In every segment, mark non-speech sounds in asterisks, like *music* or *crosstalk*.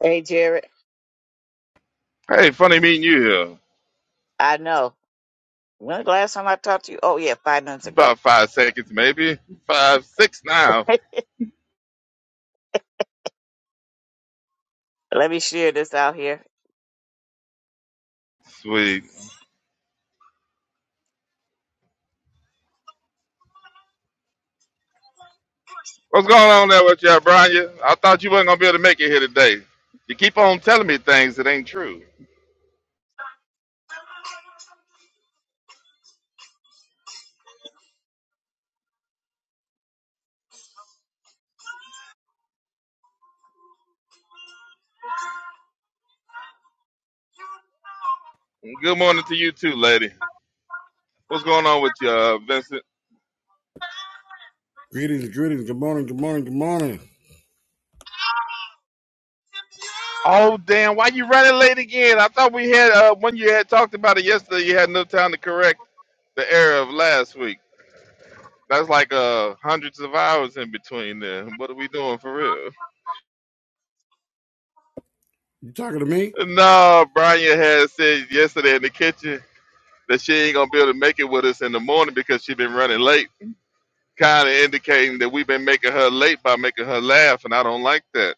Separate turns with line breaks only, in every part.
Hey, Jared.
Hey, funny meeting you here.
I know. When the last time I talked to you? Oh, yeah, five months ago.
About five seconds, maybe. Five, six now.
*laughs* Let me share this out here.
Sweet. What's going on there with you, Brian? I thought you wasn't going to be able to make it here today. You keep on telling me things that ain't true. Good morning to you, too, lady. What's going on with you, uh, Vincent?
Greetings, greetings. Good morning, good morning, good morning.
Oh, damn. Why you running late again? I thought we had, uh, when you had talked about it yesterday, you had no time to correct the error of last week. That's like uh, hundreds of hours in between there. What are we doing for real?
You talking to me?
No, Brian had said yesterday in the kitchen that she ain't gonna be able to make it with us in the morning because she been running late, kind of indicating that we've been making her late by making her laugh, and I don't like that.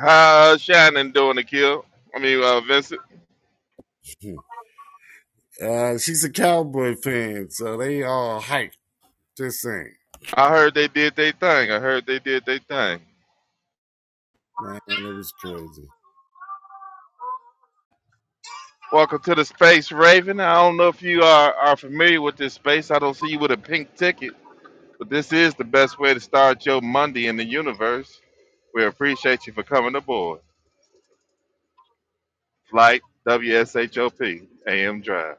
How's Shannon doing, Akil? I mean, uh, Vincent.
*laughs* Uh, she's a cowboy fan, so they all hype. Just saying,
I heard they did their thing. I heard they did their thing.
man, it was crazy.
Welcome to the space, Raven. I don't know if you are, are familiar with this space. I don't see you with a pink ticket, but this is the best way to start your Monday in the universe. We appreciate you for coming aboard. Flight W S H O P A M Drive.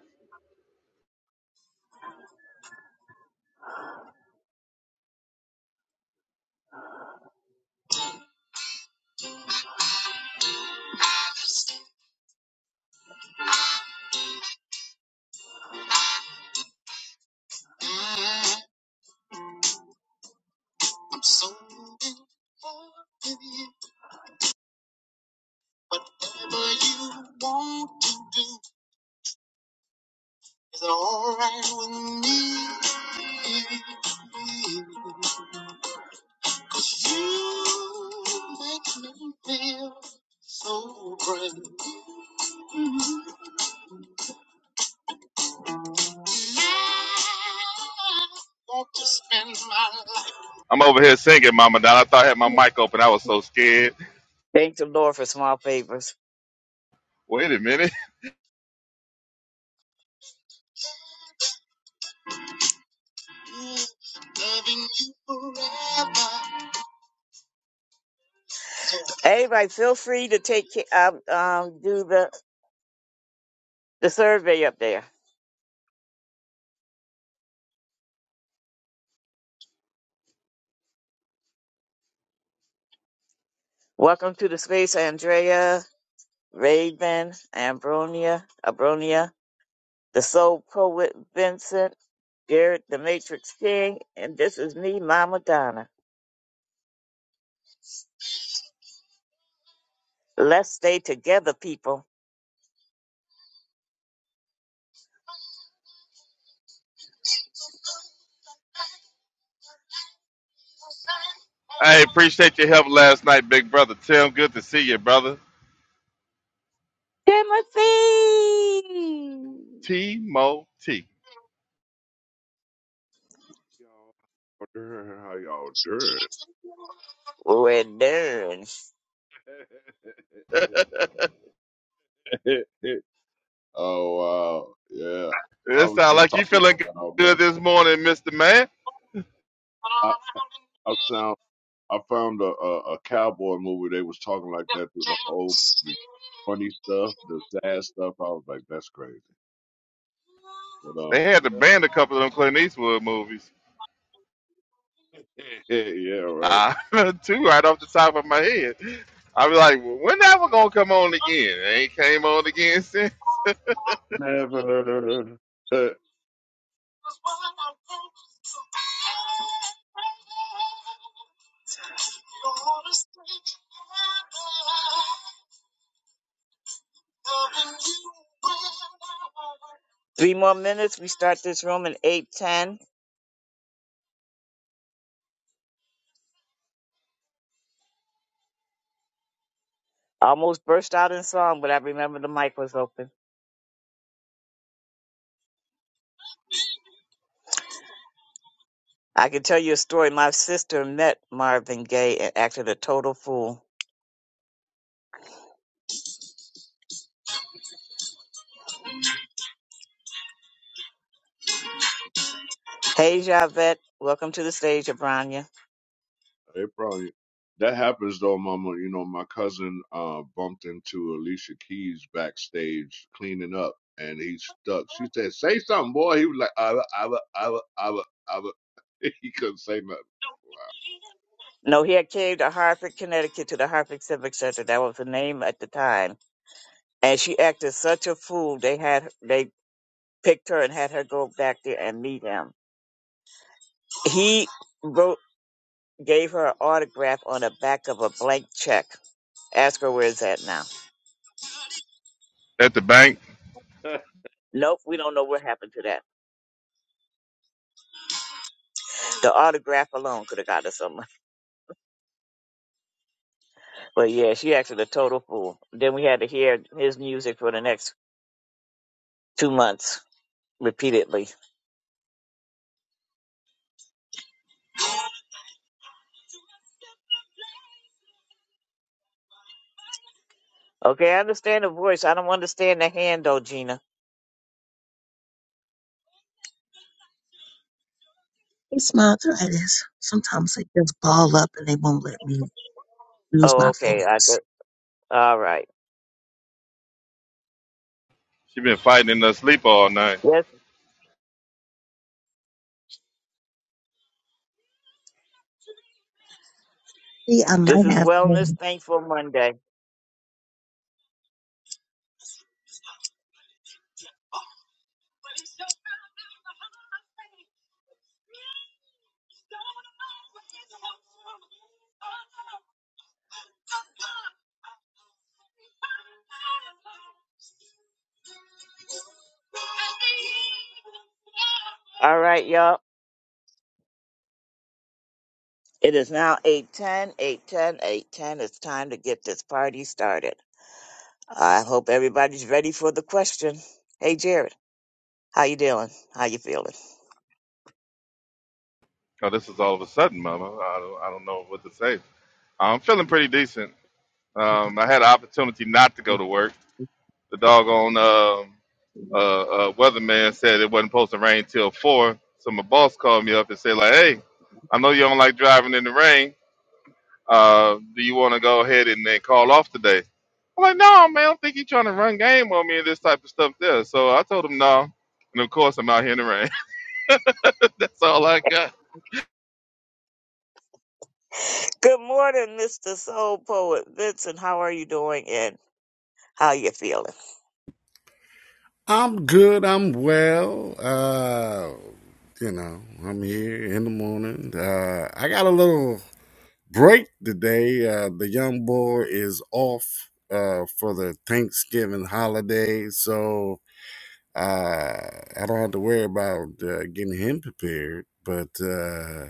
I'm over here singing, Mama Don. I thought I had my mic open. I was so scared.
Thank the Lord for small favors.
Wait a minute.
Everybody, feel free to take ca- um, um do the the survey up there. Welcome to the space, Andrea, Raven, Ambronia, Abronia, the Soul Poet, Vincent, Jared, the Matrix King, and this is me, Mama Donna. Let's stay together, people.
*laughs* I appreciate your help last night, big brother Tim. Good to see you, brother.
Timothy.
T Mo T.
y'all doing? How y'all doing?
We're done.
*laughs* oh wow, yeah. I
It
was
sounds
just
like you
talking
feeling
like y'all,
good
man.
this morning, Mr. Man.
I I sound I found a, a a cowboy movie. They was talking like that through the whole movie. Funny stuff, the sad stuff. I was like, that's crazy. But um,
They had to ban a couple of them Clint Eastwood movies.
yeah, *laughs* yeah, right.
Ah, *laughs* two right off the top of my head. I was like, well, when that one gonna come on again? It ain't came on again *laughs* since.
Never. *laughs*
Three more minutes. We start this room in eight ten. Almost burst out in song, but I remember the mic was open. I can tell you a story. My sister met Marvin Gaye and acted a total fool. Hey, Javette. Welcome to the stage, Abranya.
They probably that happens though, Mama. You know, my cousin uh bumped into Alicia Keys backstage cleaning up, and he stuck. She said, "Say something, boy." He was like, "I, I, I, I, I." I." *laughs* He couldn't say nothing.
No, he had came to Hartford, Connecticut to the Hartford Civic Center. That was the name at the time. And she acted such a fool. They had, they picked her and had her go back there and meet him. He wrote, gave her an autograph on the back of a blank check Ask her where it's at now.
At the bank,
*laughs*
Nope, we don't know what happened to that. The autograph alone could have got us somewhere. But yeah, she acted a total fool. Then we had to hear his music for the next two months repeatedly. Okay, I understand the voice. I don't understand the hand though, Gina.
They smile through arthritis. Sometimes they just ball up and they won't let me use
Oh,
my
okay. I
fingers.
get, all right.
she been fighting in her sleep all night.
Yes,
See, I
this
might
is
have
Wellness
been.
Thankful Monday. All right, y'all. It is now eight ten, eight ten, eight ten. It's time to get this party started. I hope everybody's ready for the question. Hey, Jared. How you doing? How you feeling?
Oh, this is all of a sudden, Mama. I don't, I don't know what to say. I'm feeling pretty decent. Um, I had an opportunity not to go to work. The doggone um uh, uh, weatherman said it wasn't supposed to rain till four. So my boss called me up and said, like, hey, I know you don't like driving in the rain. Uh, do you want to go ahead and then call off today? I'm like, no, man, I don't think he's trying to run game on me and this type of stuff there. So I told him no. And of course, I'm out here in the rain. *laughs* That's all I
*laughs*
got.
Good morning, Mr. Soul Poet Vincent. How are you doing and how you feeling?
I'm good. I'm well. Uh, you know, I'm here in the morning. Uh, I got a little break today. Uh, the young boy is off uh, for the Thanksgiving holiday, so uh, I don't have to worry about uh, getting him prepared. But uh,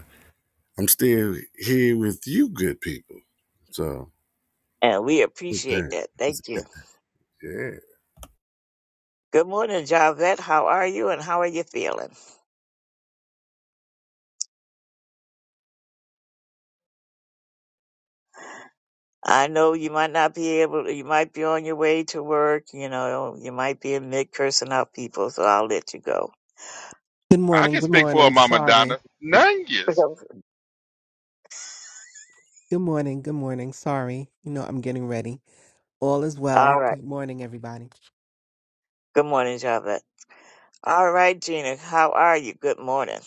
I'm still here with you, good people. So
And we
good
appreciate
thing.
that.
It's
Thank you.
good- yeah.
Good morning, Javette. How are you and how are you feeling? I know you might not be able to, you might be on your way to work, you know, you might be in mid cursing out people, so I'll let you go. *laughs*
Good
I
morning,
can
good
speak for
morning.
Mama Donna.
Sorry.
Nungus.
Okay.
Good morning, good morning. Sorry. You know, I'm getting ready. All is
All
well.
right.
Good morning, everybody.
Good morning, Javette. All right, Gina, how are you? Good morning.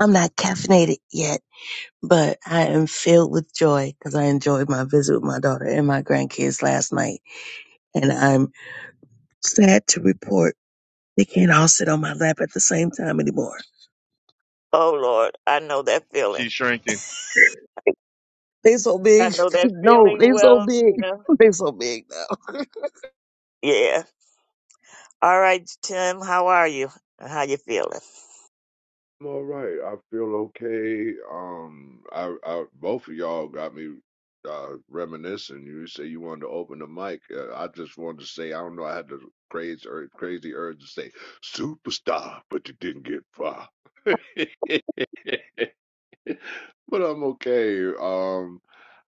I'm not caffeinated yet, but I am filled with joy because I enjoyed my visit with my daughter and my grandkids last night. And I'm sad to report they can't all sit on my lap at the same time anymore.
Oh, Lord, I know that feeling.
She's shrinking.
They so
I
big.
know
*laughs*
that
No,
feeling
they so
well,
big.
Gina.
*laughs* They so big now.
Yeah. All right, Tim, how are you? How you feeling?
I'm all right. I feel okay. Um, I, I both of y'all got me uh, reminiscing. You say you wanted to open the mic. Uh, I just wanted to say I don't know. I had the crazy urge, crazy urge to say superstar, but you didn't get far. *laughs* but I'm okay. Um,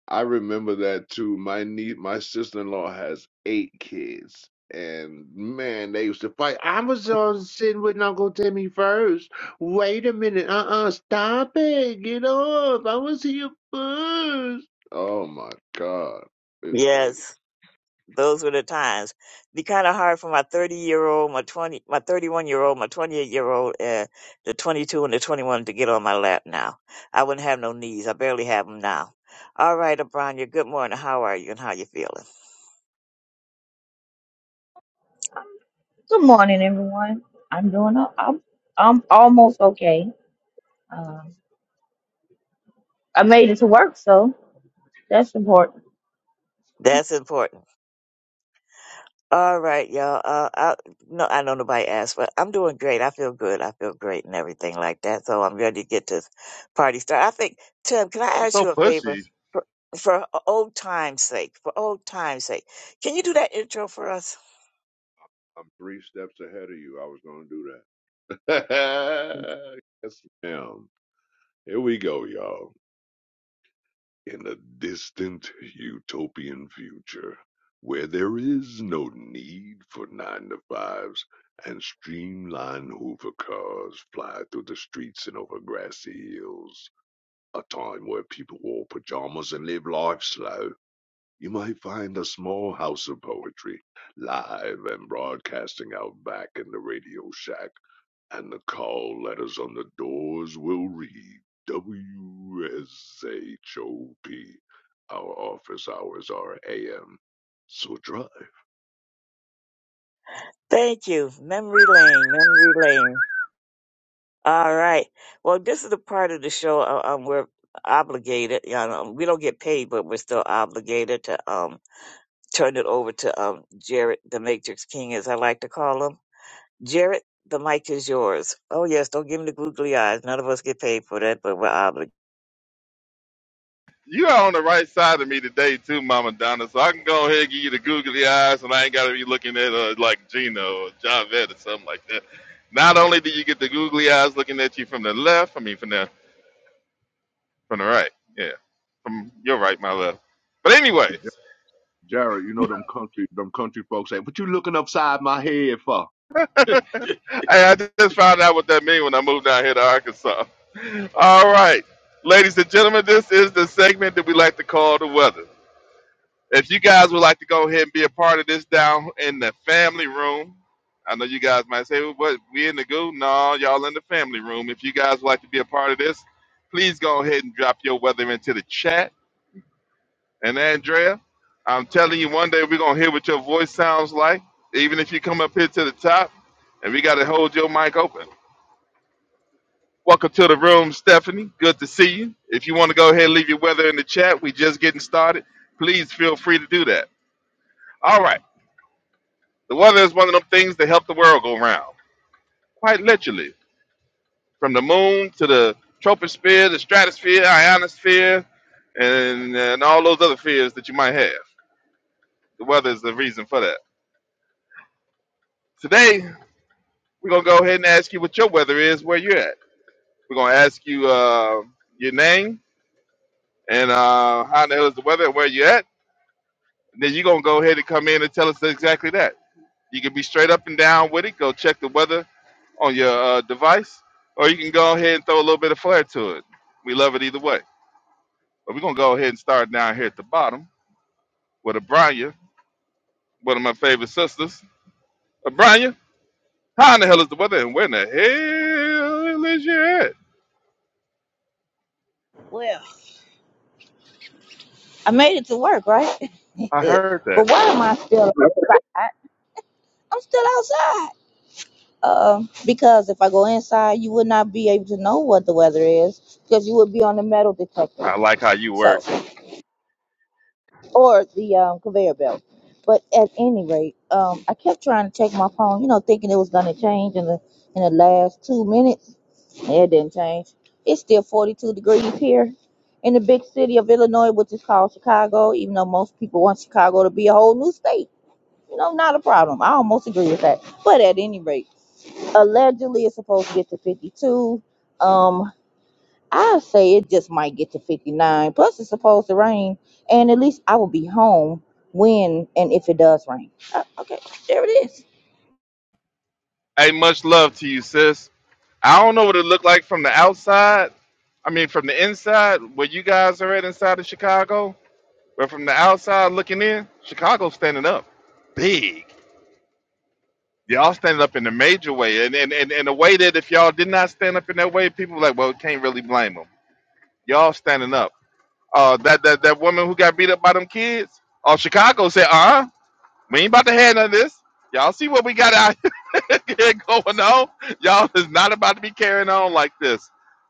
I remember that too. My niece, my sister-in-law has eight kids, and man, they used to fight. I was on sitting with Uncle Timmy first. Wait a minute, uh-uh, stop it, get off. I was here first. Oh my God, it's crazy.
Yes. those were the times. Be kind of hard for my 30 year old, my 20, my 31 year old, my 28 year old, and the 22 and the 21 to get on my lap now. I wouldn't have no knees. I barely have them now. All right, Abronya, good morning. How are you and how you feeling?
Good morning, everyone. I'm doing. o- I'm I'm almost okay. Um, I made it to work, so that's important.
That's important. All right, y'all. Uh, I, no, I know nobody asked, but I'm doing great. I feel good. I feel great and everything like that. So I'm ready to get this party started. I think, Tim, can I
You're
ask
so
you a favor
pushy.
for, for old time's sake? For old time's sake, can you do that intro for us?
I'm three steps ahead of you. I was going to do that. *laughs* yes, ma'am. Here we go, y'all. in a distant utopian future where there is no need for nine to fives and streamlined hoover cars fly through the streets and over grassy hills, a time where people wore pajamas and live life slow, you might find a small house of poetry live and broadcasting out back in the radio shack and the call letters on the doors will read WSHOP. Our office hours are AM. So drive.
Thank you. Memory lane, memory lane. All right. Well, this is the part of the show uh, um, we're obligated. You know, we don't get paid, but we're still obligated to um turn it over to um Jared, the Matrix King, as I like to call him Jared, the mic is yours. Oh, yes, don't give him the googly eyes. None of us get paid for that, but we're obligated.
You are on the right side of me today, too, Mama Donna. So I can go ahead and give you the googly eyes, and I ain't got to be looking at uh, like Gino or Javette or something like that. Not only do you get the googly eyes looking at you from the left, I mean from the from the right, yeah, from your right,
Jared,
my left. But
hey, Ja-
anyways,
Jared, you know them country, them country folks say, "What you looking upside my head for?"
*laughs* Hey,
*laughs*
I just found out what that means when I moved down here to Arkansas. All right, ladies and gentlemen, this is the segment that we like to call the weather. If you guys would like to go ahead and be a part of this down in the family room, I know you guys might say, well, "What? We in the goo?" No, y'all in the family room. If you guys would like to be a part of this, please go ahead and drop your weather into the chat. And Andrea, I'm telling you, one day we're gonna hear what your voice sounds like, even if you come up here to the top, and we gotta hold your mic open. Welcome to the room, Stephanie. Good to see you. If you want to go ahead and leave your weather in the chat, we just getting started. Please feel free to do that. All right. The weather is one of them things that help the world go round, quite literally. From the moon to the troposphere, the stratosphere, ionosphere, and, and all those other spheres that you might have. The weather is the reason for that. Today, we're going to go ahead and ask you what your weather is, where you're at. We're going to ask you uh, your name and uh, how the hell is the weather and where you're at. And then you're going to go ahead and come in and tell us exactly that. You can be straight up and down with it. Go check the weather on your uh, device, or you can go ahead and throw a little bit of flair to it. We love it either way. But we're gonna go ahead and start down here at the bottom with Abranya, one of my favorite sisters. Abranya, how in the hell is the weather, and where in the hell is you at?
Well, I made it to work, right? *laughs*
I
but
heard that.
why am I still? I, I'm still outside. Um, because if I go inside, you would not be able to know what the weather is because you would be on the metal detector,
I like how you work.
so or the um, conveyor belt. But at any rate, um, I kept trying to check my phone, you know, thinking it was gonna change in the in the last two minutes It didn't change. It's still 42 degrees here in the big city of Illinois, which is called Chicago, even though most people want Chicago to be a whole new state. You know, not a problem. I almost agree with that. But at any rate, allegedly it's supposed to get to 52. Um, I say it just might get to 59. Plus, it's supposed to rain. And at least I will be home when and if it does rain. Uh, okay, there it is.
Hey, much love to you, sis. I don't know what it looked like from the outside. I mean, from the inside, where you guys are at inside of Chicago, but from the outside looking in, Chicago's standing up big. Y'all standing up in a major way, and and and in a way that if y'all did not stand up in that way, people were like, well, can't really blame them. Y'all standing up. Uh, that that that woman who got beat up by them kids. Uh, Chicago said, uh, uh we ain't about to have none of this. Y'all see what we got out *laughs* here going on? Y'all is not about to be carrying on like this.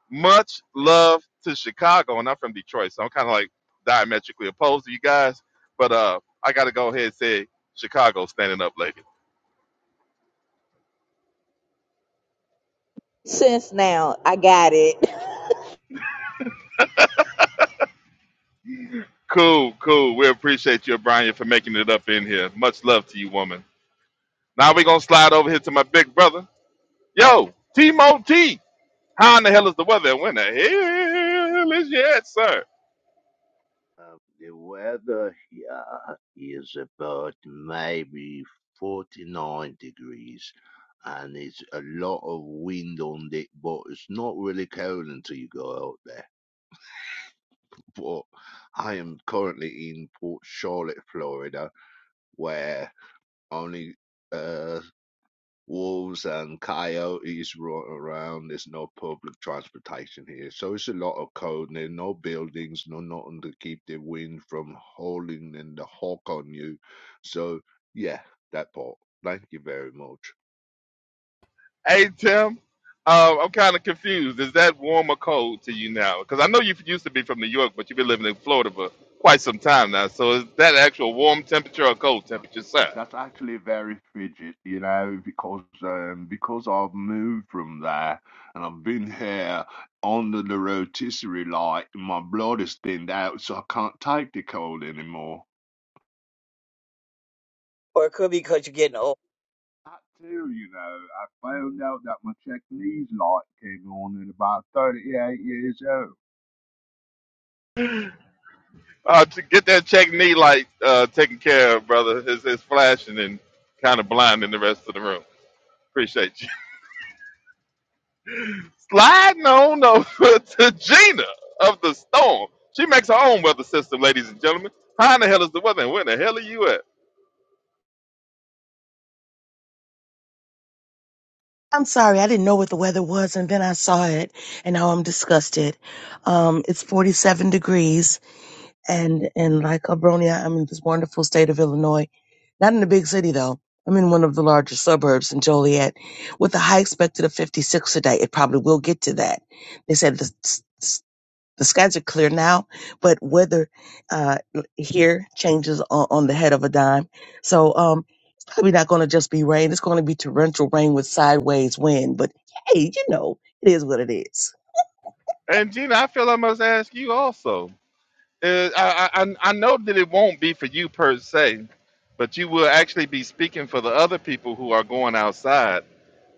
Much love to Chicago, and I'm from Detroit, so I'm kind of like diametrically opposed to you guys. But uh, I got to go ahead and say, Chicago standing up, ladies.
Since now, I got it.
Cool, cool. We appreciate you, O'Brien, for making it up in here. Much love to you, woman. Now we're gonna slide over here to my big brother. Yo, Timo T. How in the hell is the weather? And when the hell is it, sir?
Um, the weather here is about maybe 49 degrees, and it's a lot of wind on it, but it's not really cold until you go out there. But I am currently in Port Charlotte, Florida, where only uh, wolves and coyotes run around. There's no public transportation here. So it's a lot of cold. There are no buildings, no nothing to keep the wind from howling and the hawk on you. So yeah, that part. Thank you very much.
Hey Tim. Um, I'm kind of confused. Is that warm or cold to you now? Because I know you used to be from New York, but you've been living in Florida for quite some time now. So is that actual warm temperature or cold temperature, sir?
That's actually very frigid, you know, because um, because I've moved from there and I've been here under the rotisserie light and my blood is thinned out, so I can't take the cold anymore.
Or it could be because you're getting old.
I too, you know, I found out that my check light came on at about 38 years old.
Uh, to get that check knee light uh, taken care of, brother. It's, it's flashing and kind of blinding the rest of the room. Appreciate you. *laughs* Sliding on over *laughs* to Gina of the Storm. She makes her own weather system, ladies and gentlemen. How in the hell is the weather, and where the hell are you at?
I'm sorry, I didn't know what the weather was and then I saw it and now I'm disgusted. Um, it's 47 degrees and and like Abronia, I'm in this wonderful state of Illinois. Not in a big city though. I'm in one of the larger suburbs in Joliet, with a high expected of 56 today. It probably will get to that. They said the s- s- the skies are clear now, but weather uh, here changes on, on the head of a dime. So um, probably not going to just be rain. It's going to be torrential rain with sideways wind. But hey, you know it is what it is.
And Gina, I feel I must ask you also. Uh, I, I I know that it won't be for you per se, but you will actually be speaking for the other people who are going outside.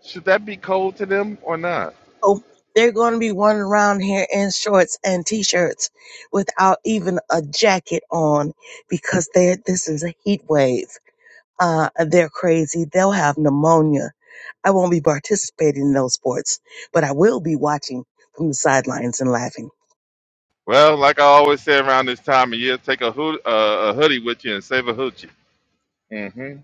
Should that be cold to them or not?
Oh, they're going to be running around here in shorts and t-shirts without even a jacket on because they this is a heat wave. Uh, they're crazy. They'll have pneumonia. I won't be participating in those sports, but I will be watching from the sidelines and laughing.
Well, like I always say around this time of year, take a, hood, uh, a hoodie with you and save a hoochie. hmm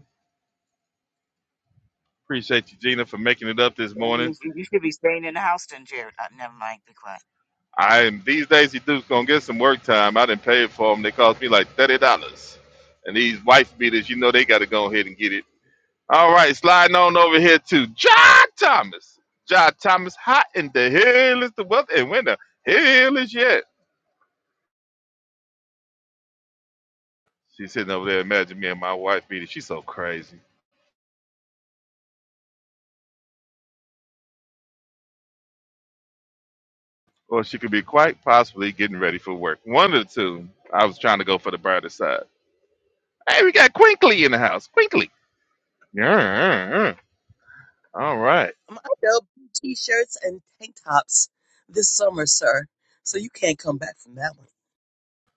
Appreciate you, Gina, for making it up this
That
morning.
means You you should be staying in the house then, Jared. I never mind. Be quiet.
I these days he dude's gonna get some work time. I didn't pay for them. They cost me like thirty dollars. And these wife beaters, you know, they got to go ahead and get it. All right, sliding on over here to John Thomas. John Thomas, hot in the hell is the weather, and when the hell is yet? She's sitting over there. Imagine me and my wife beater. She's so crazy. Or she could be quite possibly getting ready for work. One of the two. I was trying to go for the brighter side. Hey, we got Quinkly in the house. Quinkly. Yeah. yeah, yeah. All right.
My adult t-shirts and tank tops this summer, sir. So you can't come back from that one.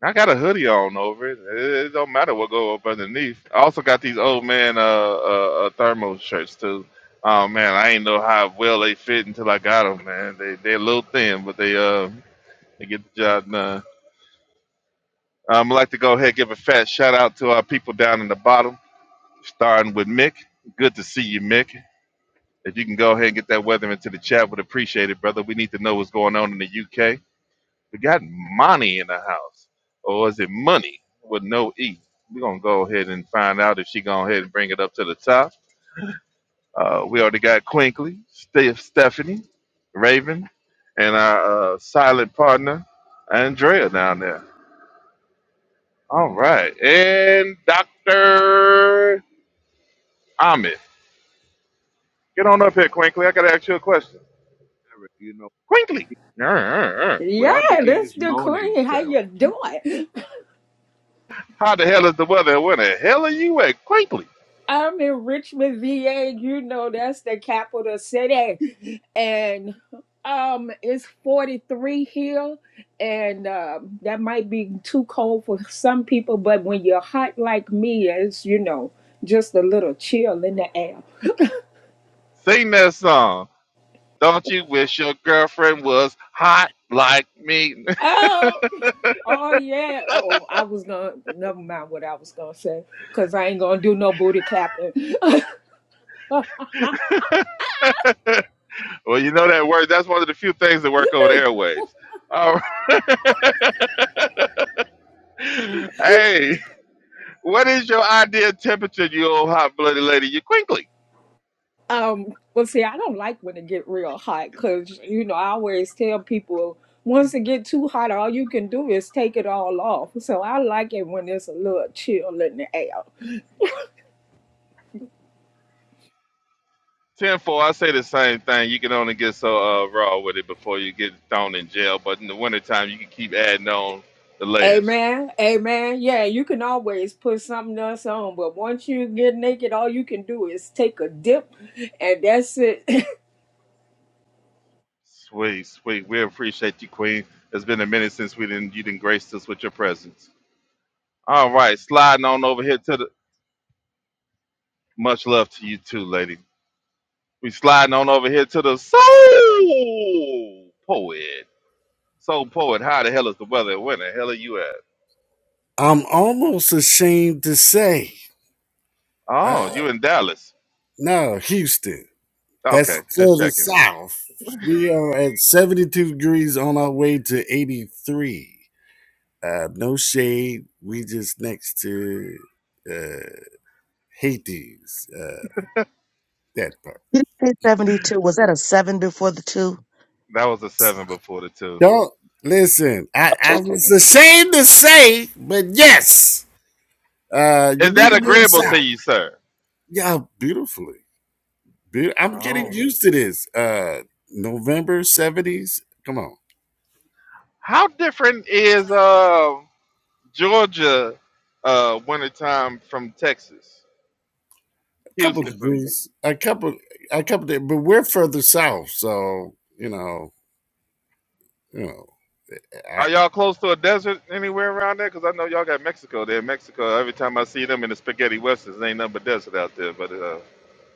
I got a hoodie on over it. It, it don't matter what go up underneath. I also got these old man uh, uh, uh thermal shirts too. Oh man, I ain't know how well they fit until I got them, man. They they a little thin, but they uh they get the job done. Um, I'd like to go ahead and give a fat shout out to our people down in the bottom, starting with Mick. Good to see you, Mick. If you can go ahead and get that weather into the chat, would appreciate it, brother. We need to know what's going on in the UK. We got Monty in the house. Or is it money with no E? We're gonna go ahead and find out if she go ahead and bring it up to the top. Uh, we already got Quinkly, Steph Stephanie, Raven, and our uh, silent partner, Andrea down there. All
Jack
right. And
and
Dr. Ahmed. Get on up here, Quinkly. I gotta ask you a question.
Eric, you know,
Quinkly. Arr, arr, arr.
Yeah,
without the
that's
easiest
the
morning,
queen. How
so.
you doing?
How the hell is the weather? Where the hell are you at, Quinkly?
I'm in Richmond, VA. You know that's the capital city, and um, it's 43 here, and um, that might be too cold for some people. But when you're hot like me, it's you know just a little chill in the air.
Sing that song. Don't you wish your girlfriend was hot like me?
Oh, oh yeah. Oh, I was gonna never mind what I was gonna say, cause I ain't gonna do no booty clapping. *laughs*
*laughs* well, you know that word. That's one of the few things that work over the airwaves. All right. *laughs* hey, what is your ideal temperature, you old hot blooded lady? You quickly.
Um, well, see, I don't like when it get real hot because you know I always tell people once it get too hot, all you can do is take it all off. So I like it when there's a little chill in the air.
Ten four. I say the same thing. You can only get so uh, raw with it before you get thrown in jail. But in the wintertime, you can keep adding on the layers.
Amen. Amen. Yeah, you can always put something else on, but once you get naked, all you can do is take a dip, and that's it. *laughs*
Sweet, sweet. We appreciate you, Queen. It's been a minute since we didn't you didn't grace us with your presence. All right, sliding on over here to the much love to you too, lady. We sliding on over here to the soul poet. Soul poet, how the hell is the weather? Where the hell are you at?
I'm almost ashamed to say,
Oh,
uh,
you in Dallas.
no, Houston. That's
Okay, just
further
checking.
south. We are at 72 degrees on our way to 83. Uh, no shade. We just next to uh, Hades. Uh, that part.
Did you say 72? Was that a seven before the two?
That was a seven before the two.
Don't listen. I, I was ashamed to say, but yes, uh, you
Is
need
that
to move *laughs*
agreeable
south.
to you, sir?
Yeah, beautifully. Be- I'm getting
Oh.
used to this. Uh November seventies. Come on,
How different is uh Georgia uh wintertime from Texas?
a couple
Houston from
degrees, a couple, a couple. De- but we're further south, so you know, you know. I,
Are y'all close to a desert anywhere around there? Because I know y'all got Mexico there. Mexico, every time I see them in the spaghetti westerns, ain't nothing but desert out there. But uh,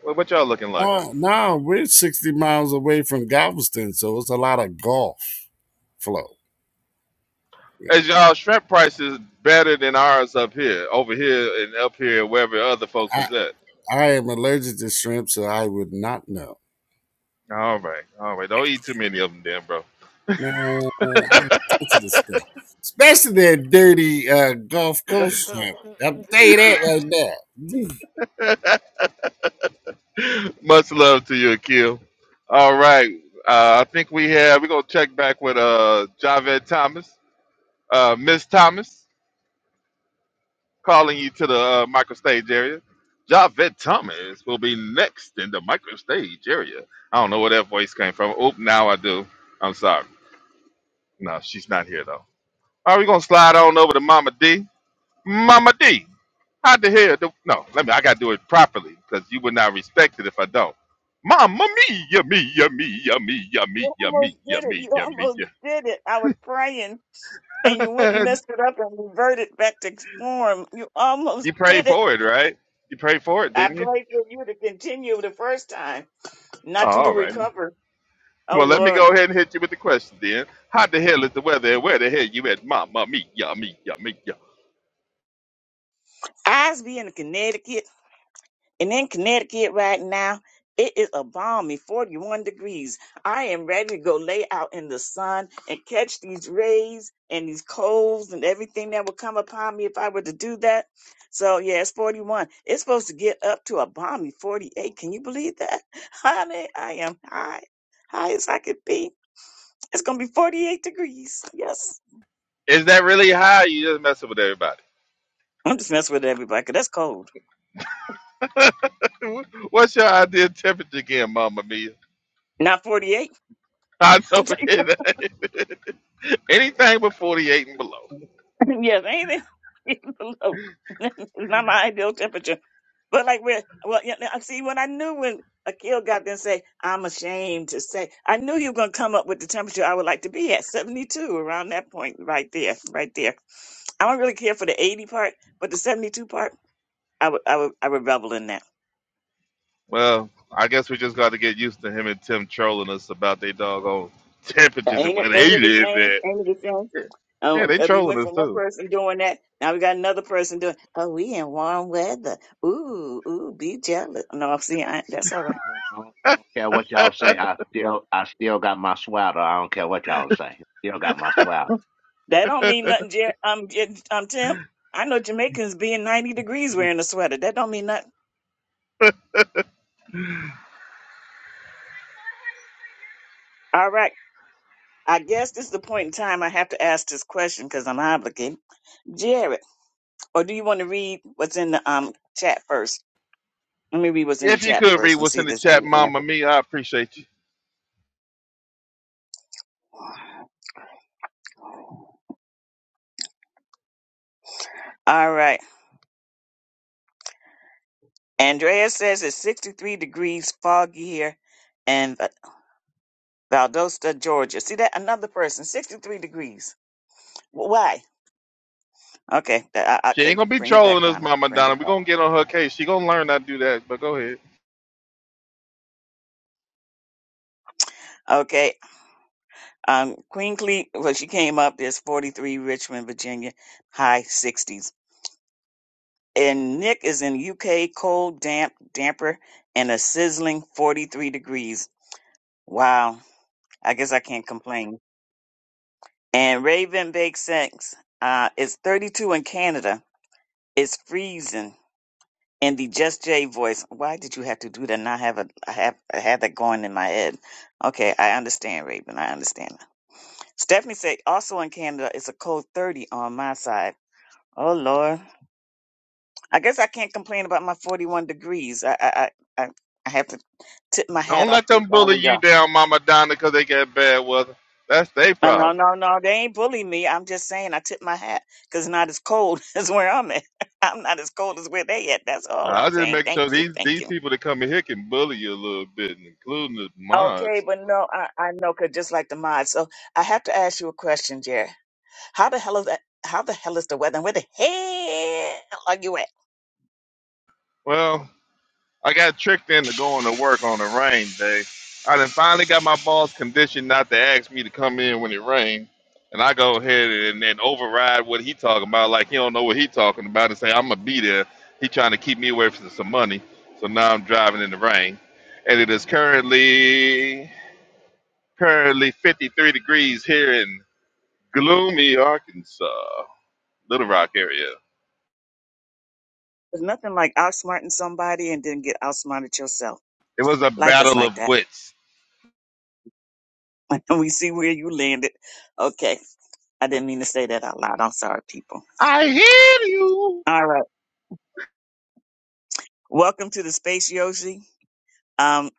what, what y'all looking like?
no, no, we're sixty miles away from Galveston, so it's a lot of golf flow.
Is y'all shrimp prices better than ours up here, over here and up here, wherever other folks
I,
is at?
I am allergic to shrimp, so I would not know.
All right, all right. Don't eat too many of them, then, bro.
Man, I ain't touching this stuff, especially that dirty uh, Gulf Coast
*laughs*
shrimp. I'll tell you that right now.
*laughs* Much love to you, Akil. All right, uh, I think we have. We're gonna check back with uh Javed Thomas, uh Miss Thomas. Calling you to the uh, micro area. Javette Thomas will be next in the microstage area. I don't know where that voice came from. Oop, now I do. I'm sorry. No, she's not here though. All right, we're gonna slide on over to Mama D. Mama D, how the hell do no, let me I gotta do it properly because you would not respect it if I don't. Mama mia, mia, mia, mia,
You
mia,
almost
mia,
did it. You
mia,
almost did it. I was praying and you went and
mia.
messed it up and reverted back to form. You
*laughs*
almost
you prayed
did it.
for it, right? You prayed for it,
I
didn't you?
prayed for you to continue the first time,
Oh,
not till you
all right.
recover. Oh
Well, let me
Lord.
go ahead and hit you with the question then. How the hell is the weather and where the hell you at? Mama, Mia? Mia? Mia? ya,
Eyes be in Connecticut. And in Connecticut right now, it is a balmy 41 degrees. I am ready to go lay out in the sun and catch these rays and these colds and everything that would come upon me if I were to do that. So, yeah, it's 41. It's supposed to get up to a balmy 48. Can you believe that? *laughs* Honey, I am high, high as I could be. It's going to be 48 degrees. Yes.
Is that really high? You just messing with everybody.
I'm just messing with everybody because that's cold.
*laughs* What's your ideal temperature again, Mama Mia?
Not 48.
I know
*laughs*
it ain't. *laughs* Anything but 48 and below.
Yes, anything *laughs* below *laughs* it's not my ideal temperature. But like where well yeah, I see when I knew when Akil got there and say, I'm ashamed to say I knew you were gonna come up with the temperature I would like to be at, seventy two, around that point right there, right there. I don't really care for the eighty part, but the seventy two part I would I would I would revel in that.
Well, I guess we just got to get used to him and Tim trolling us about their doggone temperatures and
Ain't it
where
ain't
they
it the
live
same?
at.
Ain't it the same?
Yeah,
Um,
they
we went
trolling us
from one
too.
person doing that. Now we got another person doing. Oh, we in warm weather. Ooh, ooh, be jealous. No, see, I, that's all right.
I don't I don't- I don't care what y'all say. I still, I still got my sweater. I don't care what y'all say. Still got my sweater.
Mm, That don't
*laughs*
mean nothing, Jer- um, Jer- um, Tim. I know Jamaicans being ninety degrees wearing a sweater. That don't mean nothing. All right. I guess this is the point in time I have to ask this question because I'm obligated. Jared, or do you want to read what's in the um chat first? Let me read what's in the
if you
chat
could read
first and
what's
see
in
if
the
there's
chat,
any
Mama
answer.
Mia, I appreciate you.
All right. Andrea says it's 63 degrees foggy here in Valdosta, Georgia. See that? Another person, 63 degrees. W- Why? Okay, th- I- I-
She ain't
okay,
gonna be
bring it back,
trolling us,
Donna.
Mama
Bring
Donna.
it
We're
back.
gonna get on her case. She gonna learn not to do that, but go ahead.
Okay, um, Queen Cleet, well, she came up, is 43, Richmond, Virginia, high 60s. And Nick is in UK, cold, damp, damper, and a sizzling 43 degrees. Wow, I guess I can't complain. And Raven Bake Sex uh, is 32 in Canada It's freezing. And the Just J voice. Why did you have to do that? And I have a, I have, I had that going in my head. Okay, I understand, Raven. I understand. Stephanie said, also in Canada, it's a cold 30 on my side. Oh Lord, I guess I can't complain about my 41 degrees. I, I, I, I I have to tip my hat
Don't
off
let
to
them
all
bully
of
you
y'all.
down, Mama Donna, 'cause they got bad weather. That's their
No, no,
problem.
no, no, they ain't bullying me. I'm just saying I tip my hat because it's not as cold *laughs* as where I'm at. *laughs* I'm not as cold as where they at. That's
Uh,
all
I
I'm
just
saying.
make
Thank
sure
you,
these
thank
these
you.
people that come in here can bully you a little bit, including the
Okay,
mods.
but no, I, I know, cause just like the mod. So I have to ask you a question, Jerry. How the hell is that? How the hell is the weather? And Where the hell are you at?
Well, I got tricked into going to work on a rain day. I then finally got my boss conditioned not to ask me to come in when it rained. And I go ahead and then override what he talking about, like he don't know what he talking about, and say I'm gonna be there. He trying to keep me away from some money, so now I'm driving in the rain, and it is currently currently 53 degrees here in gloomy Arkansas, Little Rock area.
There's nothing like outsmarting somebody and then get outsmarted yourself.
It was a
Life is
battle
like
of
that.
wits.
*laughs* And we see where you landed. Okay. I didn't mean to say that out loud. I'm sorry, people.
I hear you.
All right. Welcome to the space, Yoshi. Um,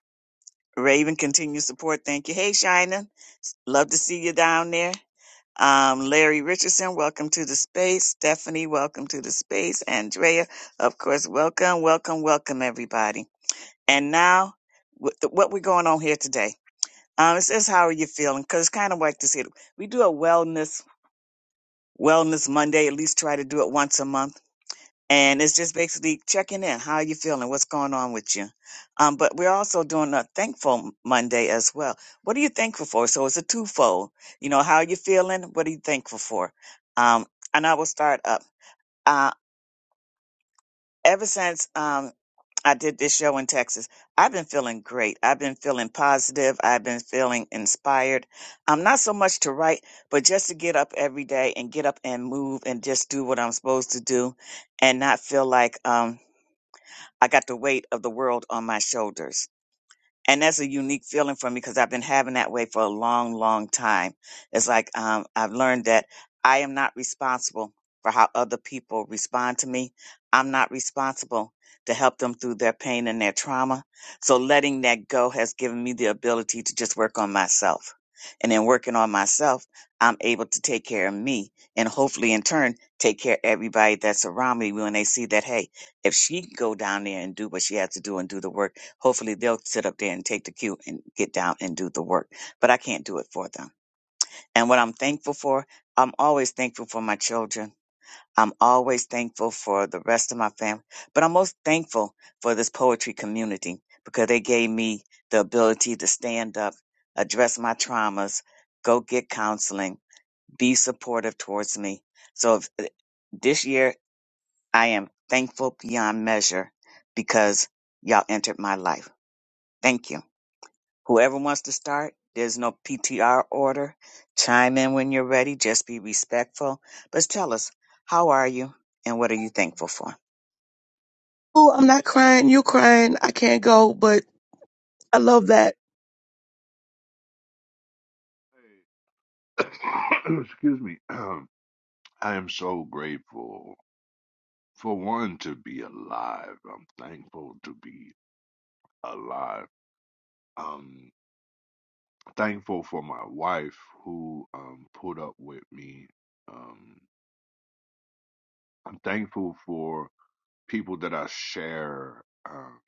Raven, continue support. Thank you. Hey, Shina. Love to see you down there. Um, Larry Richardson, welcome to the space. Stephanie, welcome to the space. Andrea, of course, welcome, welcome, welcome, everybody. And now, wh- th- what we're going on here today? Um, it says, how are you feeling? Because it's kind of like this here. We do a wellness wellness Monday. At least try to do it once a month and it's just basically checking in. How are you feeling? What's going on with you? Um, but we're also doing a thankful Monday as well. What are you thankful for? So it's a twofold. You know, how are you feeling? What are you thankful for? Um, and I will start up. Uh, ever since um, I did this show in Texas, I've been feeling great. I've been feeling positive. I've been feeling inspired. Um, not so much to write, but just to get up every day and get up and move and just do what I'm supposed to do, and not feel like um I got the weight of the world on my shoulders and that's a unique feeling for me because I've been having that way for a long, long time. It's like um, I've learned that I am not responsible for how other people respond to me. I'm not responsible to help them through their pain and their trauma. So letting that go has given me the ability to just work on myself. And in working on myself, I'm able to take care of me and hopefully in turn take care of everybody that's around me when they see that, hey, if she can go down there and do what she has to do and do the work Hopefully they'll sit up there and take the cue and get down and do the work, but I can't do it for them. And what I'm thankful for, I'm always thankful for my children. I'm always thankful for the rest of my family, but I'm most thankful for this poetry community because they gave me the ability to stand up, address my traumas, go get counseling, be supportive towards me. So if, eh, this year I am thankful beyond measure because y'all entered my life. Thank you. Whoever wants to start, there's no PTR order. Chime in when you're ready. Just be respectful. But tell us, how are you and what are you thankful for?
Oh, I'm not crying. You're crying. I can't go, but I love that.
*coughs* Excuse me. *clears throat* I am so grateful for one to be alive. I'm thankful to be alive. Um, thankful for my wife who um, pulled up with me. Um, I'm thankful for people that I share um,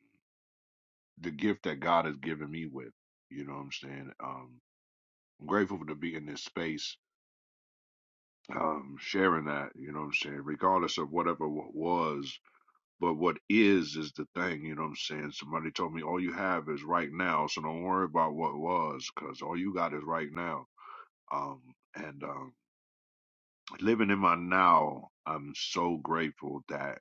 the gift that God has given me with. You know what I'm saying? Um, I'm grateful to be in this space, um, sharing that. You know what I'm saying? Regardless of whatever what was, but what is is the thing. You know what I'm saying? Somebody told me all you have is right now, so don't worry about what was, because all you got is right now. Um, and um, living in my now, I'm so grateful that,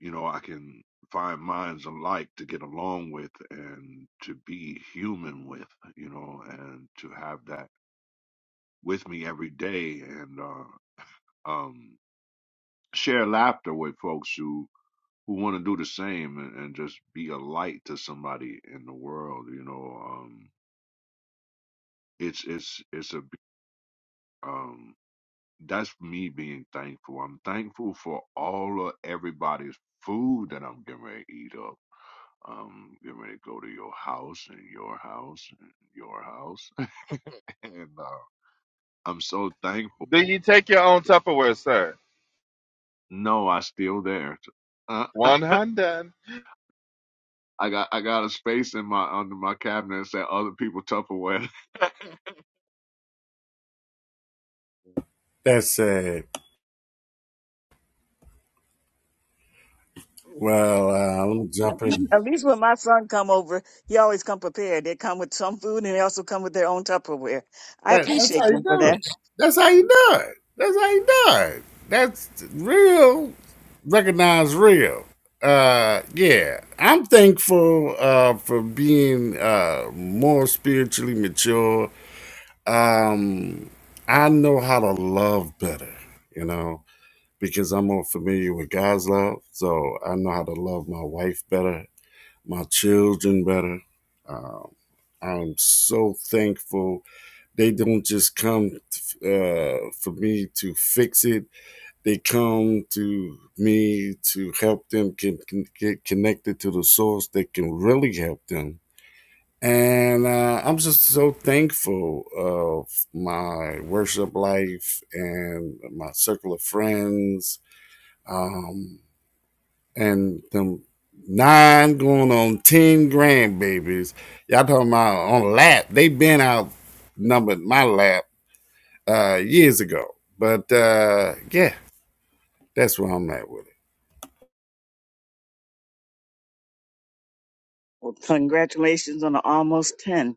you know, I can find minds alike to get along with and to be human with, you know, and to have that with me every day and uh um share laughter with folks who who want to do the same and, and just be a light to somebody in the world, you know. Um it's it's it's a um that's me being thankful. I'm thankful for all of everybody's food that I'm getting ready to eat up. Um, getting ready to go to your house and your house and your house. *laughs* and uh, I'm so
Do
thankful.
you take your own
that-
Tupperware, sir?
No, I still there. Uh, *laughs*
One hundred.
I got I got a space in my under my cabinet that said other people Tupperware.
That's it. Well, uh, let me jump in.
At least when my son come over, he always come prepared. They come with some food and they also come with their own Tupperware. I
That, that's
appreciate
how you
them for
do
that.
it. That's how you do it. That's how you do it. That's real. Recognize real. Uh, yeah, I'm thankful uh, for being uh, more spiritually mature. Um, I know how to love better, you know, because I'm more familiar with God's love. So I know how to love my wife better, my children better. Um, I'm so thankful. They don't just come uh, for me to fix it. They come to me to help them can, can get connected to the source that can really help them. And uh, I'm just so thankful of my worship life and my circle of friends. Um, and them nine going on ten grandbabies. Y'all talking about on lap? They been out numbered my lap uh, years ago. But uh, yeah, that's where I'm at with it.
Well, congratulations on the almost 10.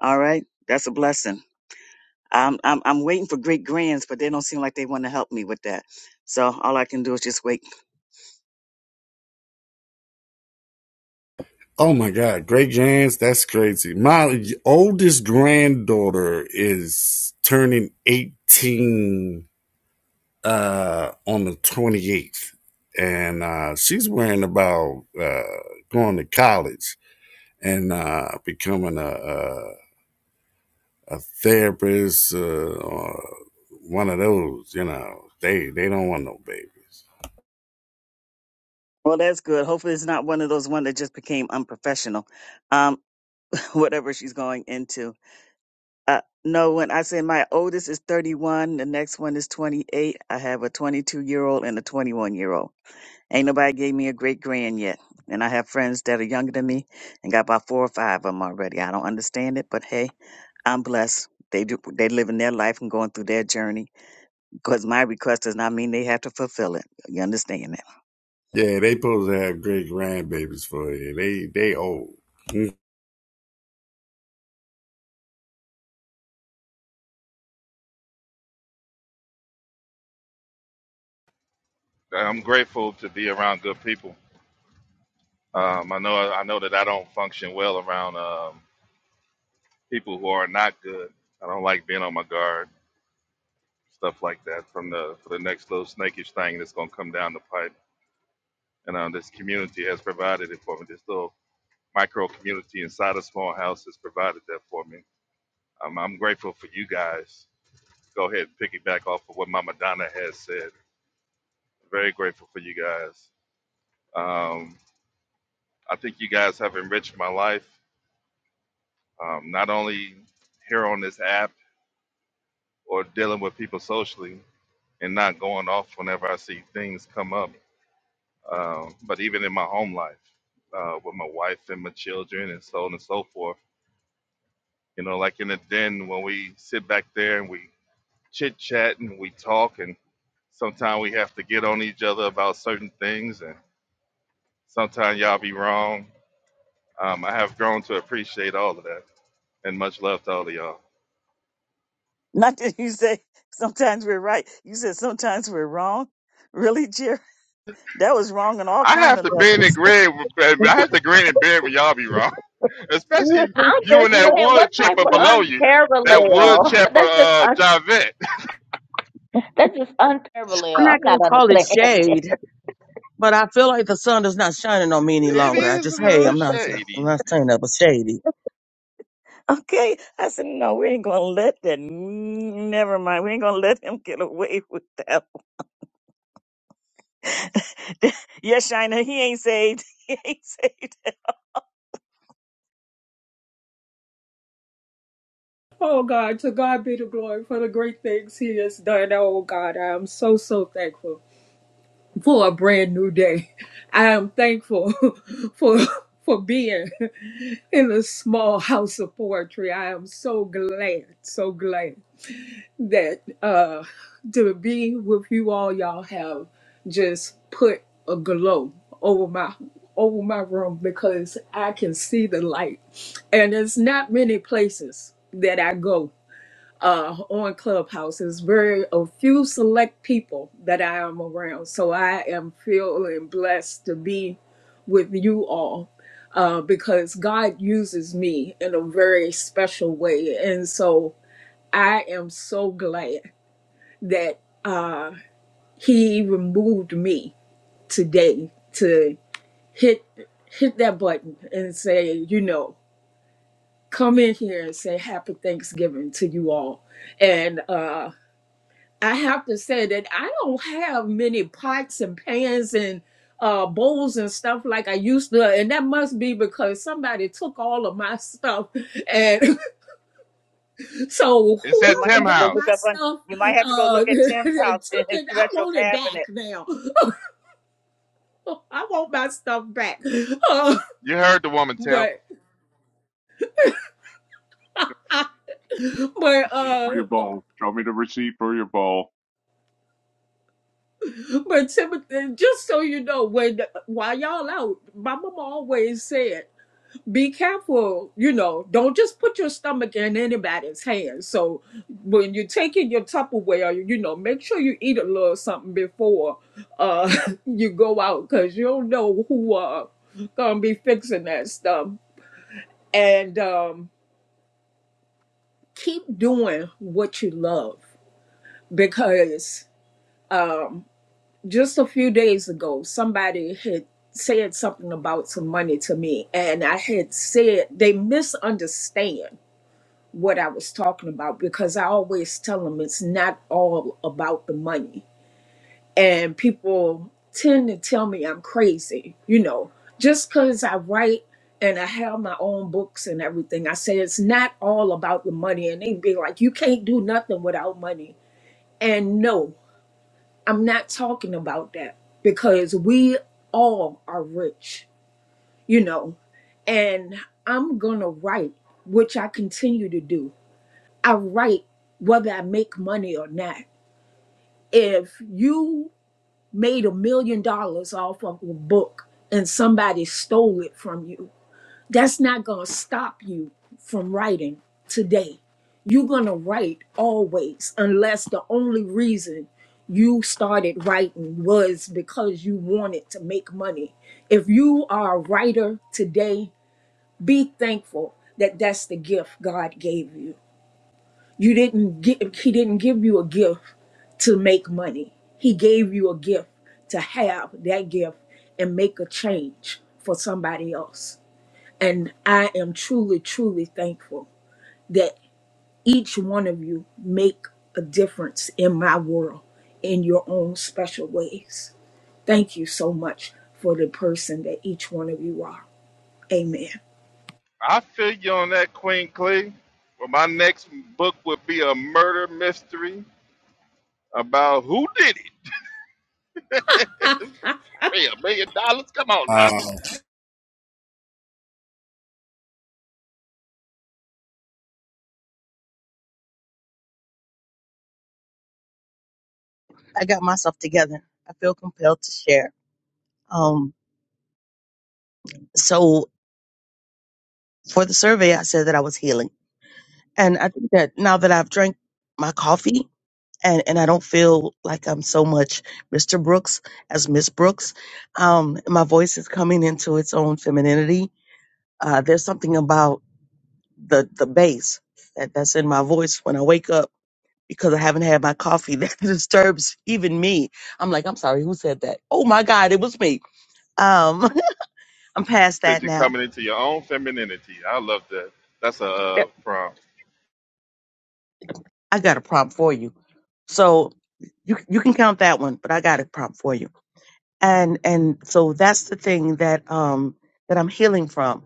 All right. That's a blessing. I'm, I'm, I'm waiting for great grands, but they don't seem like they want to help me with that. So all I can do is just wait.
Oh my God, great grands, that's crazy. My oldest granddaughter is turning 18 uh, on the 28th, and uh, she's worrying about uh, going to college and uh, becoming a, a a therapist uh, or one of those, you know, they they don't want no babies.
Well, that's good. Hopefully, it's not one of those one that just became unprofessional. Um, *laughs* whatever she's going into. Uh, no, when I say my oldest is 31, the next one is 28. I have a 22 year old and a 21 year old. Ain't nobody gave me a great grand yet, and I have friends that are younger than me, and got about four or five of them already. I don't understand it, but hey, I'm blessed. They do. They living their life and going through their journey because my request does not mean they have to fulfill it. You understand that? *laughs*
Yeah, they supposed to have great grandbabies for you. They they old.
I'm grateful to be around good people. Um, I know I know that I don't function well around um, people who are not good. I don't like being on my guard, stuff like that. From the for the next little snakish thing that's gonna come down the pipe, and um, this community has provided it for me. This little micro community inside a small house has provided that for me. Um, I'm grateful for you guys. Go ahead and piggyback off of what Mama Donna has said. Very grateful for you guys. Um, I think you guys have enriched my life, um, not only here on this app or dealing with people socially and not going off whenever I see things come up, um, but even in my home life uh, with my wife and my children and so on and so forth. You know, like in the den when we sit back there and we chit chat and we talk, and sometimes we have to get on each other about certain things, and sometimes y'all be wrong. Um, I have grown to appreciate all of that, and much love to all of y'all.
Not that you say sometimes we're right. You said sometimes we're wrong. Really, Jerry? That was wrong on all
I
kind
have
of
to bend and
levels.
grin. with- I have to grin and bear when y'all be wrong, *laughs*
*laughs*
especially
really,
I'm
you
just
and that
saying,
really,
what
wood
type
chipper
of
really.
below you. That wood
unparalleled?
chipper,
That's just
uh,
un-
Javette. *laughs*
that's just
I'm not
unparalleled. I'm
gonna
not
call it shade, but I feel like the sun is not shining on me any
It
longer. I
is a
just, hey,
little
I'm not, I'm
shady.
not saying that, but shady.
Okay. I said, no, we ain't gonna let that. Never mind. We ain't gonna let him get away with that. *laughs* yes, Shina, he ain't saved. *laughs* He ain't saved.
oh God, to God be the glory for the great things He has done. Oh God, I am so so thankful. for a brand new day. I am thankful *laughs* for for being in a small house of poetry. I am so glad, so glad that uh to be with you all y'all have just put a glow over my over my room because I can see the light. And there's not many places that I go uh, on Clubhouse. It's very a few select people that I am around. So I am feeling blessed to be with you all uh, because God uses me in a very special way. And so I am so glad that uh, He even moved me today to hit hit that button and say, you know, come in here and say happy Thanksgiving to you all. And uh, I have to say that I don't have many pots and pans and uh, bowls and stuff like I used to, and that must be because somebody took all of my stuff. And *laughs* so
It's
You
at
might have to
whoever
Tim
go
got
look
my
House.
up on.
stuff
You might have to go
uh,
look at
*laughs*
Tim's
and
house in
took
his
it, I
special
want it back
cabinet.
now. *laughs* I want my stuff back. Uh,
You heard the woman, Tim.
but
*laughs*
but
receipt for
uh,
your bowl. Show me the receipt for your bowl.
but Timothy, just so you know, when while y'all out, my mama always said. be careful, you know, don't just put your stomach in anybody's hands. So when you're taking your Tupperware, you know, make sure you eat a little something before uh *laughs* you go out because you don't know who uh gonna be fixing that stuff. And um keep doing what you love because um, just a few days ago, somebody had said something about some money to me, and I had said they misunderstand. what I was talking about because I always tell them it's not all about the money. And people tend to tell me I'm crazy, you know, just because I write and I have my own books and everything. I say it's not all about the money. And they be like, you can't do nothing without money. And no, I'm not talking about that because we all are rich, you know, and I'm going to write, which I continue to do. I write whether I make money or not. If you made a million dollars off of a book and somebody stole it from you, that's not going to stop you from writing today. You're going to write always, unless the only reason you started writing was because you wanted to make money. If you are a writer today, be thankful that that's the gift God gave you you didn't give, he didn't give you a gift to make money. He gave you a gift to have that gift and make a change for somebody else. And I am truly, truly thankful that each one of you make a difference in my world in your own special ways. Thank you so much for the person that each one of you are. Amen.
I figure on that Queen Clee. Well, my next book would be a murder mystery about who did it. *laughs* Hey, a million dollars? Come on now.
Uh,
I got myself together. I feel compelled to share. Um, so for the survey, I said that I was healing, and I think that now that I've drank my coffee, and and I don't feel like I'm so much Mr. Brooks as Miss Brooks. Um, my voice is coming into its own femininity. Uh, there's something about the the bass that, that's in my voice when I wake up because I haven't had my coffee *laughs* that disturbs even me. I'm like, I'm sorry, who said that? Oh my God, it was me. Um, *laughs* I'm past
Said
that
you're
now.
coming into your own femininity. I love that. That's a uh,
Yep,
prompt.
I got a prompt for you, so you you can count that one, but I got a prompt for you and and so that's the thing that um that I'm healing from.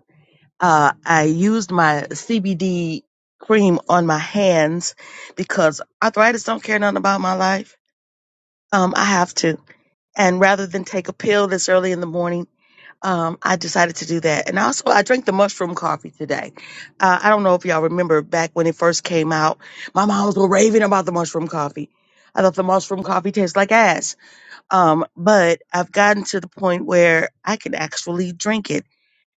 Uh, I used my CBD cream on my hands because arthritis don't care nothing about my life. Um, I have to, and rather than take a pill this early in the morning, um, I decided to do that. And also, I drank the mushroom coffee today. Uh, I don't know if y'all remember back when it first came out, my moms were raving about the mushroom coffee. I thought the mushroom coffee tastes like ass um, but I've gotten to the point where I can actually drink it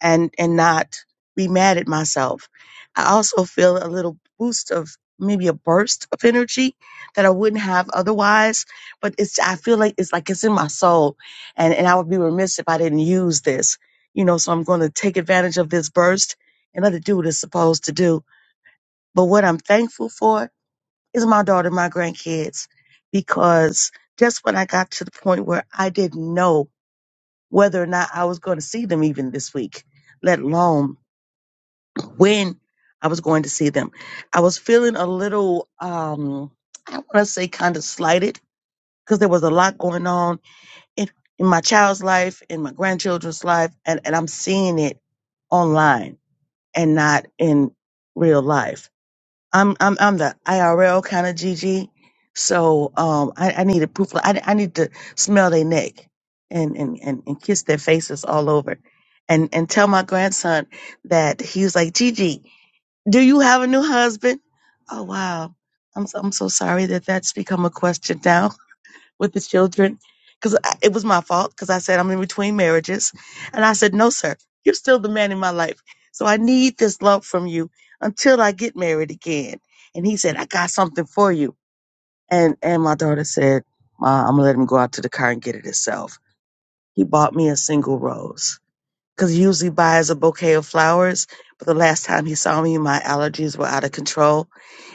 and and not be mad at myself. I also feel a little boost of maybe a burst of energy that I wouldn't have otherwise. But it's I feel like it's like it's in my soul, and and I would be remiss if I didn't use this. You know, so I'm going to take advantage of this burst and let it do what it's supposed to do. But what I'm thankful for is my daughter, my grandkids, because just when I got to the point where I didn't know whether or not I was going to see them even this week, let alone when I was going to see them, I was feeling a little, um, I want to say kind of slighted because there was a lot going on in, in my child's life, in my grandchildren's life, and, and I'm seeing it online and not in real life I'm I'm I'm the IRL kind of Gigi, So um, I, I need a proof. I, I need to smell their neck and, and and and kiss their faces all over, and and tell my grandson that he was like Gigi. Do you have a new husband? Oh wow, I'm so, I'm so sorry that that's become a question now with the children because it was my fault because I said I'm in between marriages. And I said, no, sir, you're still the man in my life. So I need this love from you until I get married again. And he said, I got something for you. And, and my daughter said, Ma, I'm going to let him go out to the car and get it himself. He bought me a single rose because he usually buys a bouquet of flowers. But the last time he saw me, my allergies were out of control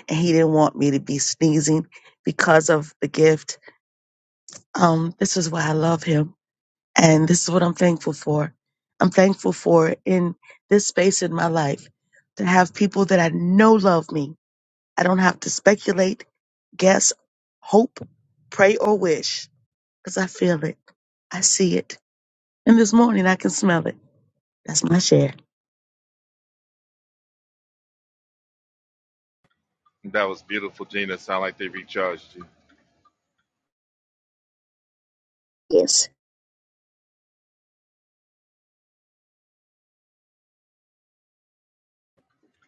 and he didn't want me to be sneezing because of the gift. Um, this is why I love him and this is what I'm thankful for. I'm thankful for in this space in my life to have people that I know love me. I don't have to speculate, guess, hope, pray, or wish because I feel it. I see it. And this morning I can smell it. That's my share.
That was beautiful, Gina. Sound like they recharged you.
Yes.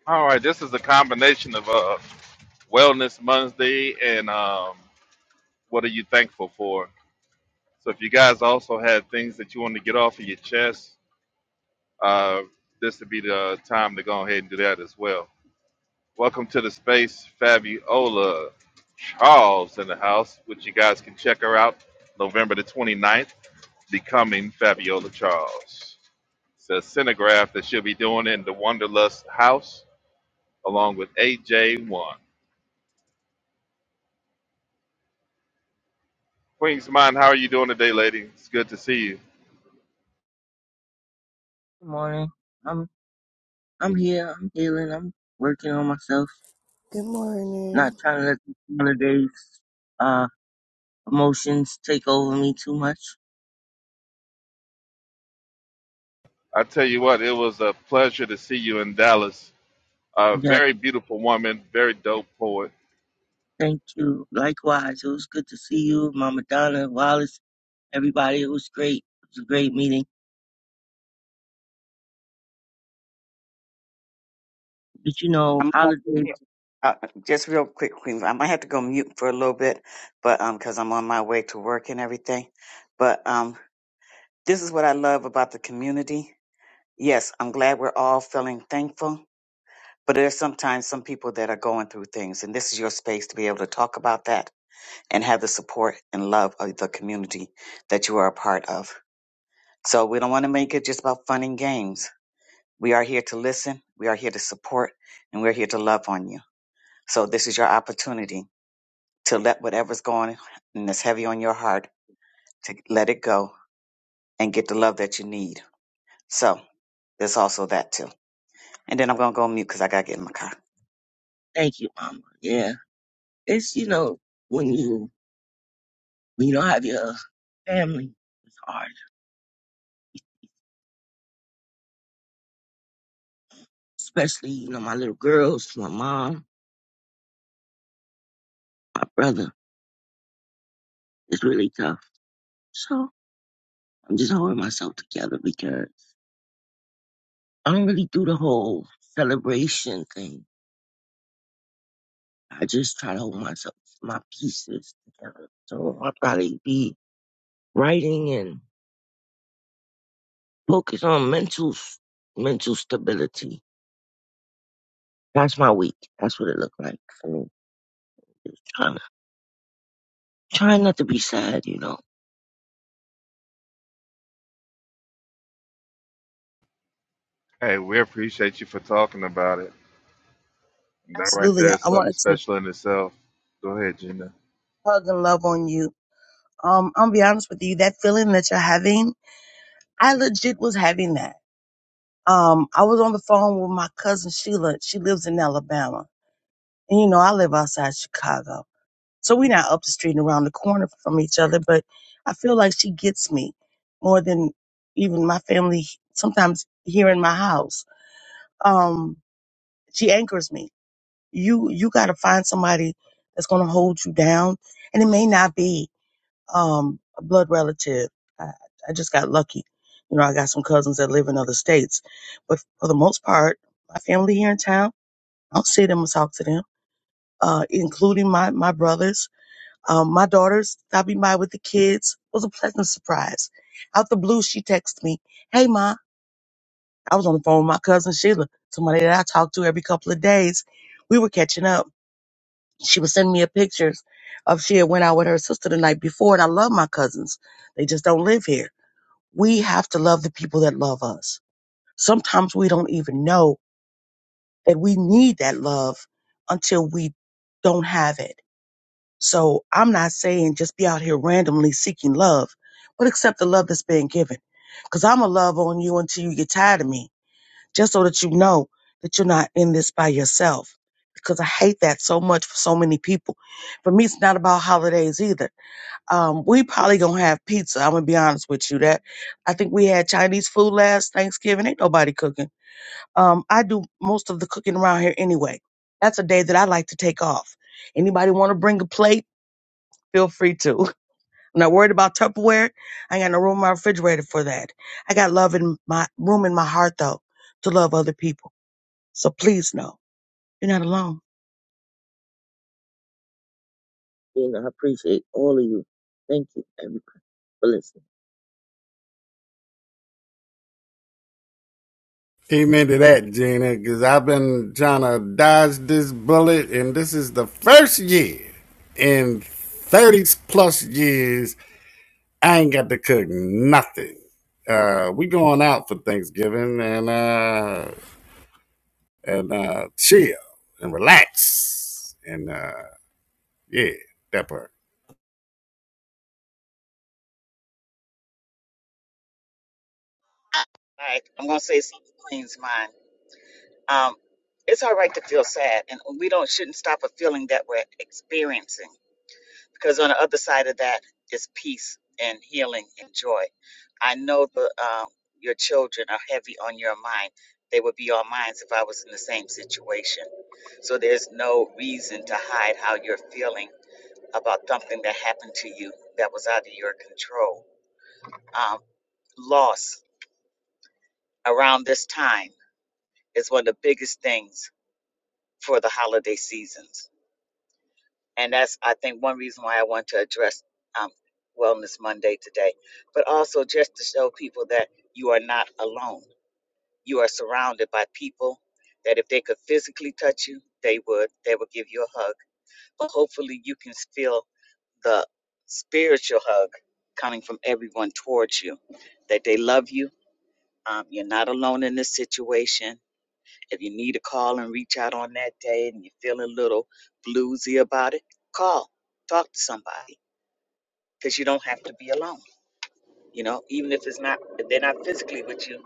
All right, this is a combination of uh, Wellness Monday and um, what are you thankful for? So if you guys also had things that you want to get off of your chest, uh, this would be the time to go ahead and do that as well. Welcome to the space, Fabiola Charles in the house, which you guys can check her out November the 29th, Becoming Fabiola Charles. It's a cinemagraph that she'll be doing in the Wanderlust house along with AJ1. Queen's Mind, how are you doing today, lady? It's good to see you.
Good morning. I'm I'm here. I'm healing. I'm working on myself.
Good
Not
morning.
trying to let the holidays uh emotions take over me too much.
I tell you what, it was a pleasure to see you in Dallas. A
Yeah.
very beautiful woman, very dope poet.
Thank you. Likewise, it was good to see you, Mama Donna, Wallace, everybody. It was great. It was a great meeting. But you know,
I'm gonna have to
holidays.
mute. Uh, just real quick, Queen. I might have to go mute for a little bit, but um, because I'm on my way to work and everything. But um, this is what I love about the community. Yes, I'm glad we're all feeling thankful, but there's sometimes some people that are going through things, and this is your space to be able to talk about that and have the support and love of the community that you are a part of. So we don't want to make it just about fun and games. We are here to listen, we are here to support, and we're here to love on you. So this is your opportunity to let whatever's going and that's heavy on your heart to let it go and get the love that you need. So there's also that too. And then I'm gonna go mute because I gotta get in my car.
Thank you, Mama. Yeah. It's you know when you when you don't have your family, it's hard. Especially you know my little girls, my mom, my brother. It's really tough. So. I'm just holding myself together because I don't really do the whole celebration thing. I just try to hold myself, my pieces together. So I'll probably be writing and focus on mental, mental stability. That's my week. That's what it looked like for me. Trying, trying not to be sad, you know.
Hey, we appreciate you for talking about it. That right
Absolutely.
there
I
is
I
something
wanted to
special in itself. Go ahead, Gina.
hug and love on you. Um, I'll be honest with you, that feeling that you're having, I legit was having that. Um, I was on the phone with my cousin Sheila. She lives in Alabama. And you know, I live outside Chicago. So we're not up the street and around the corner from each other, but I feel like she gets me more than even my family sometimes here in my house. Um, she anchors me. You you gotta find somebody that's gonna hold you down. And it may not be um a blood relative. I, I just got lucky. You know, I got some cousins that live in other states. But for the most part, my family here in town, I don't see them or talk to them, uh, including my, my brothers Um, my daughter stopping by with the kids was a pleasant surprise. Out the blue, she texted me, Hey, Ma, I was on the phone with my cousin Sheila, somebody that I talk to every couple of days. We were catching up. She was sending me a pictures of she had went out with her sister the night before, and I love my cousins. They just don't live here. We have to love the people that love us. Sometimes we don't even know that we need that love until we don't have it So I'm not saying just be out here randomly seeking love, but accept the love that's being given. Because I'm going to love on you until you get tired of me, just so that you know that you're not in this by yourself. Because I hate that so much for so many people. For me, it's not about holidays either. Um, we probably gonna have pizza. I'm gonna be honest with you. That I think we had Chinese food last Thanksgiving. Ain't nobody cooking. Um, I do most of the cooking around here anyway. That's a day that I like to take off. Anybody want to bring a plate? Feel free to. I'm not worried about Tupperware. I ain't got no room in my refrigerator for that. I got love in my room in my heart though to love other people. So please know you're not alone.
You know, I appreciate all of you. Thank you, everybody, for listening.
amen to that, Gina, because I've been trying to dodge this bullet, and this is the first year in 30 plus years I ain't got to cook nothing. Uh, we going out for Thanksgiving, and uh, and uh, chill and relax. And uh, yeah, that part.
Like I'm gonna say something Queen's mind. Um, it's all right to feel sad, and we don't shouldn't stop a feeling that we're experiencing because on the other side of that is peace and healing and joy. I know the um, your children are heavy on your mind. They would be on mine if I was in the same situation. So there's no reason to hide how you're feeling about something that happened to you that was out of your control. Um, loss around this time is one of the biggest things for the holiday seasons. And that's, I think, one reason why I want to address um, Wellness Monday today, but also just to show people that you are not alone. You are surrounded by people that if they could physically touch you, they would. They would give you a hug. But hopefully, you can feel the spiritual hug coming from everyone towards you that they love you. Um, you're not alone in this situation If you need to call and reach out on that day and you're feeling a little bluesy about it, call, talk to somebody because you don't have to be alone. You know, even if it's not, if they're not physically with you,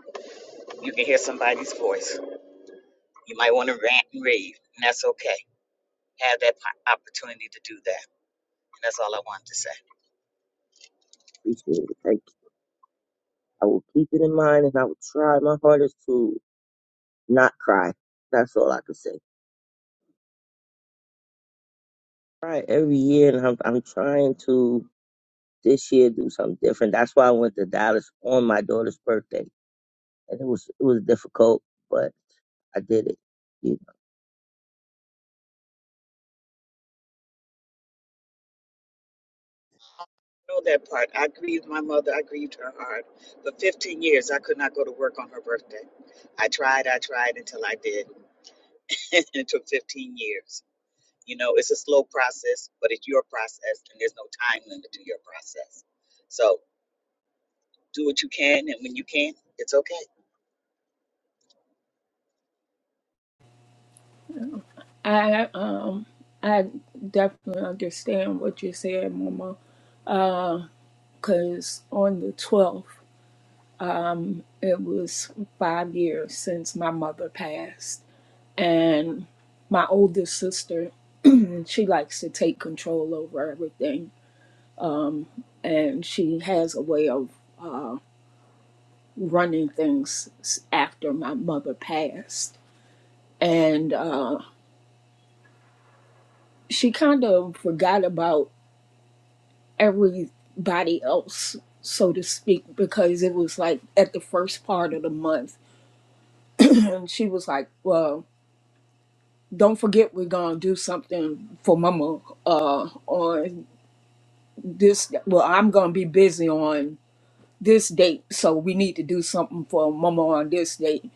you can hear somebody's voice. You might want to rant and rave, and that's okay. Have that po- opportunity to do that. And that's all I wanted to say.
Appreciate it. Thank you. I will keep it in mind and I will try my hardest to not cry. That's all I can say. try every year, and I'm I'm trying to this year do something different. That's why I went to Dallas on my daughter's birthday, and it was it was difficult, but I did it. You know.
Know that part. I grieved my mother. I grieved her hard. For 15 years, I could not go to work on her birthday. I tried, I tried until I did. *laughs* it took 15 years. You know, it's a slow process, but it's your process, and there's no time limit to your process. So do what you can, and when you can, it's okay.
I um I definitely understand what you said, Mama. because on the 12th, it was five years since my mother passed. And my oldest sister, *clears throat* she likes to take control over everything. And she has a way of running things after my mother passed. And uh, she kind of forgot about everybody else, so to speak, because it was like at the first part of the month. *clears throat* and she was like, well, don't forget we're gonna do something for mama uh on this well i'm gonna be busy on this date so we need to do something for mama on this date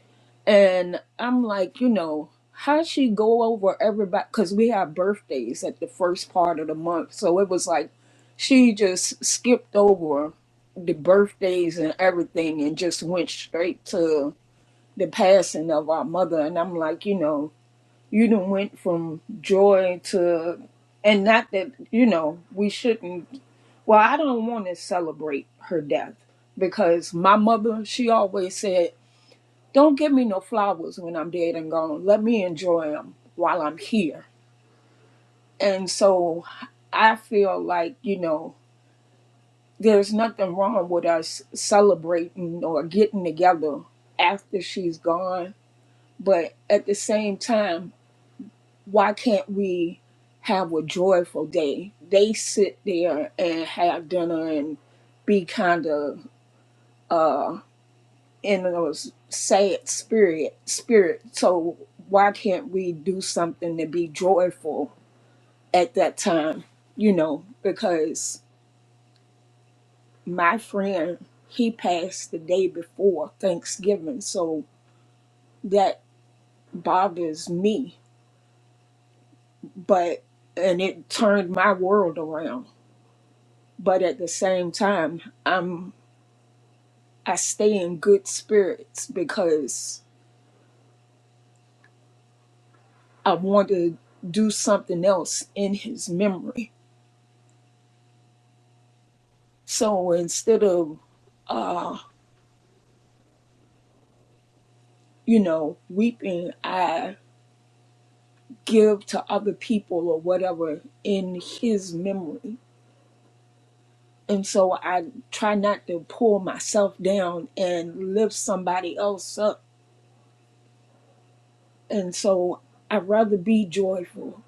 and i'm like you know how she go over everybody because we have birthdays at the first part of the month so it was like she just skipped over the birthdays and everything and just went straight to the passing of our mother and i'm like you know you done went from joy to and not that you know we shouldn't well i don't want to celebrate her death because my mother she always said don't give me no flowers when i'm dead and gone let me enjoy them while i'm here and so i feel like you know there's nothing wrong with us celebrating or getting together after she's gone but at the same time why can't we have a joyful day? They sit there and have dinner and be kind of uh, in a s- sad spirit. Spirit. So why can't we do something to be joyful at that time? You know, because my friend he passed the day before Thanksgiving, so that bothers me. But and it turned my world around. But at the same time, I'm. I stay in good spirits because I want to do something else in his memory. So instead of, uh, you know, weeping, I give to other people or whatever in his memory. And so I try not to pull myself down and lift somebody else up. And so I'd rather be joyful.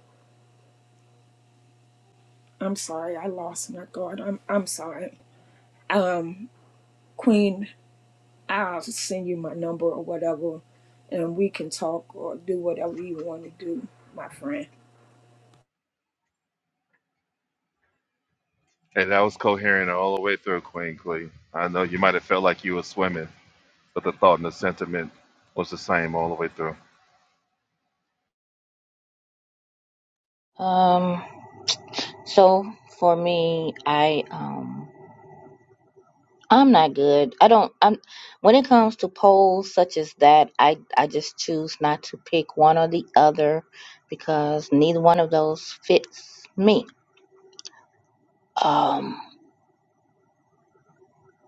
I'm sorry, I lost my guard. I'm I'm sorry. Um, Queen. I'll send you my number or whatever, and we can talk or do whatever you want to do, my friend.
Hey, that was coherent all the way through, Queen Clee. I know you might have felt like you were swimming, but the thought and the sentiment was the same all the way through.
un- um. So for me, I um. I'm not good. I don't. I'm when it comes to polls such as that, I I just choose not to pick one or the other because neither one of those fits me. Um,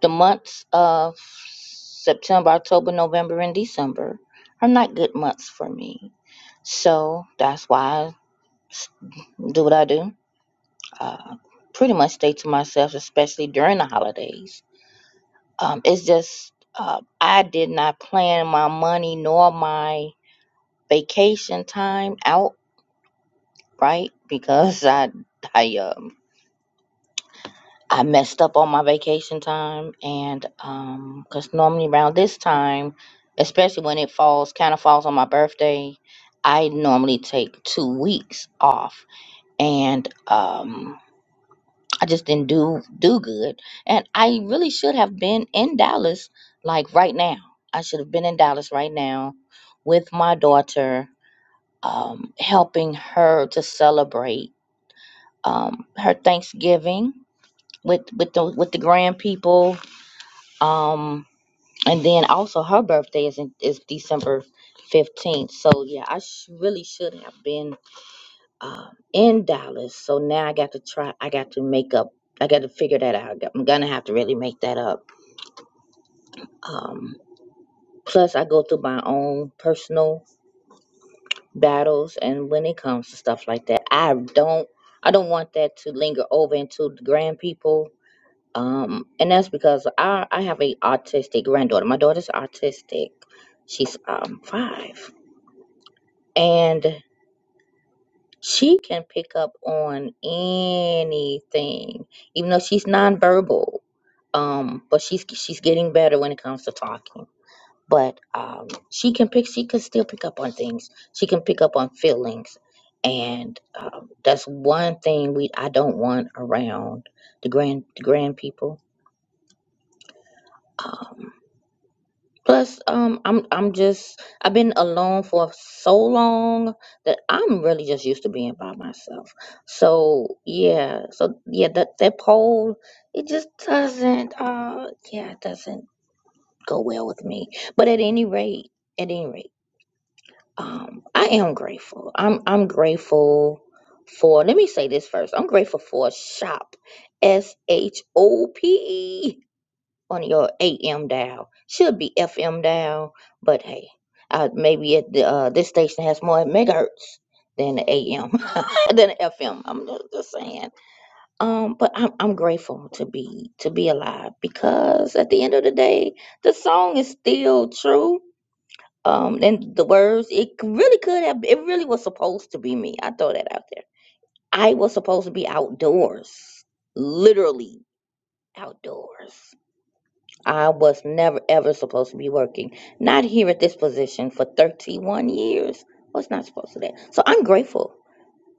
the months of September, October, November, and December are not good months for me. So that's why. do what I do. Uh, pretty much stay to myself, especially during the holidays. Um, it's just uh, I did not plan my money nor my vacation time out right because *laughs* I I um I messed up on my vacation time and um because normally around this time, especially when it falls kind of falls on my birthday, I normally take two weeks off and um I just didn't do do good. And I really should have been in Dallas like right now. I should have been in Dallas right now with my daughter, um, helping her to celebrate um, her Thanksgiving with with the with the grand people. Um, and then also her birthday is in, is December fifteenth. So yeah, I sh- really should have been um, in Dallas. So now I got to try. I got to make up. I got to figure that out. I got- I'm gonna have to really make that up. Um, plus, I go through my own personal battles, and when it comes to stuff like that, I don't. I don't want that to linger over into the grand people. Um, and that's because I I have a autistic granddaughter. My daughter's autistic. She's um five, she can pick up on anything, even though she's nonverbal. Um, but she's she's getting better when it comes to talking. But um, she can pick. She can still pick up on things. She can pick up on feelings, and um, that's one thing we I don't want around the grand the grand people. Um. Plus, um, I'm I'm just I've been alone for so long that I'm really just used to being by myself. So yeah, so yeah, that that poll it just doesn't uh yeah it doesn't go well with me. But at any rate, at any rate, um, I am grateful. I'm I'm grateful for. Let me say this first. I'm grateful for shop, s h o p. E on your AM dial. Should be FM dial, but hey, uh, maybe at the, uh, this station has more megahertz than the AM *laughs* than the FM. I'm just, just saying. Um, but I'm I'm grateful to be to be alive because at the end of the day, the song is still true. Um, and the words it c- really could have it really was supposed to be me. I throw that out there. I was supposed to be outdoors, literally outdoors I was never ever supposed to be working, not here at this position for 31 years. I was not supposed to that. So I'm grateful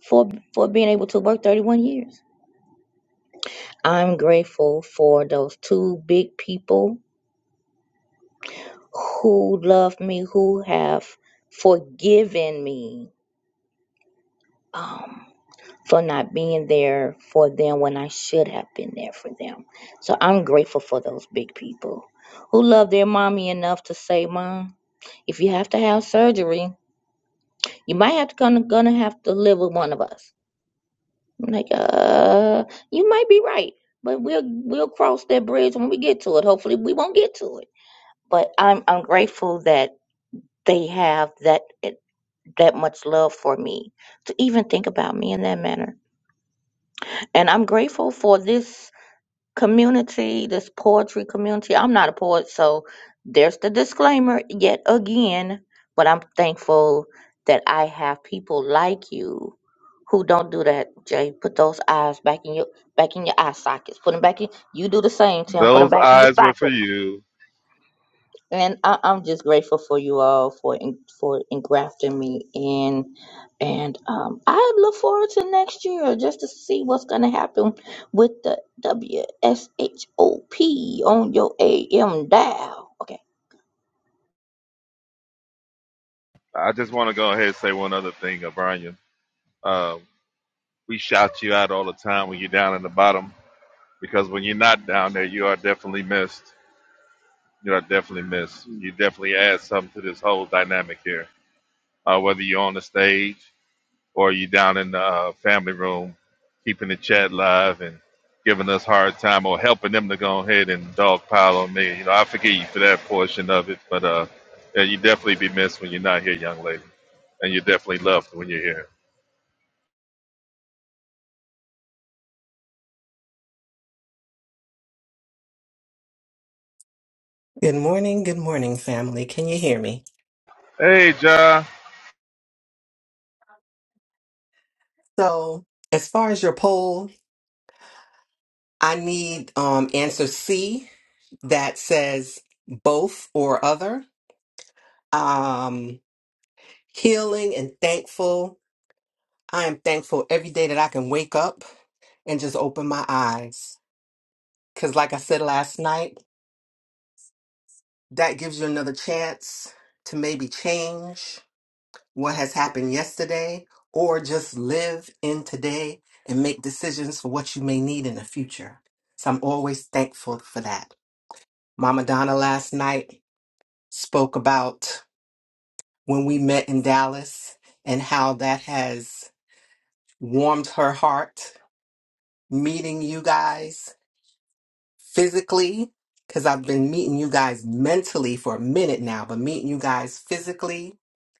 for for being able to work 31 years. I'm grateful for those two big people who love me, who have forgiven me um, for not being there for them when I should have been there for them. So I'm grateful for those big people who love their mommy enough to say, "Mom, if you have to have surgery." You might have to gonna, gonna have to live with one of us. I'm like, uh, you might be right, but we'll we'll cross that bridge when we get to it. Hopefully, we won't get to it. But I'm I'm grateful that they have that that much love for me to even think about me in that manner, and I'm grateful for this community, this poetry community. I'm not a poet, so there's the disclaimer yet again, but I'm thankful that I have people like you who don't do that, Jay. Put those eyes back in your back in your eye sockets. Put them back in. You do the same, Tim. Put them
Those
back in your
eyes were for
sockets
you.
and I, I'm just grateful for you all for en- for engrafting me in, and um, I look forward to next year just to see what's gonna happen with the WSHOP on your AM dial. Okay,
I just want to go ahead and say one other thing, O'Brien. Um, We shout you out all the time when you're down in the bottom because when you're not down there, you are definitely missed. You are definitely missed. You definitely add something to this whole dynamic here. Uh, whether you're on the stage or you're down in the uh, family room, keeping the chat live and giving us hard time or helping them to go ahead and dog pile on me. You know, I forgive you for that portion of it, but uh, yeah, you definitely be missed when you're not here, young lady, and you're definitely loved when you're here.
Good morning, good morning, family. Can you hear me?
Hey, Ja.
So, as far as your poll, I need um, answer C that says both or other. Um, healing and thankful. I am thankful every day that I can wake up and just open my eyes. Because, like I said last night. That gives you another chance to maybe change what has happened yesterday or just live in today and make decisions for what you may need in the future. So I'm always thankful for that. Mama Donna last night spoke about when we met in Dallas and how that has warmed her heart meeting you guys physically because I've been meeting you guys mentally for a minute now, but meeting you guys physically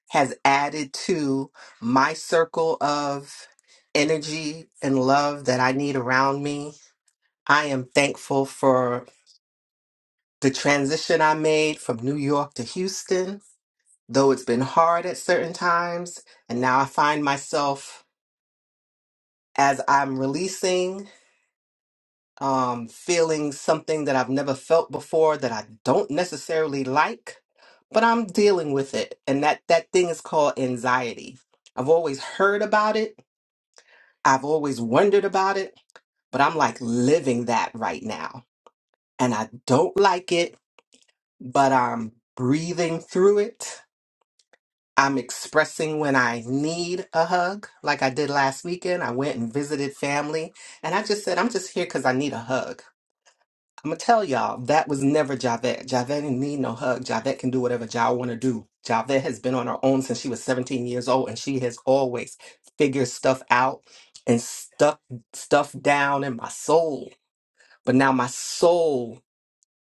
has added to my circle of energy and love that I need around me. I am thankful for the transition I made from New York to Houston, though it's been hard at certain times. And now I find myself as I'm releasing. um, feeling something that I've never felt before that I don't necessarily like, but I'm dealing with it. And that, that thing is called anxiety. I've always heard about it, I've always wondered about it, but I'm like living that right now. And I don't like it, but I'm breathing through it. I'm expressing when I need a hug, like I did last weekend. I went and visited family, and I just said, I'm just here because I need a hug. I'm gonna tell y'all that was never Javette. Javette didn't need no hug. Javette can do whatever Jav want to do. Javette has been on her own since she was 17 years old, and she has always figured stuff out and stuck stuff down in my soul. But now my soul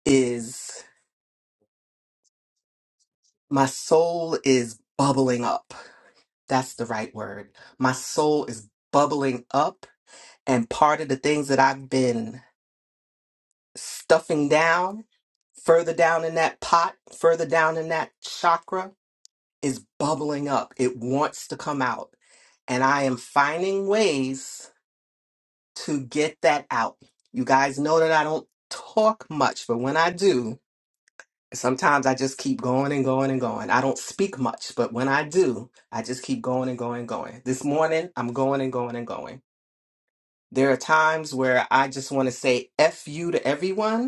is my soul is bubbling up. That's the right word. My soul is bubbling up, and part of the things that I've been stuffing down further down in that pot, further down in that chakra is bubbling up. It wants to come out. And I am finding ways to get that out. You guys know that I don't talk much, but when I do, sometimes I just keep going and going and going. I don't speak much, but when I do, I just keep going and going and going. This morning, I'm going and going and going. There are times where I just want to say F you to everyone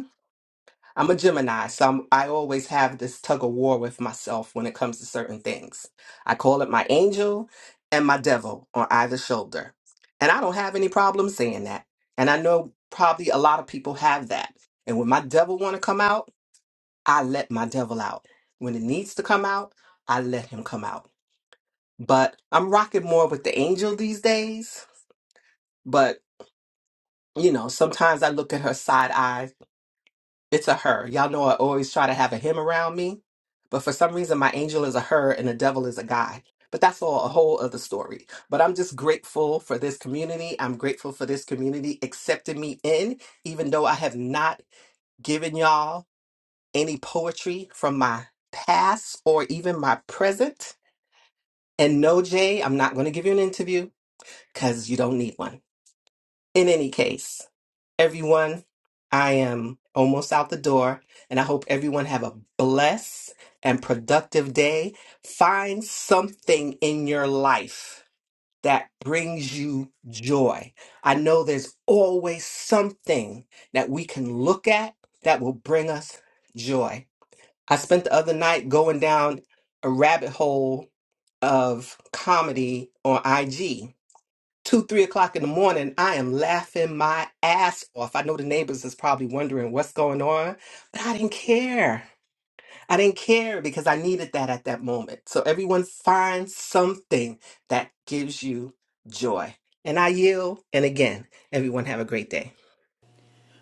I'm a Gemini, so I'm, I always have this tug of war with myself when it comes to certain things. I call it my angel and my devil on either shoulder. And I don't have any problem saying that. And I know probably a lot of people have that. And when my devil want to come out, I let my devil out. When it needs to come out, I let him come out. But I'm rocking more with the angel these days. But, you know, sometimes I look at her side eyes It's a her. Y'all know I always try to have a him around me, but for some reason my angel is a her and the devil is a guy. But that's all a whole other story. But I'm just grateful for this community. I'm grateful for this community accepting me in, even though I have not given y'all any poetry from my past or even my present. And no, Jay, I'm not going to give you an interview because you don't need one. In any case, everyone. I am almost out the door, and I hope everyone have a blessed and productive day. Find something in your life that brings you joy. I know there's always something that we can look at that will bring us joy. I spent the other night going down a rabbit hole of comedy on IG two, three o'clock in the morning, I am laughing my ass off. I know the neighbors is probably wondering what's going on, but I didn't care. I didn't care because I needed that at that moment. So everyone find something that gives you joy. And I yield. And again, everyone have a great day.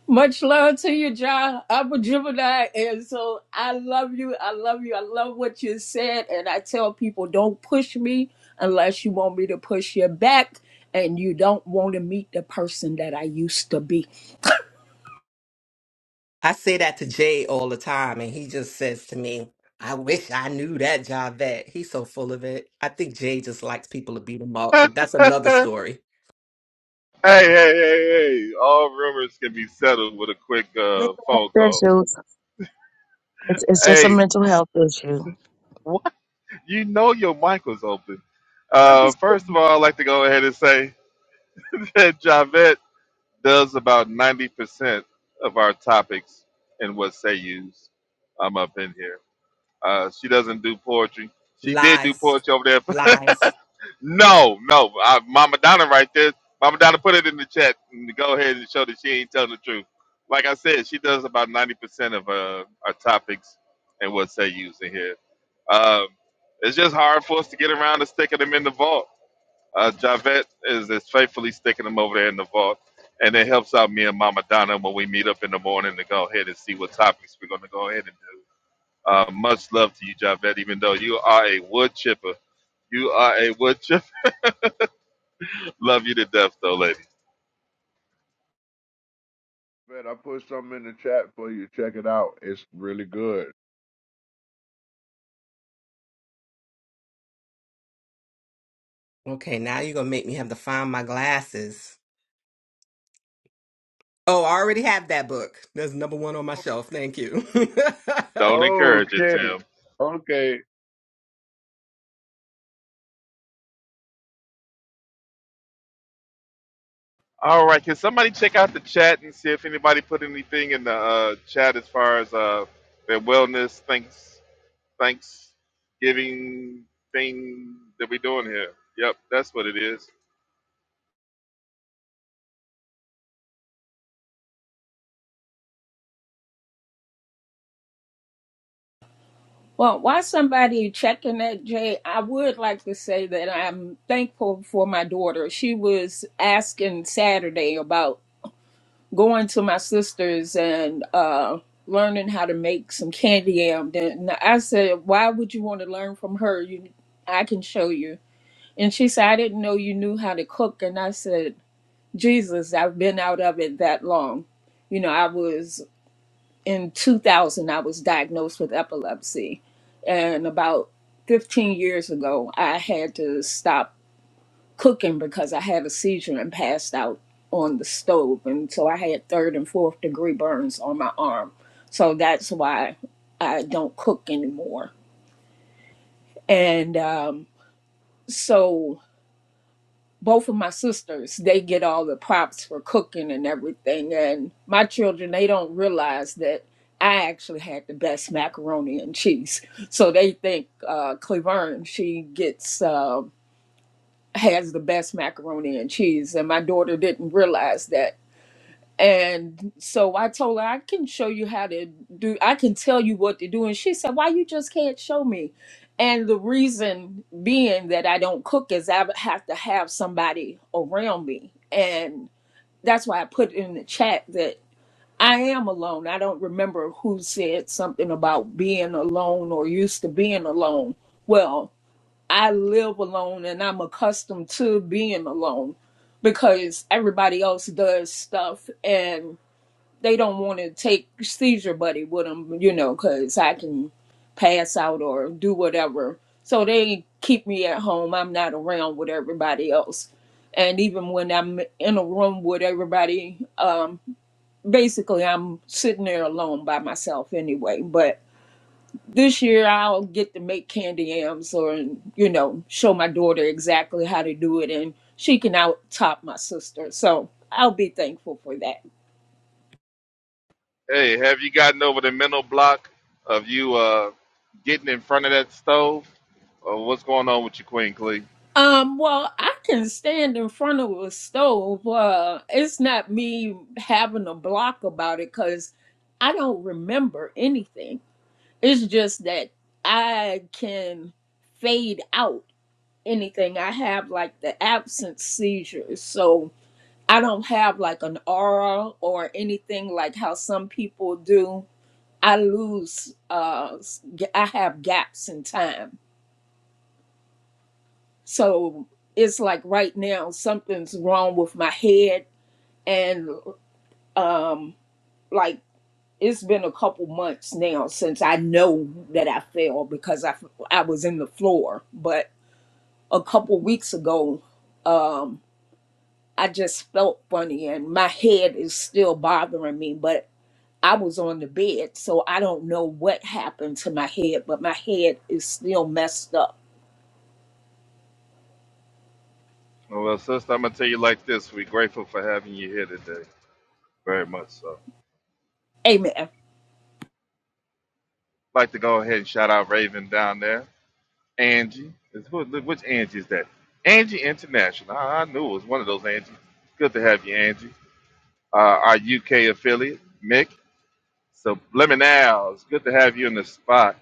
Much love to you, John. I'm a Gemini, and so I love you. I love you. I love what you said. And I tell people, don't push me unless you want me to push you back and you don't want to meet the person that I used to be.
I say that to Jay all the time, and he just says to me, I wish I knew that Javette. He's so full of it. I think Jay just likes people to beat him up, but that's another
*laughs*
story.
Hey, hey, hey, hey. All rumors can be settled with a quick uh,
Mental
phone
health
call.
issues. It's, it's just a
Hey,
mental health issue.
What? you know your mic was open. Uh,
Purpose
first of all, I'd like to go ahead and say *laughs* that Javette does about 90% of our topics and what say yous. I'm up in here. Uh, she doesn't do poetry. She did do
Lies.
poetry over there *laughs*
Lies.
No, no. I, Mama Donna right there. Mama Donna put it in the chat and go ahead and show that she ain't telling the truth. Like I said, she does about 90% of uh, our topics and what they use in here. Um, it's just hard for us to get around to sticking them in the vault. Uh, Javette is, is faithfully sticking them over there in the vault. And it helps out me and Mama Donna when we meet up in the morning to go ahead and see what topics we're going to go ahead and do. Uh, much love to you, Javette, even though you are a wood chipper. You are a wood chipper. Love you to death, though, lady.
Man, I put something in the chat for you. Check it out. It's really good.
Okay, now you're going to make me have to find my glasses. Oh, I already have that book. That's number one on my shelf. Thank you. *laughs*
Don't encourage it,
Okay.
Tim.
Okay.
All right, can somebody check out the chat and see if anybody put anything in the uh, chat as far as uh, their wellness, thanks, Thanksgiving thing that we're doing here? Yep, that's what it is.
Well, while somebody checking that, Jay, I would like to say that I'm thankful for my daughter. She was asking Saturday about going to my sister's and uh, learning how to make some candy yam. Then I said, "Why would you want to learn from her? You, I can show you." And she said, "I didn't know you knew how to cook." And I said, "Jesus, I've been out of it that long. You know, I was in 2000. I was diagnosed with epilepsy, and about 15 years ago, I had to stop." cooking because I had a seizure and passed out on the stove. And so I had third and fourth degree burns on my arm. So that's why I don't cook anymore. And um, so both of my sisters, they get all the props for cooking and everything. And my children, they don't realize that I actually had the best macaroni and cheese. So they think uh, Cleverne, she gets. Uh, has the best macaroni and cheese and my daughter didn't realize that And so I told her I can show you how to do I can tell you what to do and she said why you just can't show me. And the reason being that I don't cook is I have to have somebody around me. And that's why I put in the chat that I am alone. I don't remember who said something about being alone or used to being alone. Well, I live alone and I'm accustomed to being alone because everybody else does stuff and they don't want to take seizure buddy with them, you know, because I can pass out or do whatever. So they keep me at home. I'm not around with everybody else. And even when I'm in a room with everybody, um, basically I'm sitting there alone by myself anyway. But this year I'll get to make candy yams or, you know, show my daughter exactly how to do it. And she can out top my sister. So I'll be thankful for that.
Hey, have you gotten over the mental block of you uh, getting in front of that stove? Or what's going on with you, Queen Clee?
Um, well, I can stand in front of a stove. Uh, it's not me having a block about it because I don't remember anything. It's just that I can fade out anything. I have like the absence seizure. So I don't have like an aura or anything like how some people do. I lose, uh, s- I have gaps in time So it's like right now something's wrong with my head and um like it's been a couple months now since I know that I fell because I I was in the floor, but a couple weeks ago um I just felt funny and my head is still bothering me, but I was on the bed, so I don't know what happened to my head, but my head is still messed up.
Well, sister, I'm gonna tell you like this: we're grateful for having you here today, very much so.
Amen.
like to go ahead and shout out Raven down there. Angie. It's- what- Which Angie is that? Angie International. I, I knew it was one of those Angie. Good to have you, Angie. Uh, our UK affiliate, Mick. So, Lemonals, good to have you in the spot.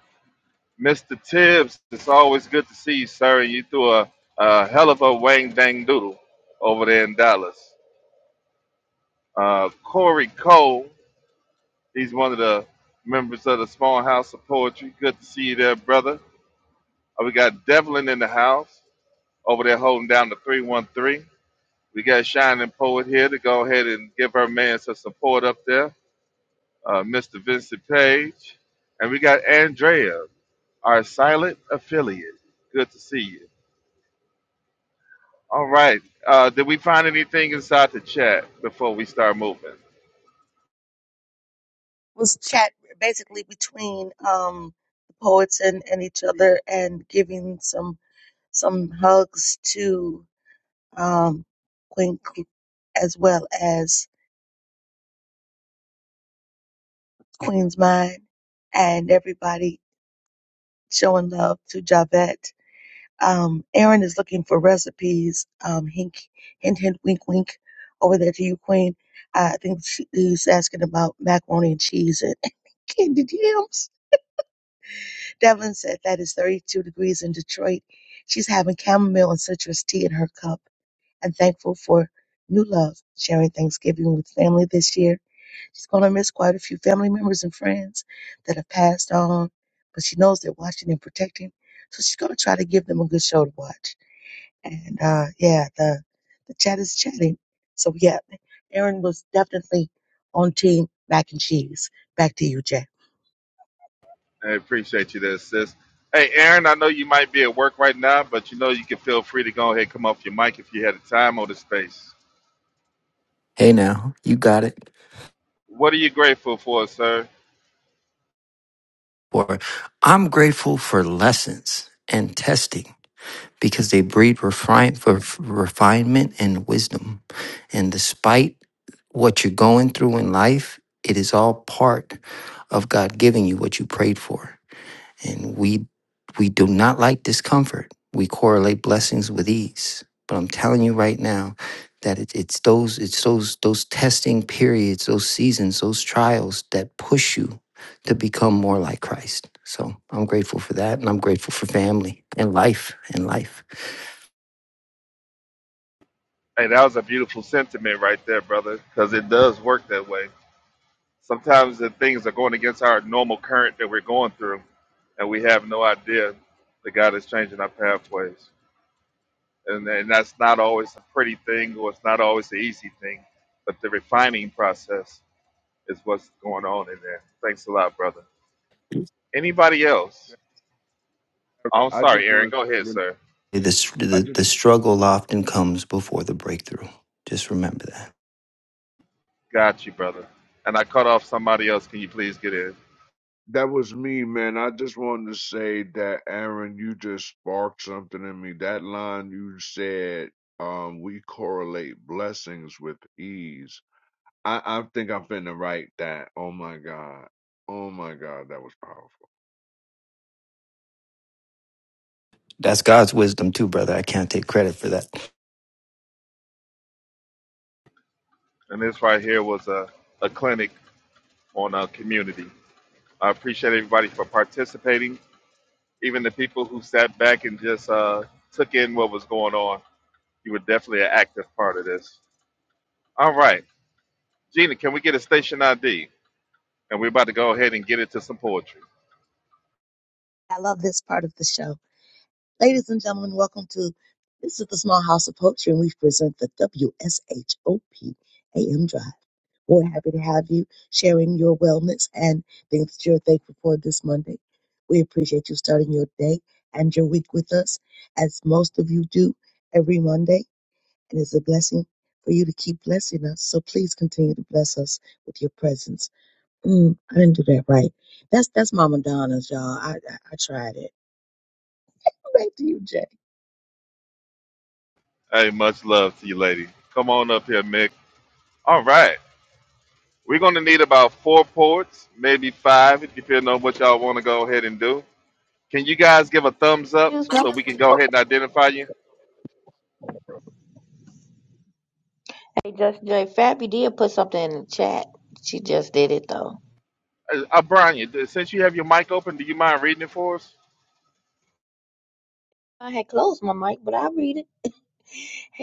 Mr. Tibbs, it's always good to see you, sir. You threw a, a hell of a wang dang doodle over there in Dallas. Uh, Corey Cole, he's one of the members of the Small House of Poetry. Good to see you there, brother. Uh, we got Devlin in the house over there holding down the 313. We got Shining Poet here to go ahead and give her man some support up there, uh, Mr. Vincent Page. And we got Andrea, our silent affiliate. Good to see you. All right. Uh, did we find anything inside the chat before we start moving?
was chat basically between um, the poets and, and each other and giving some some hugs to um, Queen Cl- as well as Queen's Mind and everybody showing love to Javette. Um, Aaron is looking for recipes. Um, hink, hint, hint, wink, wink. Over there to you, Queen. I think she, he's asking about macaroni and cheese and *laughs* candy jams. Devlin said that is 32 degrees in Detroit. She's having chamomile and citrus tea in her cup and thankful for new love, sharing Thanksgiving with family this year. She's going to miss quite a few family members and friends that have passed on, but she knows they're watching and protecting. So she's going to try to give them a good show to watch. And uh, yeah, the the chat is chatting. So yeah, Aaron was definitely on team mac and cheese. Back to you, Jay.
I appreciate you there, sis. Hey, Aaron, I know you might be at work right now, but you know you can feel free to go ahead and come off your mic if you had the time or the space.
Hey now, you got it.
What are you grateful for, sir?
Or I'm grateful for lessons and testing because they breed refine for for refinement and wisdom. And despite what you're going through in life, it is all part of God giving you what you prayed for. And we we do not like discomfort. We correlate blessings with ease. But I'm telling you right now that it, it's those it's those those testing periods, those seasons, those trials that push you to become more like Christ. So I'm grateful for that, and I'm grateful for family and life and life.
Hey, that was a beautiful sentiment right there, brother, because it does work that way. Sometimes the things are going against our normal current that we're going through, and we have no idea that God is changing our pathways. And, and that's not always a pretty thing, or it's not always the easy thing, but the refining process is what's going on in there. Thanks a lot, brother. Anybody else?
Okay.
Oh, I'm
I
sorry,
just
Aaron.
want
Go ahead,
to,
sir.
The, s-
I
the,
just,
the struggle often comes before the breakthrough. Just remember that.
Got you, brother. And I cut off somebody else. Can you please get in?
that was me, man. I just wanted to say that, Aaron, you just sparked something in me. That line you said, um, we correlate blessings with ease. I, I think I'm finna write that. Oh my God. Oh my God. That was powerful.
That's God's wisdom too, brother. I can't take credit for that.
And this right here was a, a clinic on a community. I appreciate everybody for participating. Even the people who sat back and just uh, took in what was going on, you were definitely an active part of this. All right, Gina, can we get a station ID? And we're about to go ahead and get into some poetry.
I love this part of the show. Ladies and gentlemen, welcome to this is the Small House of Poetry, and we present the W S H O P A M Drive. We're happy to have you sharing your wellness and things that you're thankful for this Monday. We appreciate you starting your day and your week with us, as most of you do every Monday, and it's a blessing for you to keep blessing us. So please continue to bless us with your presence. Mm, I didn't do that right. That's that's Mama Donna's, y'all. I I, I tried it. Back to you, Jay.
Hey, much love to you, lady. Come on up here, Mick. All right, we're gonna need about four poets, maybe five, if you feel know what y'all want to go ahead and do. Can you guys give a thumbs up
excuse me.
so we can go ahead and identify you?
Hey, Just J. Fabby did put something in the chat. She just did it though.
Uh, uh, Brian, since you have your mic open, do you mind reading it for us?
I had closed my mic, but I'll read it.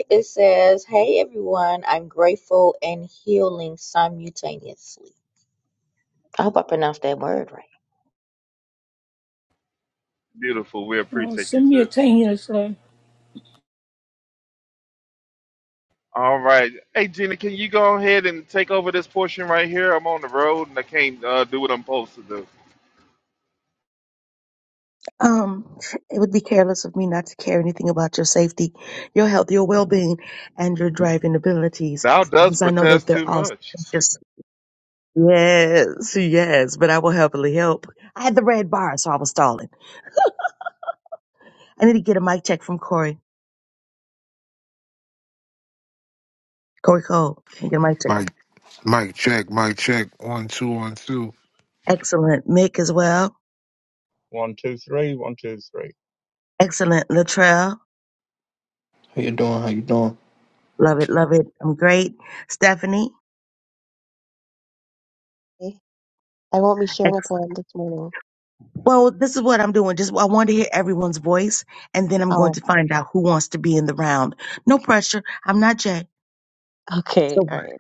It says, "Hey everyone, I'm grateful and healing simultaneously." I hope I pronounced that word right.
Beautiful. We
Oh,
appreciate you,
send me a
sis.
10 years
All right. Hey, Gina, can you go ahead and take over this portion right here? I'm on the road and I can't uh, do what I'm supposed to do.
Um, it would be careless of me not to care anything about your safety, your health, your well-being, and your driving abilities.
Thou
And
dost
since I know that
protest
they're
too
all
much.
just yes, yes, but I will happily help. I had the red bar, so I was stalling. I need to get a mic check from Corey. Corey Cole, can I get a mic check?
Mike, Mike, check, Mike, check. One, two, one, two.
Excellent, Mick as well.
One, two, three, one, two, three.
Excellent, Latrell.
How you doing? How you doing?
Love it, love it. I'm great, Stephanie.
Okay. I won't be sharing a poem this morning.
Well, this is what I'm doing. Just I want to hear everyone's voice, and then I'm going
Oh,
to find out who wants to be in the round. No pressure. I'm not Jay.
okay.
So
All right.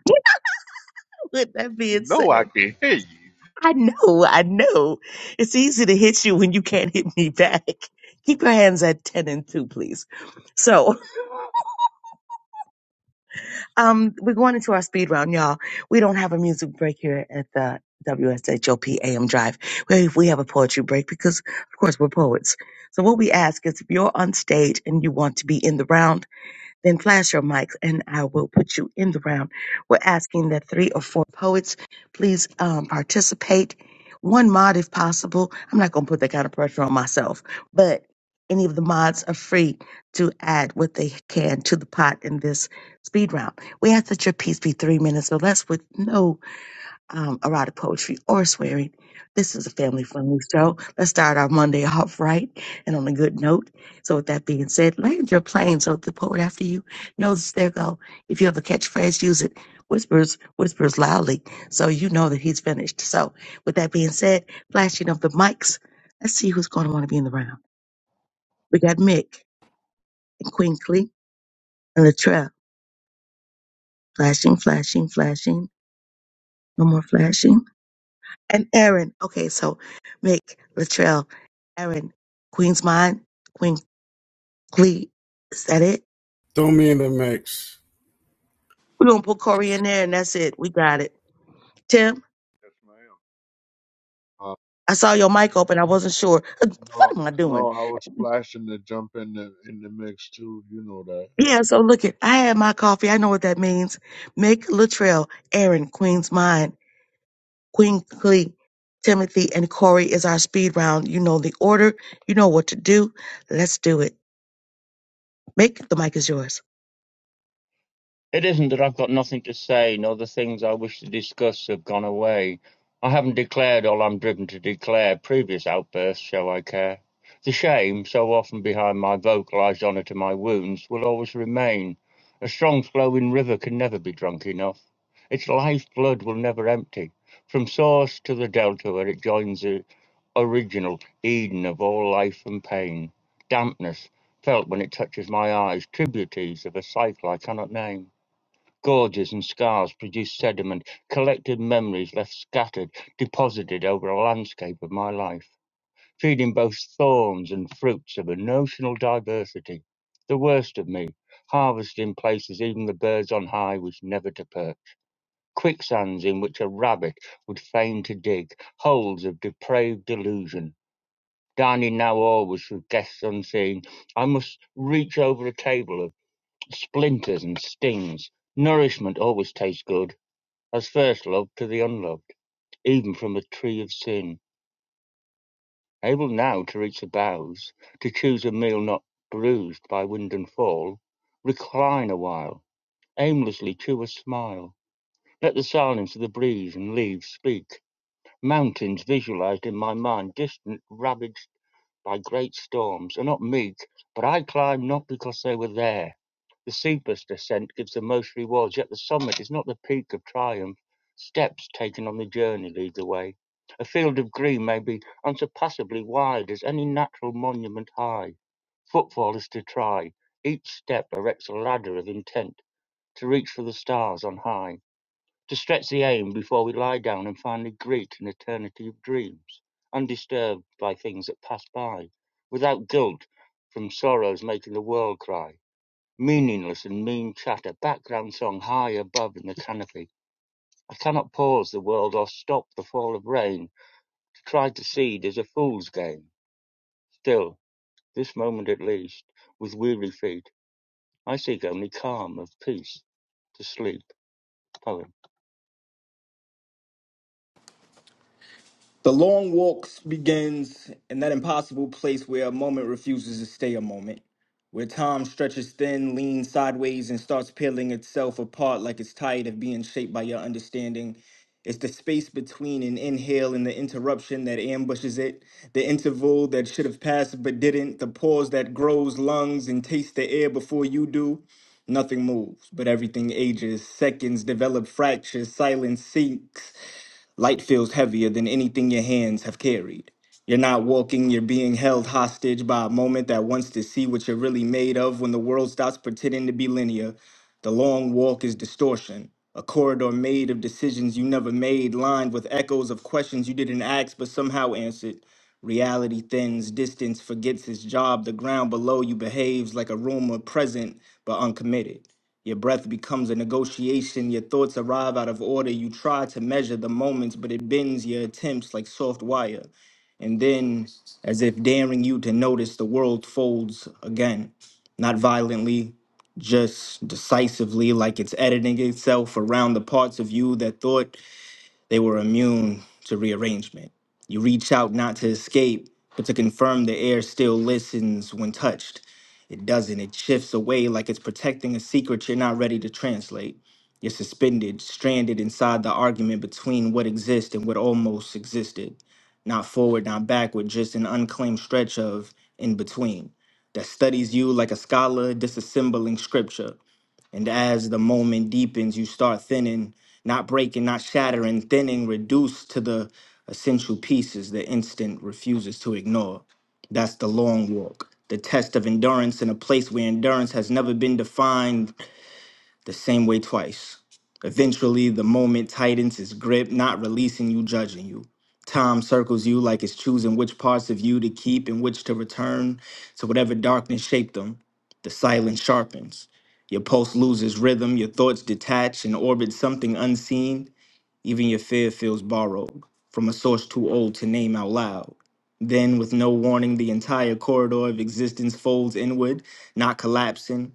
*laughs* with that
You
being
know I
said,
can hear you.
I know, I know. It's easy to hit you when you can't hit me back. Keep your hands at ten and two, please. So *laughs* Um, we're going into our speed round, y'all. We don't have a music break here at the WSHOPAM Drive. We, we have a poetry break because, of course, we're poets. So what we ask is if you're on stage and you want to be in the round, then flash your mics and I will put you in the round. We're asking that three or four poets please um, participate. One mod, if possible. I'm not going to put that kind of pressure on myself, but any of the mods are free to add what they can to the pot in this speed round. We ask that your piece be three minutes or less with no um, erotic poetry or swearing. This is a family friendly show. Let's start our Monday off right and on a good note. So, with that being said, land your plane so the poet after you knows there go. If you have a catchphrase, use it. Whispers, whispers loudly so you know that he's finished. So, with that being said, flashing of the mics, let's see who's going to want to be in the round. We got Mick and Quinkly and Latrell. Flashing, flashing, flashing. No more flashing. and Aaron. Okay, so Mick, Latrell, Aaron, Queen's Mind, Queen Clee. Is that it?
Throw me in the mix.
We're gonna put Corey in there and that's it. We got it. Tim,
Yes, ma'am. Uh,
I saw your mic open. I wasn't sure. Uh,
no,
What am I
no,
doing?
I was splashing to jump in the, in the mix too. You know
Yeah, so look it. I had my coffee. I know what that means. Mick, Latrell, Aaron, Queen's Mind, Queen Clee, Timothy, and Corey is our speed round. You know the order. You know what to do. Let's do it. Mick, the mic is yours.
It isn't that I've got nothing to say, nor the things I wish to discuss have gone away. I haven't declared all I'm driven to declare. Previous outbursts, shall I care? The shame, so often behind my vocalised honour to my wounds, will always remain. A strong flowing river can never be drunk enough. Its life blood will never empty. From source to the delta where it joins original, Eden of all life and pain. Dampness, felt when it touches my eyes, tributaries of a cycle I cannot name. Gorges and scars produce sediment, collected memories left scattered, deposited over a landscape of my life, feeding both thorns and fruits of a notional diversity. The worst of me, harvested in places even the birds on high was never to perch, quicksands in which a rabbit would fain to dig, holes of depraved delusion Danny now always with guests unseen. I must reach over a table of splinters and stings. Nourishment always tastes good, as first love to the unloved, even from a tree of sin. Able now to reach the boughs, to choose a meal not bruised by wind and fall, recline a while, aimlessly chew a smile, let the silence of the breeze and leaves speak. Mountains visualized in my mind, distant, ravaged by great storms are not meek, but I climb not because they were there. The steepest ascent gives the most rewards, yet the summit is not the peak of triumph. Steps taken on the journey lead the way. A field of green may be unsurpassably wide as any natural monument high. Footfall is to try. Each step erects a ladder of intent to reach for the stars on high to stretch the aim before we lie down and finally greet an eternity of dreams, undisturbed by things that pass by, without guilt from sorrows making the world cry, meaningless and mean chatter, background song high above in the canopy. I cannot pause the world or stop the fall of rain. To try to seed is a fool's game. Still, this moment at least, with weary feet, I seek only calm of peace to sleep. Poem.
The long walk begins in that impossible place where a moment refuses to stay a moment, where time stretches thin, leans sideways, and starts peeling itself apart like it's tired of being shaped by your understanding. It's the space between an inhale and the interruption that ambushes it, the interval that should have passed but didn't, the pause that grows lungs and tastes the air before you do. Nothing moves, but everything ages. Seconds develop fractures, silence sinks, Light feels heavier than anything your hands have carried. You're not walking, you're being held hostage by a moment that wants to see what you're really made of when the world stops pretending to be linear. The long walk is distortion, a corridor made of decisions you never made, lined with echoes of questions you didn't ask but somehow answered. Reality thins, distance forgets its job, the ground below you behaves like a rumor present but uncommitted. Your breath becomes a negotiation. Your thoughts arrive out of order. You try to measure the moments, but it bends your attempts like soft wire. And then, as if daring you to notice, the world folds again. Not violently, just decisively, like it's editing itself around the parts of you that thought they were immune to rearrangement. You reach out not to escape, but to confirm the air still listens when touched. It doesn't. It shifts away like it's protecting a secret you're not ready to translate. You're suspended, stranded inside the argument between what exists and what almost existed. Not forward, not backward, just an unclaimed stretch of in between that studies you like a scholar disassembling scripture. And as the moment deepens, you start thinning, not breaking, not shattering, thinning, reduced to the essential pieces the instant refuses to ignore. That's the long walk, the test of endurance in a place where endurance has never been defined the same way twice. Eventually, the moment tightens its grip, not releasing you, judging you. Time circles you like it's choosing which parts of you to keep and which to return to whatever darkness shaped them. The silence sharpens. Your pulse loses rhythm, your thoughts detach and orbit something unseen. Even your fear feels borrowed from a source too old to name out loud. Then, with no warning, the entire corridor of existence folds inward, not collapsing,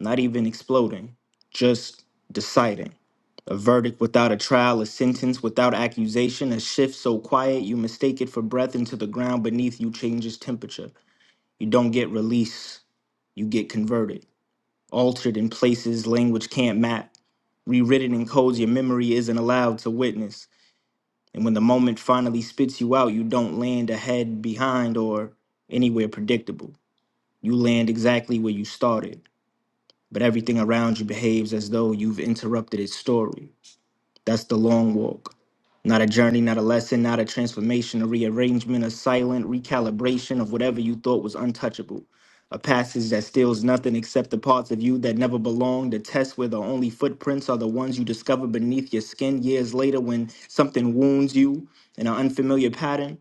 not even exploding, just deciding. A verdict without a trial, a sentence without accusation, a shift so quiet you mistake it for breath into the ground beneath you changes temperature. You don't get release, you get converted, altered in places language can't map, rewritten in codes your memory isn't allowed to witness. And when the moment finally spits you out, you don't land ahead, behind, or anywhere predictable. You land exactly where you started but everything around you behaves as though you've interrupted its story. That's the long walk. Not a journey, not a lesson, not a transformation, a rearrangement, a silent recalibration of whatever you thought was untouchable. A passage that steals nothing except the parts of you that never belonged, a test where the only footprints are the ones you discover beneath your skin years later when something wounds you in an unfamiliar pattern.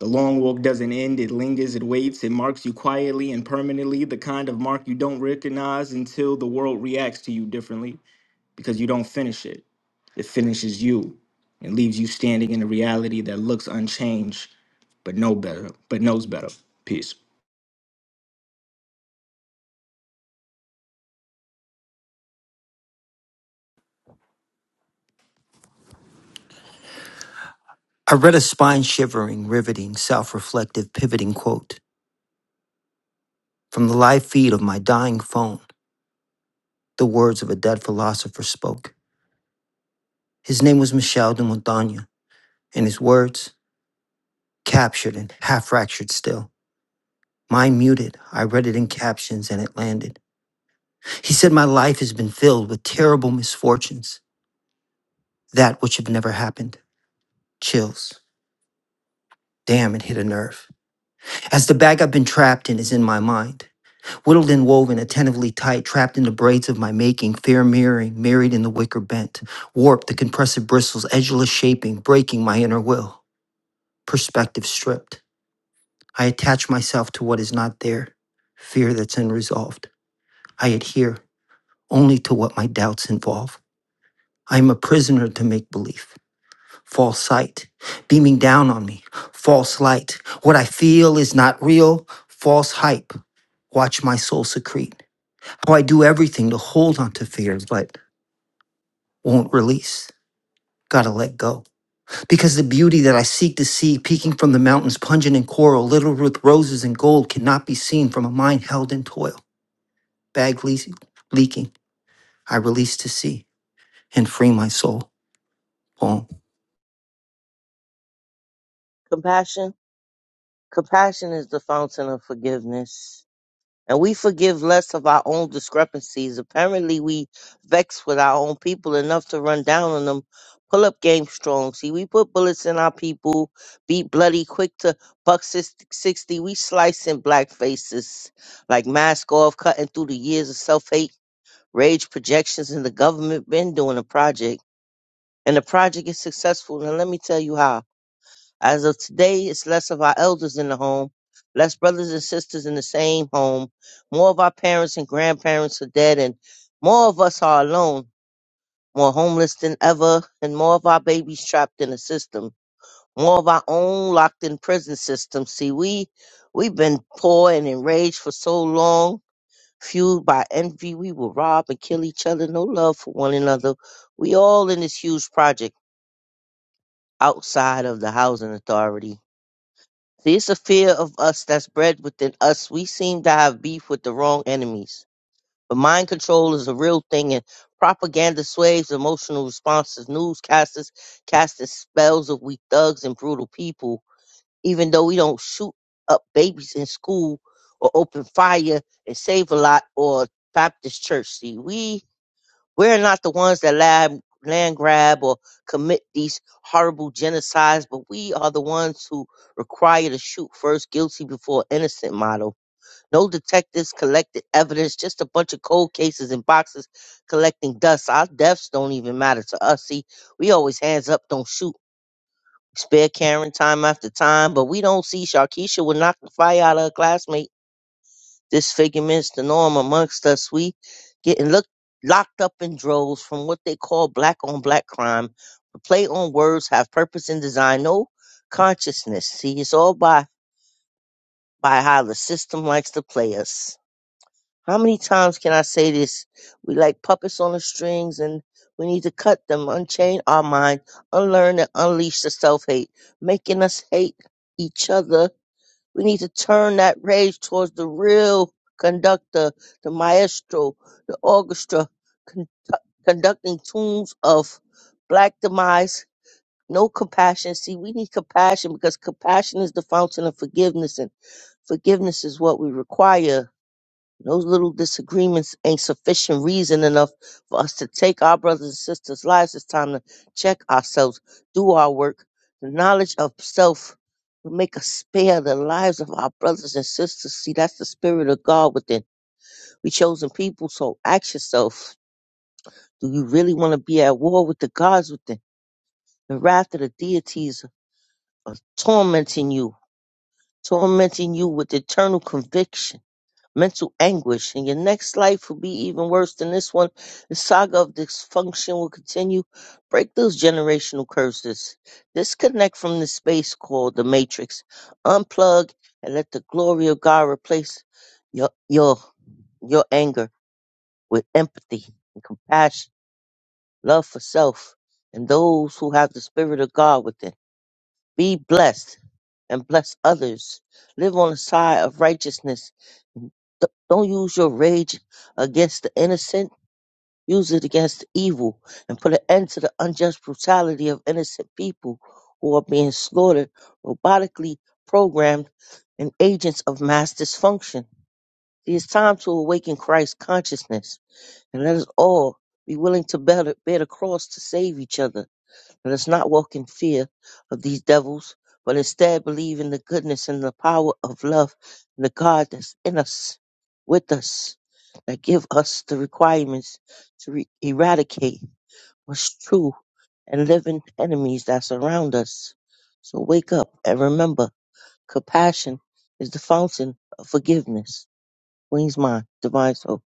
The long walk doesn't end, it lingers, it waits, it marks you quietly and permanently, the kind of mark you don't recognize until the world reacts to you differently because you don't finish it. It finishes you and leaves you standing in a reality that looks unchanged but no better, but knows better. Peace.
I read a spine shivering, riveting, self reflective, pivoting quote from the live feed of my dying phone. The words of a dead philosopher spoke. His name was Michel de Montaigne, and his words, captured and half fractured still. Mine muted, I read it in captions and it landed. He said, My life has been filled with terrible misfortunes, that which have never happened. Chills. Damn, it hit a nerve. As the bag I've been trapped in is in my mind. Whittled and woven, attentively tight, trapped in the braids of my making, fair mirroring, married in the wicker bent, warped the compressive bristles, edgeless shaping, breaking my inner will, perspective stripped. I attach myself to what is not there, fear that's unresolved. I adhere only to what my doubts involve. I am a prisoner to make belief, false sight, beaming down on me, false light. What I feel is not real, false hype. Watch my soul secrete. how I do everything to hold on to fears but won't release. Gotta let go. Because the beauty that I seek to see, peeking from the mountains, pungent in coral, littered with roses and gold, cannot be seen from a mind held in toil. Bag le- leaking, I release to sea and free my soul. Boom.
Compassion, compassion is the fountain of forgiveness. and we forgive less of our own discrepancies. Apparently, we vex with our own people enough to run down on them. Pull up game strong. See, we put bullets in our people, beat bloody quick to buck sis- 60. We slicing black faces like mask off, cutting through the years of self hate, rage projections, and the government been doing a project. And the project is successful. Now, let me tell you how. As of today, it's less of our elders in the home, less brothers and sisters in the same home. More of our parents and grandparents are dead, and more of us are alone, more homeless than ever, and more of our babies trapped in the system. More of our own locked in prison system. See, we we've been poor and enraged for so long, fueled by envy. We will rob and kill each other. No love for one another. We all in this huge project outside of the housing authority. See, it's a fear of us that's bred within us. We seem to have beef with the wrong enemies. But mind control is a real thing, and propaganda sways emotional responses. Newscasters cast the spells of we thugs and brutal people, even though we don't shoot up babies in school or open fire and save a lot or Baptist church. See, we we're not the ones that lab, land grab or commit these horrible genocides, but we are the ones who require to shoot first guilty before innocent model. No detectives collected evidence, just a bunch of cold cases and boxes collecting dust. Our deaths don't even matter to us. See, we always hands up, don't shoot. Spare Karen time after time, but we don't see Sharkeisha would knock the fire out of her classmate. Disfigurement's the norm amongst us. We getting look, locked up in droves from what they call black on black crime. The play on words have purpose and design, no consciousness. See, it's all by, by how the system likes to play us. How many times can I say this? We like puppets on the strings and we need to cut them, unchain our mind, unlearn and unleash the self hate, making us hate each other we need to turn that rage towards the real conductor, the maestro, the orchestra, con- conducting tunes of black demise, no compassion. See, we need compassion because compassion is the fountain of forgiveness, and forgiveness is what we require those little disagreements ain't sufficient reason enough for us to take our brothers and sisters' lives. It's time to check ourselves, do our work. The knowledge of self will make us spare the lives of our brothers and sisters. See, that's the spirit of God within. We chosen people, so ask yourself, do you really want to be at war with the gods within? The wrath of the deities are tormenting you, tormenting you with eternal conviction mental anguish, and your next life will be even worse than this one. The saga of dysfunction will continue. Break those generational curses. Disconnect from the space called the Matrix. Unplug and let the glory of God replace your your your anger with empathy and compassion, love for self, and those who have the spirit of God within. Be blessed and bless others. Live on the side of righteousness D- Don't use your rage against the innocent. Use it against the evil and put an end to the unjust brutality of innocent people who are being slaughtered, robotically programmed, and agents of mass dysfunction. It is time to awaken Christ consciousness and let us all be willing to bear the, bear the cross to save each other. Let us not walk in fear of these devils, but instead believe in the goodness and the power of love and the God that's in us, with us, that give us the requirements to re- eradicate what's true and living enemies that surround us. So wake up and remember, compassion is the fountain of forgiveness. Queen's mind, divine soul.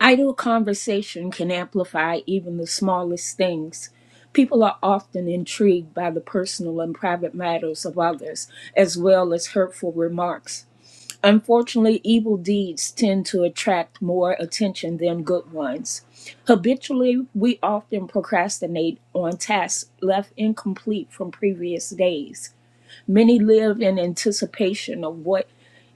Idle conversation can amplify even the smallest things. People are often intrigued by the personal and private matters of others, as well as hurtful remarks. Unfortunately, evil deeds tend to attract more attention than good ones. Habitually, we often procrastinate on tasks left incomplete from previous days. Many live in anticipation of what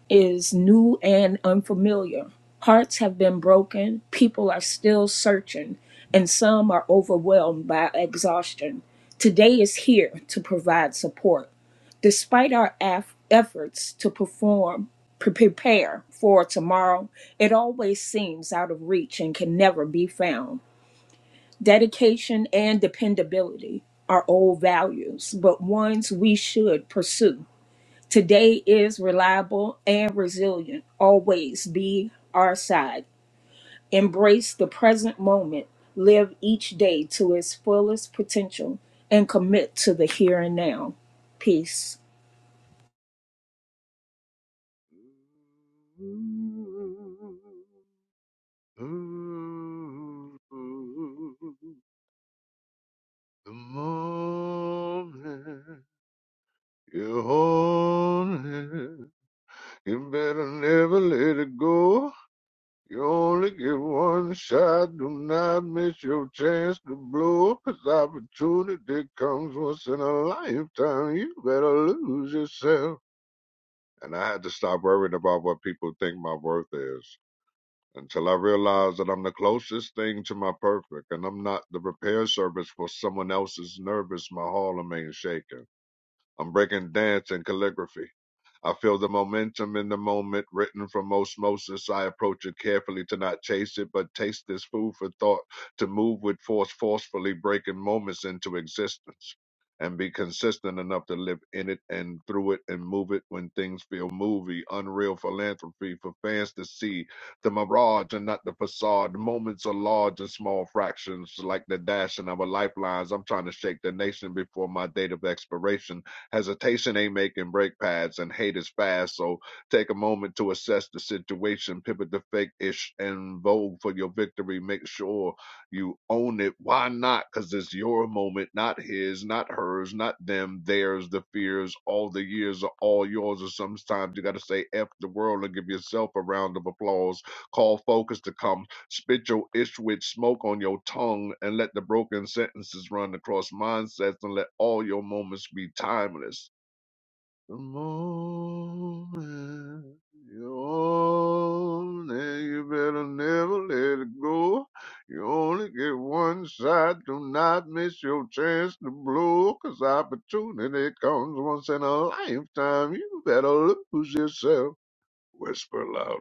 is new and unfamiliar. Hearts have been broken, people are still searching, and some are overwhelmed by exhaustion. Today is here to provide support. Despite our af- efforts to perform, pre- prepare for tomorrow, it always seems out of reach and can never be found. Dedication and dependability are old values, but ones we should pursue Today is reliable and resilient. Always be our side. Embrace the present moment. Live each day to its fullest potential and commit to the here and now. Peace.
that. Ooh, the moment you own it, you better never let it go. You only get one shot. Do not miss your chance to blow. 'Cause opportunity comes once in a lifetime. You better lose yourself. And I had to stop worrying about what people think my worth is. until I realize that I'm the closest thing to my perfect, and I'm not the repair service for someone else's nervous my Harlem ain't shaking. I'm breaking dance and calligraphy. I feel the momentum in the moment written from osmosis. I approach it carefully to not chase it, but taste this food for thought, to move with force, forcefully breaking moments into existence, and be consistent enough to live in it and through it and move it when things feel movie, unreal philanthropy for fans to see. The mirage and not the facade. Moments are large and small fractions, like the dashing of a lifelines. I'm trying to shake the nation before my date of expiration Hesitation ain't making brake pads, and hate is fast. So take a moment to assess the situation, pivot the fake ish, and vote for your victory. Make sure you own it. Why not? Because it's your moment, not his, not hers, not them, theirs, the fears. All the years are all yours. Or sometimes you got to say F the world and give yourself a round of applause. Call focus to come Spit your Ishwich smoke on your tongue and let the broken sentences run across mindsets and let all your moments be timeless. The moment you own and you better never let it go. You only get one shot, do not miss your chance to blow, 'cause opportunity comes once in a lifetime. You better lose yourself. Whisper loudly.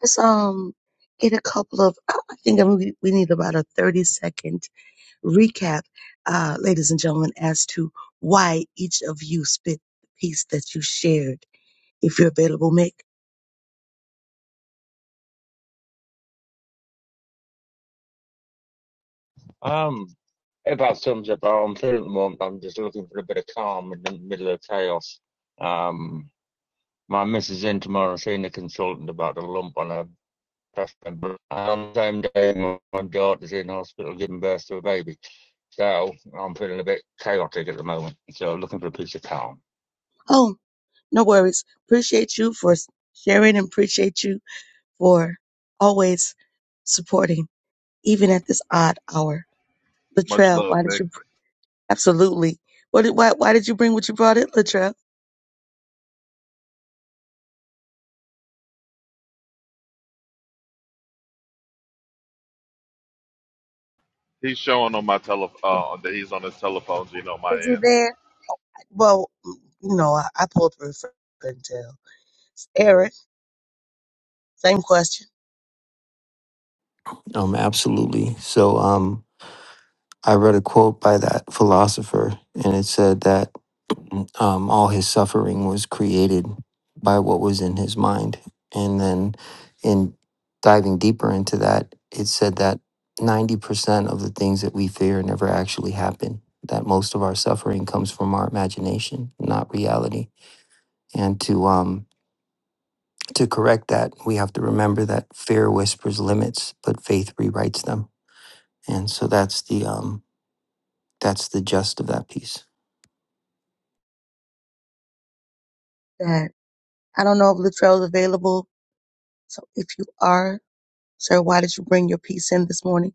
Let's um get a couple of. I I think I'm- we we need about a 30 second recap, uh, ladies and gentlemen, as to why each of you spit the piece that you shared. If you're available, Mick.
Um, It about sums up how I'm feeling at the moment. I'm just looking for a bit of calm in the middle of chaos. Um, my missus in tomorrow seeing a consultant about a lump on her breast member. And on the same day, my daughter's in hospital giving birth to a baby. So I'm feeling a bit chaotic at the moment. So looking for a piece of calm.
Oh, no worries. Appreciate you for s- sharing and appreciate you for always supporting, even at this odd hour.
Much
Latrell,
love,
why did
Mick.
you? br- Absolutely. What did, why, why did you bring what you brought in, Latrell?
He's showing on my tele uh, that he's on his telephone, Gina, on my
Is he
end.
there? Well, no, I, I pulled through. Couldn't tell. Eric, same question.
Um, absolutely. So, um, I read a quote by that philosopher, and it said that um, all his suffering was created by what was in his mind. And then, in diving deeper into that, it said that 90% of the things that we fear never actually happen, that most of our suffering comes from our imagination, not reality. And to, um, to correct that, we have to remember that fear whispers limits, but faith rewrites them. And so that's the, um, that's the gist of that piece.
That I don't know if Latrell's available. So if you are, sir, why did you bring your piece in this morning?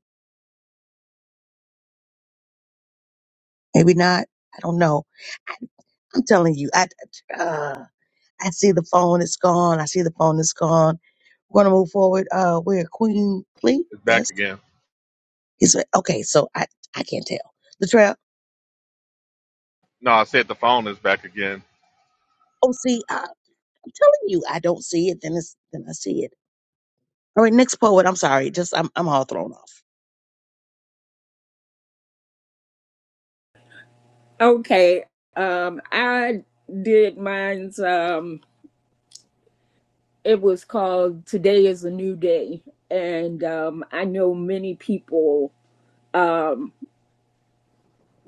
Maybe not. I don't know. I, I'm telling you, I uh, I see the phone is gone. I see the phone is gone. We're gonna move forward. Uh, we're Queen Clee.
It's back
Yes,
again.
he's okay. So I I can't tell Latrell.
No, I said the phone is back again.
Oh, see, I, I'm telling you, I don't see it. Then it's then I see it. All right, next poet. I'm sorry. Just I'm I'm all thrown off.
Okay. Um I did mine's um it was called Today is a New Day and um I know many people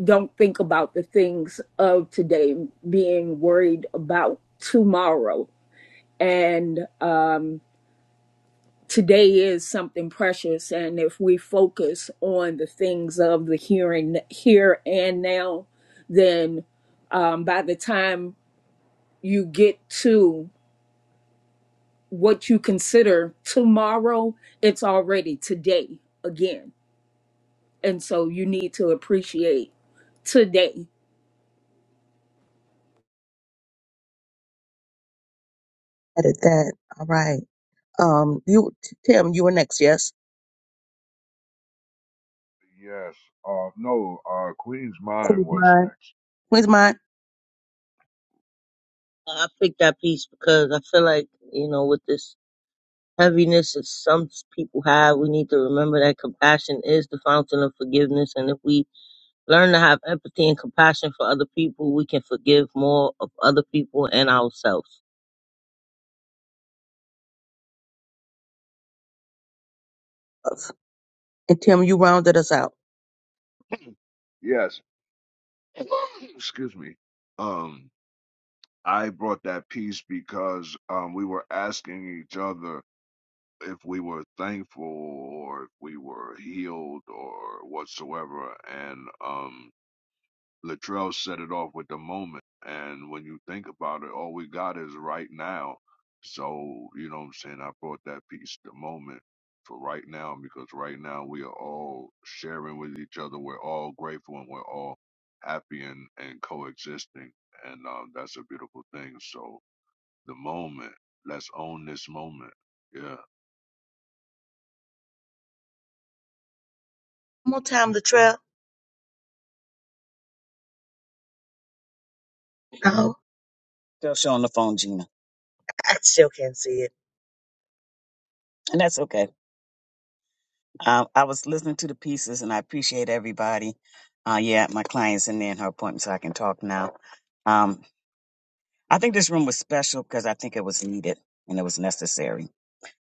don't think about the things of today being worried about tomorrow and um, today is something precious and if we focus on the things of the here and here and now then um, by the time you get to what you consider tomorrow it's already today again and so you need to appreciate today
Edit that. All right. Um, you Tim, you were next. Yes.
Yes. Uh, no. Uh, Queen's Mind
Queen
was
Mind.
next.
Where's mine?
I picked that piece because I feel like, you know, with this heaviness that some people have, we need to remember that compassion is the fountain of forgiveness. And if we learn to have empathy and compassion for other people, we can forgive more of other people and ourselves.
And Tim, you rounded us out.
Yes. *coughs* Excuse me. Um, I brought that piece because um, we were asking each other if we were thankful or if we were healed or whatsoever, and um, Latrell set it off with the moment. And when you think about it, all we got is right now. So, you know what I'm saying? I brought that piece, the moment, for right now, because right now we are all sharing with each other. We're all grateful and we're all happy and, and coexisting. And um, that's a beautiful thing. So, the moment, let's own this moment. yeah.
One more time, Latrell. Oh,
Still showing the phone, Gina,
I still can't see it.
and that's okay. Um, I was listening to the pieces, and I appreciate everybody. Uh, yeah, my client's in there in her appointment, so I can talk now. Um, I think this room was special because I think it was needed and it was necessary,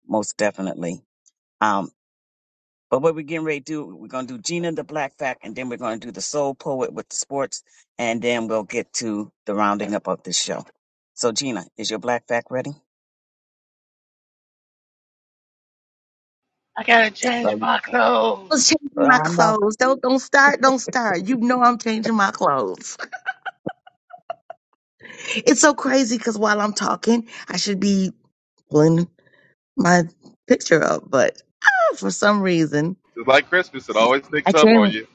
most definitely. Um, But what we're getting ready to do, we're gonna do Gina the Black Fact, and then we're gonna do the Soul Poet with the sports, and then we'll get to the rounding up of this show. So Gina, is your Black Fact ready? Well,
Oh.
I was changing my
I know.
clothes. Don't don't start. Don't start. You know I'm changing my clothes. *laughs* It's so crazy because while I'm talking, I should be pulling my picture up, but ah, for some reason,
It's like Christmas. It
I,
always
I
sneaks up on
can't.
you.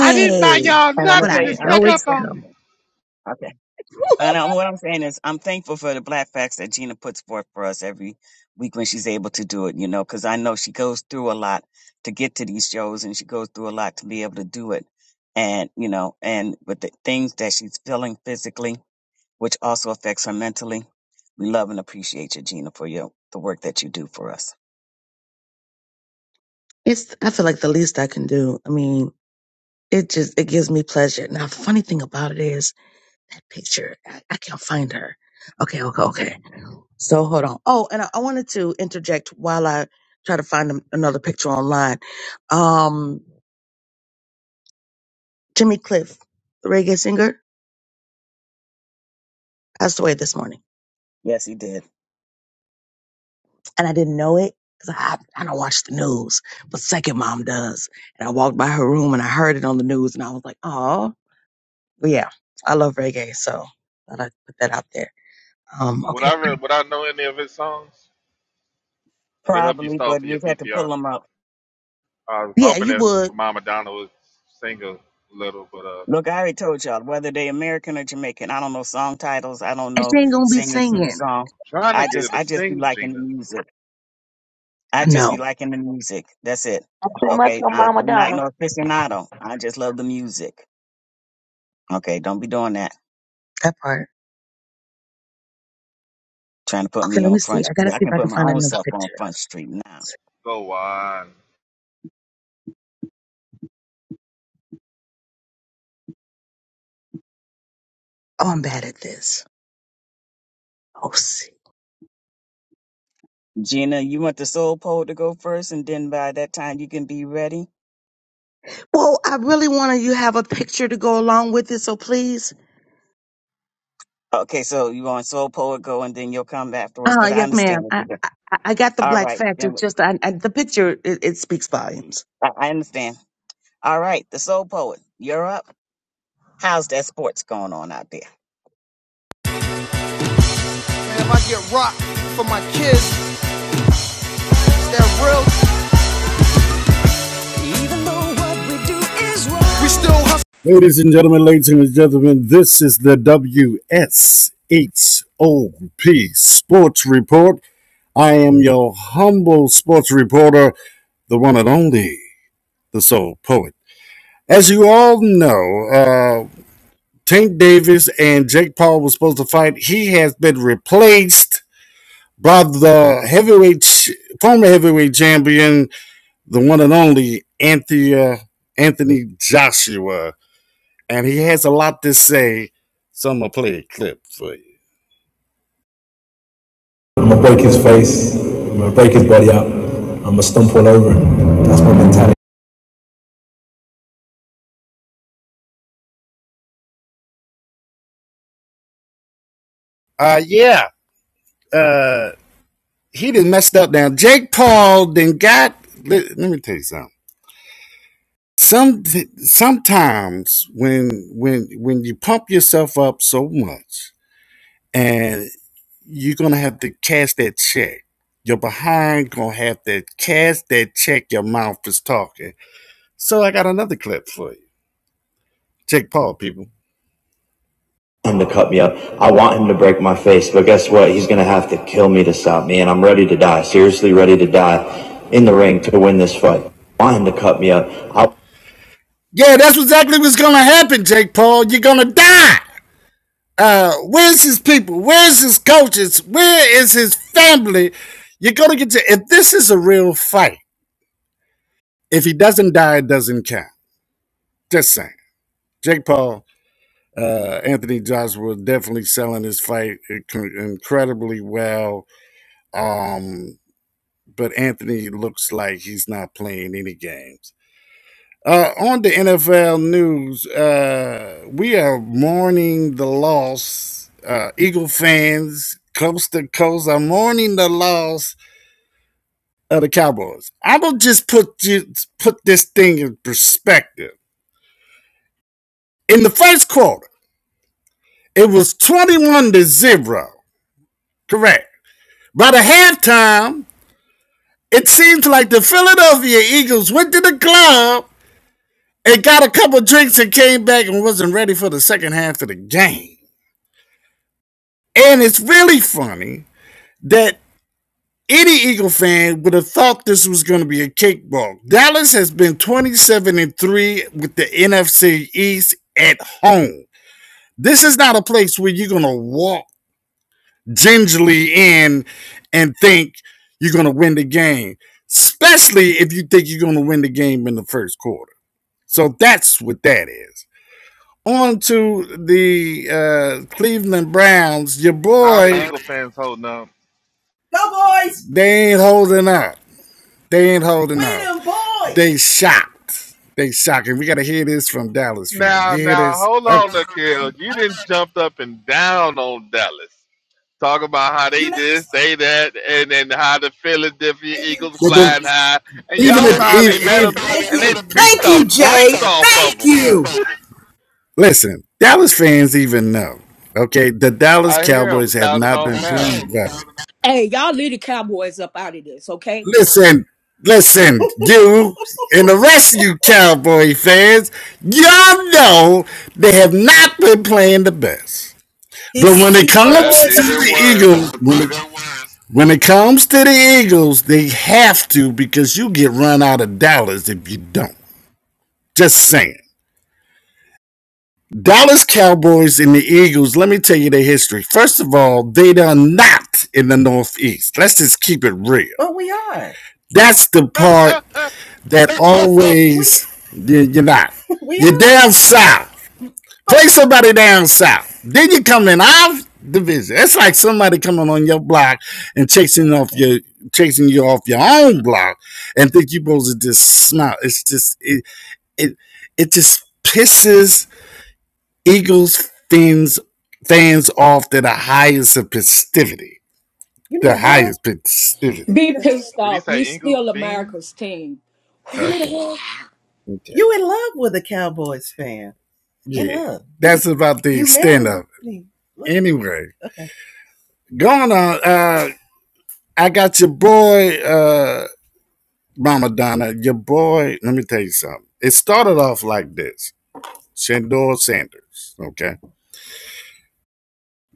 I didn't buy y'all
And I'm gonna
but I
tell
nothing. It
you, I'm
know
snuck
it's
up
thankful.
on me.
coming. *laughs*
Okay. And I'm, what I'm saying is, I'm thankful for the black facts that Gina puts forth for us every week when she's able to do it, you know, because I know she goes through a lot to get to these shows and she goes through a lot to be able to do it. And, you know, and with the things that she's feeling physically, which also affects her mentally, we love and appreciate you, Gina, for your, the work that you do for us.
It's. I feel like the least I can do. I mean, It just it gives me pleasure. Now, funny thing about it is that picture. I, I can't find her. Okay, okay, okay. So hold on. Oh, and I, I wanted to interject while I try to find an- another picture online. Um, Jimmy Cliff, the reggae singer, passed away this morning,
Yes, he did.
and I didn't know it because I I don't watch the news, but Second Mom does. And I walked by her room and I heard it on the news, and I was like, oh, yeah, I love reggae, so thought I'd put that out there. Um,
Would
okay,
I, re-
okay.
would I know any of his songs to help you
Probably,
style
but
for
you
your
would have to
PTR?
pull them up.
I was
Yeah,
hoping
you
that
would.
Mama Donna would sing a little, but uh,
Look, I already told y'all whether they American or Jamaican. I don't know song titles. I don't
And
know
she ain't gonna be
singers to the
singing.
song.
trying to
I
get her
just,
to
I just be
sing,
liking the
Gina.
music. I
I
just
know
be liking the music. That's it.
Too much
Okay,
on
I,
Mama
I'm not
Donna.
no aficionado. I just love the music. Okay, don't be doing that.
that part.
Trying to put
Okay,
me
let
on
me see.
front
I gotta
street. I
see if
can
I
put
can
my
find
own
another
self on
picture.
front street now.
Go on.
Oh, I'm bad at this. Oh, see.
Gina, you want the soul poet to go first, and then by that time you can be ready.
Well, I really wanted you have a picture to go along with it, so please.
Okay, so you want soul poet go, and then you'll come afterwards
Uh,
because I
yes,
understand
ma'am.
what
I,
you're doing.
I I got the
All
black
right,
fact.
then
It's just I, I, the picture. It, it speaks volumes.
I I understand. All right, the soul poet, you're up. How's that sports going on out there?
If I get rocked for my kids, is that real? We still hustle. Ladies and gentlemen, ladies and gentlemen, this is the WSHOP Sports Report. I am your humble sports reporter, the one and only, the soul poet. As you all know, uh, Tank Davis and Jake Paul were supposed to fight. He has been replaced by the heavyweight, former heavyweight champion, the one and only Anthony, uh, Anthony Joshua. And he has a lot to say. So I'm going to play a clip for you. I'm going to break his face. I'm going to break his body up. I'm going to stump all over him. That's my mentality. Uh, yeah. Uh, he did messed up now. Jake Paul then got, let, let me tell you something. Some, sometimes when, when, when you pump yourself up so much, and you're gonna have to cash that check. You're behind gonna have to cash that check. Your mouth is talking. So I got another clip for you. Jake Paul, people. him to cut me up. I want him to break my face, but guess what? He's gonna have to kill me to stop me, and I'm ready to die. Seriously, ready to die in the ring to win this fight. I want him to cut me up. I Yeah, that's exactly what's gonna happen, Jake Paul. You're gonna die. Uh, where's his people? Where's his coaches? Where is his family? You're gonna get to if this is a real fight. If he doesn't die, it doesn't count. Just saying. Jake Paul, uh, Anthony Joshua definitely selling his fight incredibly well. Um, but Anthony looks like he's not playing any games. Uh, on the NFL news, uh, we are mourning the loss. Uh, Eagle fans, coast to coast, are mourning the loss of the Cowboys. I will just put you, put this thing in perspective. In the first quarter, it was twenty-one to zero. Correct. By the halftime, it seems like the Philadelphia Eagles went to the club and got a couple drinks and came back and wasn't ready for the second half of the game. And it's really funny that any Eagle fan would have thought this was going to be a cakewalk. Dallas has been 27 and 3 with the NFC East at home. This is not a place where you're going to walk gingerly in and think you're going to win the game, especially if you think you're going to win the game in the first quarter. So that's what that is. On to the uh, Cleveland Browns. Your
How the
boy
Eagle fans holding up?
Go boys! They ain't holding out. They ain't holding We out. boys! They shocked. They shocked. And we gotta hear this from Dallas fans.
Now,
You hear
now,
this?
hold on,
Okay.
Nikhil. You didn't jump up and down on Dallas. Talk about how
You
they
know,
this, they that, and then how the Philadelphia
thank you.
Eagles flying high. And
even
y'all
if,
finally met
if, if
them,
Thank
and they
you.
beat
Thank
the
you, Jay.
brakes off of
Thank
them.
you. listen, Dallas fans even know. Okay, the Dallas
I hear them
Cowboys have
sounding
not
off
been
now.
playing well.
hey y'all leave the cowboys up out of this okay
Listen, listen, you and the rest of you Cowboy fans, y'all know they have not been playing the best. But when it
Oh,
That's
comes to
babe.
even
the
worse.
Eagles, when it, when it comes to the Eagles, they have to because you get run out of dollars if you don't. Just saying. Dallas Cowboys and the Eagles, let me tell you their history. First of all, they are not in the Northeast. Let's just keep it real. But we are. That's the
*laughs*
part
Did
that always *laughs* you- are not. *laughs* We You're are. down south. play somebody down south. Then you come in our division. It's like somebody coming on your block and chasing off your chasing you off your own block and think you are supposed to just smile. It's just it it it just pisses Eagles fans fans off to the highest of festivity. The highest festivity. you
be pissed
he
off we
say Eagle
still
fiends?
america's team *sighs*
Okay. You in love with a Cowboys fan. Yeah. That's about the extent of it. Anyway. Going on, uh uh, I got your boy, uh, Mama Donna, your boy. Let me tell you something. It started off like this Shandor Sanders, okay?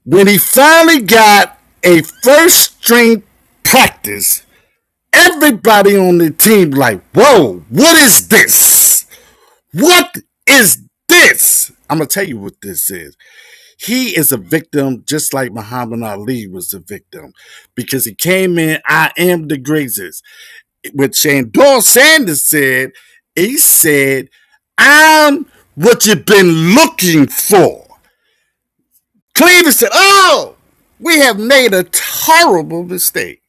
When he finally got a first string practice, everybody on the team, like, whoa, what is this? What is this? I'm going to tell you what this is. He is a victim, just like Muhammad Ali was a victim, because he came in, I am the greatest. what Shandor Sanders said. He said, I'm what you've been looking for. Cleveland said, Oh, we have made a horrible mistake.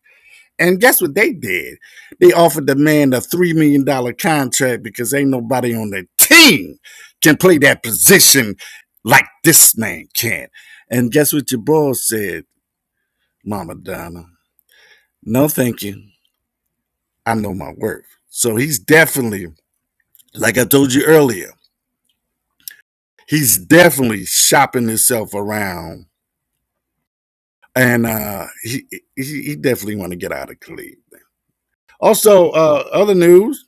And guess what they did? They offered the man a $3 million dollars contract because ain't nobody on the team can play that position like this man can. And guess what your boss said, Mama Donna? No, thank you. I know my worth. So he's definitely, like I told you earlier, he's definitely shopping himself around and uh he he, he definitely want to get out of cleveland also uh other news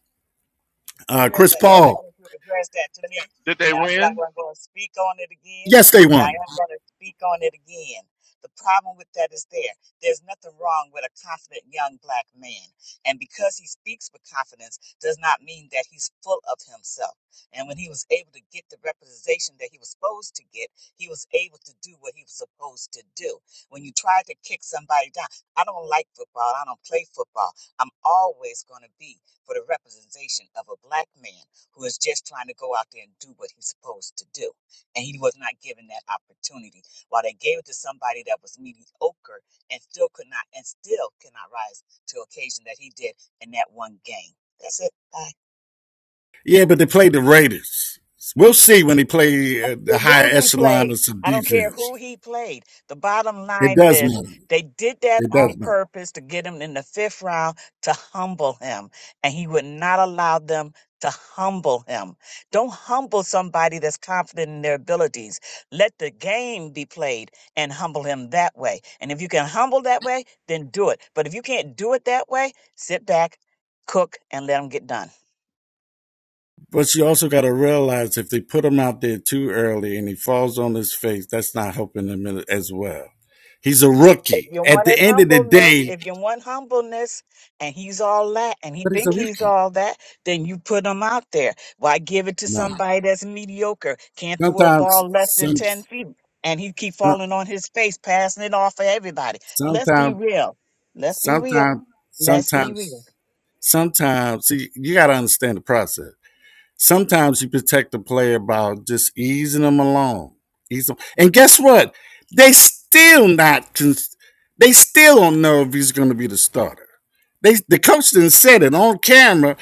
uh
real
chris
fast.
paul
Since You addressed that to me,
Did they
and I said I
win?
wasn't going to speak on it again,
yes they
but I
won
am going to speak on it again. The problem with that is there. There's nothing wrong with a confident young black man. And because he speaks with confidence does not mean that he's full of himself. And when he was able to get the representation that he was supposed to get, he was able to do what he was supposed to do. When you try to kick somebody down, I don't like football. I don't play football. I'm always going to be for the representation of a black man who is just trying to go out there and do what he's supposed to do. And he was not given that opportunity. While they gave it to somebody that was mediocre and still could not and still cannot rise to the occasion that he did in that one game. That's it. Bye.
yeah but they played the raiders we'll see when they play uh, the higher
who he
echelon
played.
of some
I don't care
defense
who he played. The bottom
it
line
does
is
matter
they did that
it does
on
matter
purpose to get him in the fifth round to humble him, and he would not allow them to humble him. Don't humble somebody that's confident in their abilities. Let the game be played and humble him that way. And if you can humble that way, then do it. But if you can't do it that way, sit back, cook, and let him get done.
but you also got to realize if they put him out there too early and he falls on his face that's not helping him as well he's a
If
rookie
you
at the
wanted
end of the
humbleness,
day
if you want humbleness and he's all that and he
but he's a
think he's
rookie
all that, then you put him out there. Why give it to
no
somebody that's mediocre, can't throw a
Sometimes,
ball less than
some,
10 feet and he keep
some-
falling on his face, passing it off for everybody. Let's be
sometimes,
real. Let's be real.
sometimes,
Let's be real.
sometimes, sometimes. See, you got to understand the process. Sometimes you protect the player by just easing them along, ease them. And guess what? They still not. Cons- they still don't know if he's going to be the starter. They, the coach didn't said it on camera.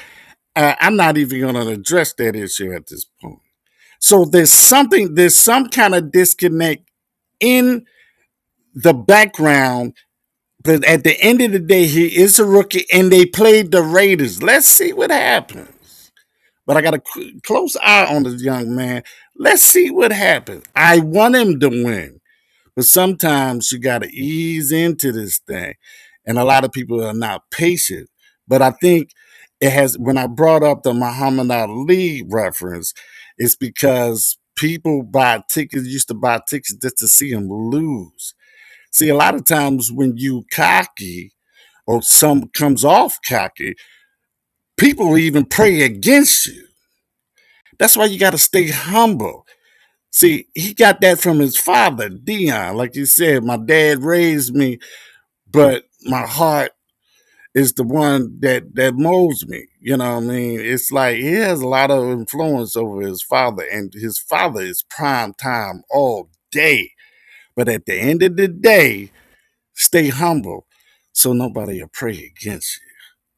Uh, I'm not even going to address that issue at this point. So there's something. There's some kind of disconnect in the background But at the end of the day, he is a rookie, and they played the Raiders. Let's see what happens. But I got a close eye on this young man. Let's see what happens. I want him to win, but sometimes you got to ease into this thing, and a lot of people are not patient. But I think it has. When I brought up the Muhammad Ali reference, it's because people buy tickets used to buy tickets just to see him lose. See, a lot of times when you cocky or some comes off cocky, people will even pray against you. That's why you got to stay humble. See, he got that from his father, Dion. Like you said, my dad raised me, but my heart is the one that that molds me. You know what I mean? It's like he has a lot of influence over his father, and his father is prime time all day. But at the end of the day, stay humble, so nobody will pray against you.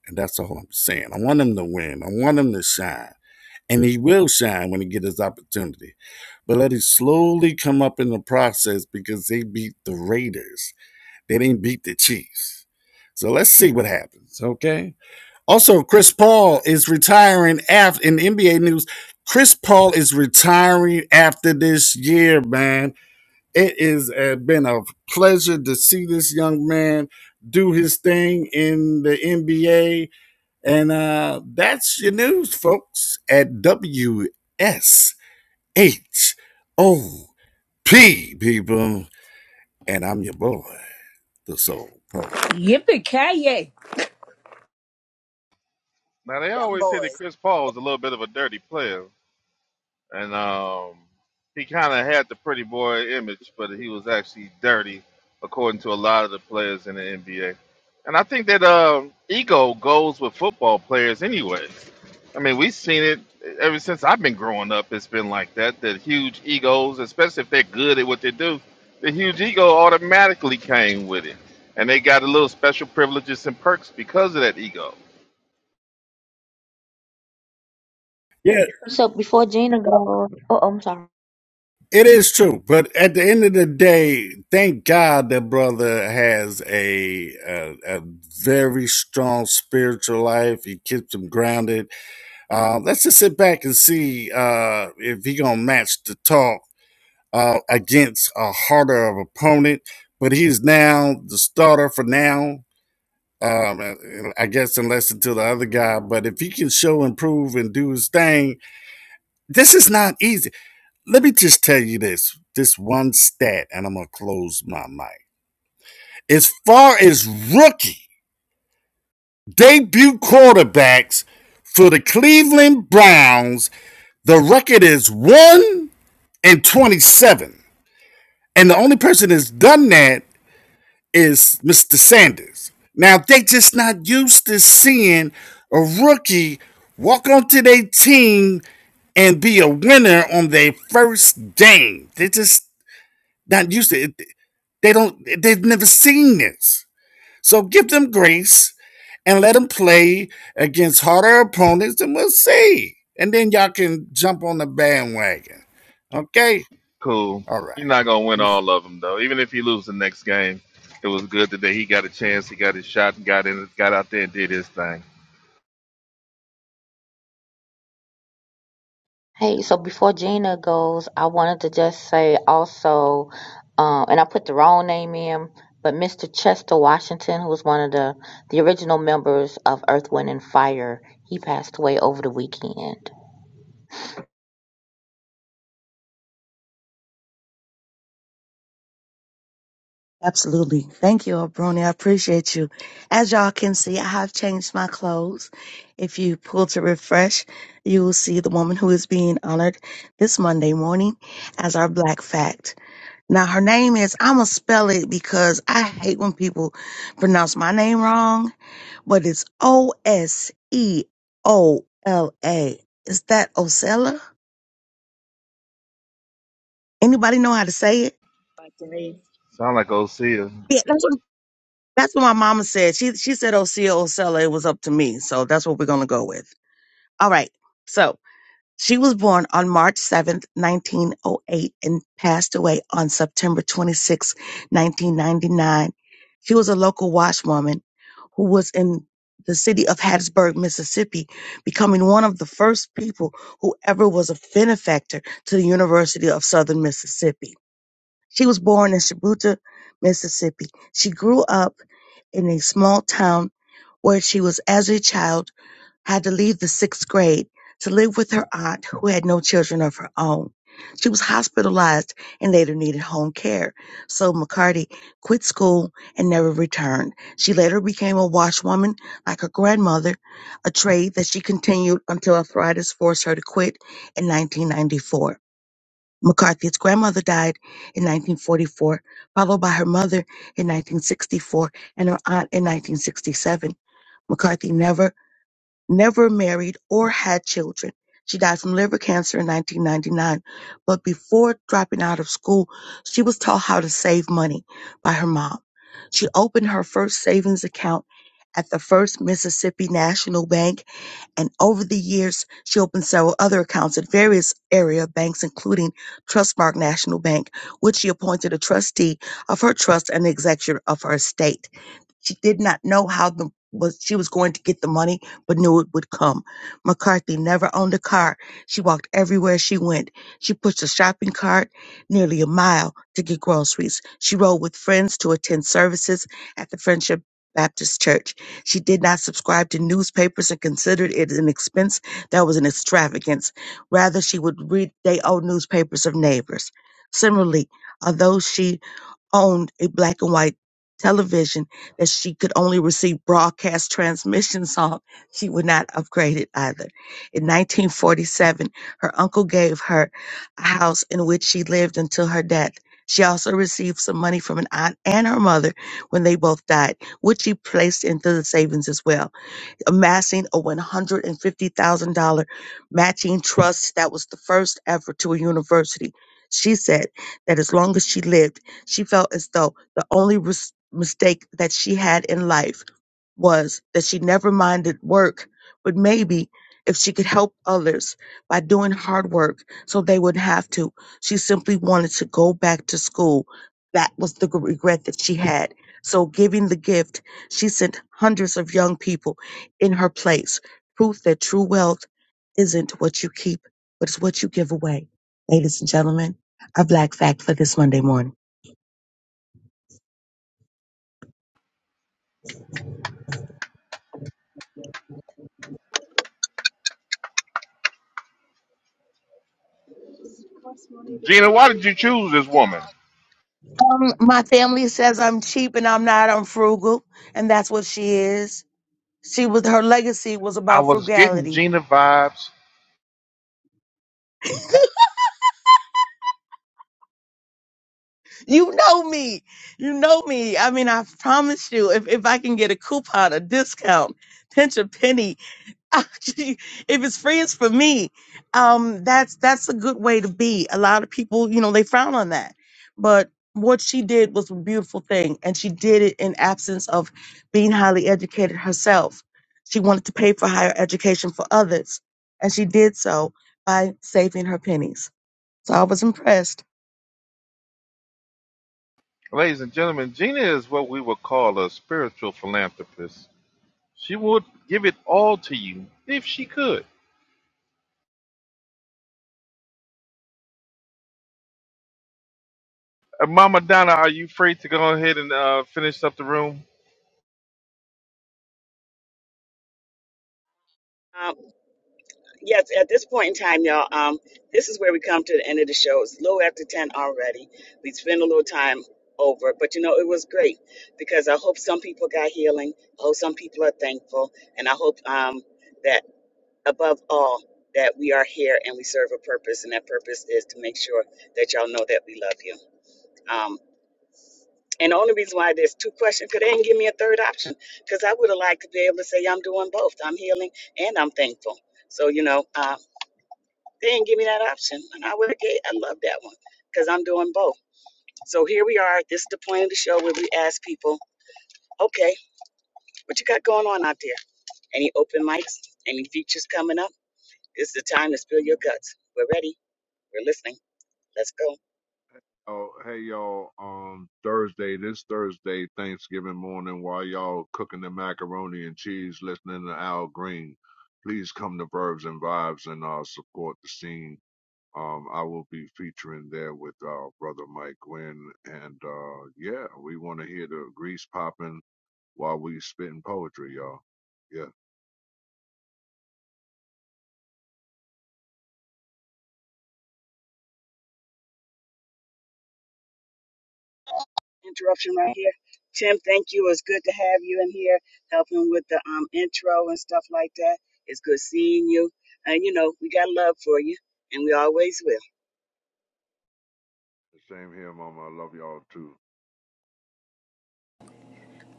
And that's all I'm saying. I want him to win. I want him to shine. And he will shine when he get his opportunity. But let it slowly come up in the process because they beat the Raiders. They didn't beat the Chiefs. So let's see what happens. Okay. Also, Chris Paul is retiring after in NBA news. Chris Paul is retiring after this year, man. It is uh, been a pleasure to see this young man do his thing in the NBA and uh, that's your news, folks, at WSHOP, people. And I'm your boy, the soul poet.
yippee ki yay!
Now they
Them
always say that
boys.
Chris Paul was a little bit of a dirty player, and um, he kind of had the pretty boy image, but he was actually dirty, according to a lot of the players in the NBA. And I think that um, ego goes with football players, anyways. I mean, we've seen it ever since I've been growing up. It's been like that. That huge egos, especially if they're good at what they do, the huge ego automatically came with it, and they got a little special privileges and perks because of that ego.
Yeah,
So before Gina goes, oh, I'm sorry.
it is true. But at the end of the day, thank God that brother has a, a, a very strong spiritual life. He keeps him grounded. Uh, let's just sit back and see uh, if he going to match the talk uh, against a harder of opponent, but he's now the starter for now. Um, I guess unless until the other guy, but if he can show improve and do his thing, this is not easy. Let me just tell you this, this one stat, and I'm gonna close my mic. As far as rookie debut quarterbacks for the Cleveland Browns, the record is one and twenty-seven, and the only person that's done that is Mr. Sanders. Now they just not used to seeing a rookie walk onto their team and be a winner on their first game. They just not used to it. They don't they've never seen this. So give them grace and let them play against harder opponents and we'll see. And then y'all can jump on the bandwagon. Okay?
Cool.
All right.
You're not gonna win all of them though. Even if he loses the next game, it was good today. He got a chance. He got his shot and got in. Got out there and did his thing.
Hey, so before Gina goes, I wanted to just say also, um, and I put the wrong name in, but Mr. Chester Washington, who was one of the the original members of Earth, Wind, and Fire, he passed away over the weekend.
Absolutely. Thank you, Brony. I appreciate you. As y'all can see, I have changed my clothes. If you pull to refresh, you will see the woman who is being honored this Monday morning as our Black Fact. Now, her name is, I'm going to spell it because I hate when people pronounce my name wrong, but it's O S E O L A. Is that Osella? Anybody know how to say it?
Sound like Osea.
Yeah, that's what That's what my mama said. She she said Osea Osella, it was up to me. So that's what we're gonna go with. All right. So she was born on March 7th, 1908, and passed away on September twenty sixth, 1999. She was a local washwoman who was in the city of Hattiesburg, Mississippi, becoming one of the first people who ever was a benefactor to the University of Southern Mississippi. She was born in Shibuya, Mississippi. She grew up in a small town where she was, as a child, had to leave the sixth grade to live with her aunt who had no children of her own. She was hospitalized and later needed home care. So McCarty quit school and never returned. She later became a washwoman like her grandmother, a trade that she continued until arthritis forced her to quit in 1994. McCarthy's grandmother died in 1944, followed by her mother in 1964 and her aunt in 1967. McCarthy never, never married or had children. She died from liver cancer in 1999, but before dropping out of school, she was taught how to save money by her mom. She opened her first savings account at the First Mississippi National Bank and over the years, she opened several other accounts at various area banks, including Trustmark National Bank, which she appointed a trustee of her trust and executor of her estate. She did not know how the was she was going to get the money, but knew it would come. McCarthy never owned a car. She walked everywhere she went. She pushed a shopping cart nearly a mile to get groceries. She rode with friends to attend services at the Friendship Baptist Church. She did not subscribe to newspapers and considered it an expense that was an extravagance. Rather, she would read day old newspapers of neighbors. Similarly, although she owned a black and white television that she could only receive broadcast transmissions on, she would not upgrade it either. In 1947, her uncle gave her a house in which she lived until her death. She also received some money from an aunt and her mother when they both died, which she placed into the savings as well amassing a $150,000 matching trust that was the first ever to a university. She said that as long as she lived, she felt as though the only res- mistake that she had in life was that she never minded work, but maybe if she could help others by doing hard work so they wouldn't have to, she simply wanted to go back to school. That was the regret that she had. So, giving the gift, she sent hundreds of young people in her place. Proof that true wealth isn't what you keep, but it's what you give away. Ladies and gentlemen, our Black Fact for this Monday morning.
Gina, why did you choose this woman?
Um, my family says I'm cheap and I'm not. I'm frugal, and that's what she is. She was her legacy was
I
about
was getting
frugality.
Gina vibes.
You know me. You know me. I mean, I promise you, if if I can get a coupon, a discount, pinch a penny, *laughs* Actually, if it's free, it's for me. Um, that's that's a good way to be. A lot of people, you know, they frown on that. But what she did was a beautiful thing, and she did it in absence of being highly educated herself. She wanted to pay for higher education for others, and she did so by saving her pennies. So I was impressed.
Ladies and gentlemen, Gina is what we would call a spiritual philanthropist. She would give it all to you if she could. Uh, Mama Donna, are you free to go ahead and uh, finish up the room?
Yes, at this point in time, y'all, um, this is where we come to the end of the show. It's a little after 10 already. We spent a little time over, but you know, it was great because I hope some people got healing. I hope some people are thankful. And I hope um, that above all, that we are here and we serve a purpose. And that purpose is to make sure that y'all know that we love you. Um, and the only reason why there's two questions, because they didn't give me a third option, because I would have liked to be able to say I'm doing both. I'm healing and I'm thankful. So, you know, um, they didn't give me that option, and I would have gave. I love that one because I'm doing both. So here we are. This is the point of the show where we ask people, okay, what you got going on out there? Any open mics? Any features coming up? It's the time to spill your guts. We're ready. We're listening. Let's go.
Oh, hey y'all. Um, Thursday, this Thursday, Thanksgiving morning, while y'all cooking the macaroni and cheese, listening to Al Green, please come to Verbs and Vibes and uh support the scene. Um, I will be featuring there with uh brother Mike Gwynn, and uh yeah, we want to hear the grease popping while we spitting poetry, y'all. Yeah,
Interruption right here. Tim, thank you. It's good to have you in here helping with the um, intro and stuff like that. It's good seeing you. And you know, we got love for you, and we always will.
same here, Mama. I love y'all too.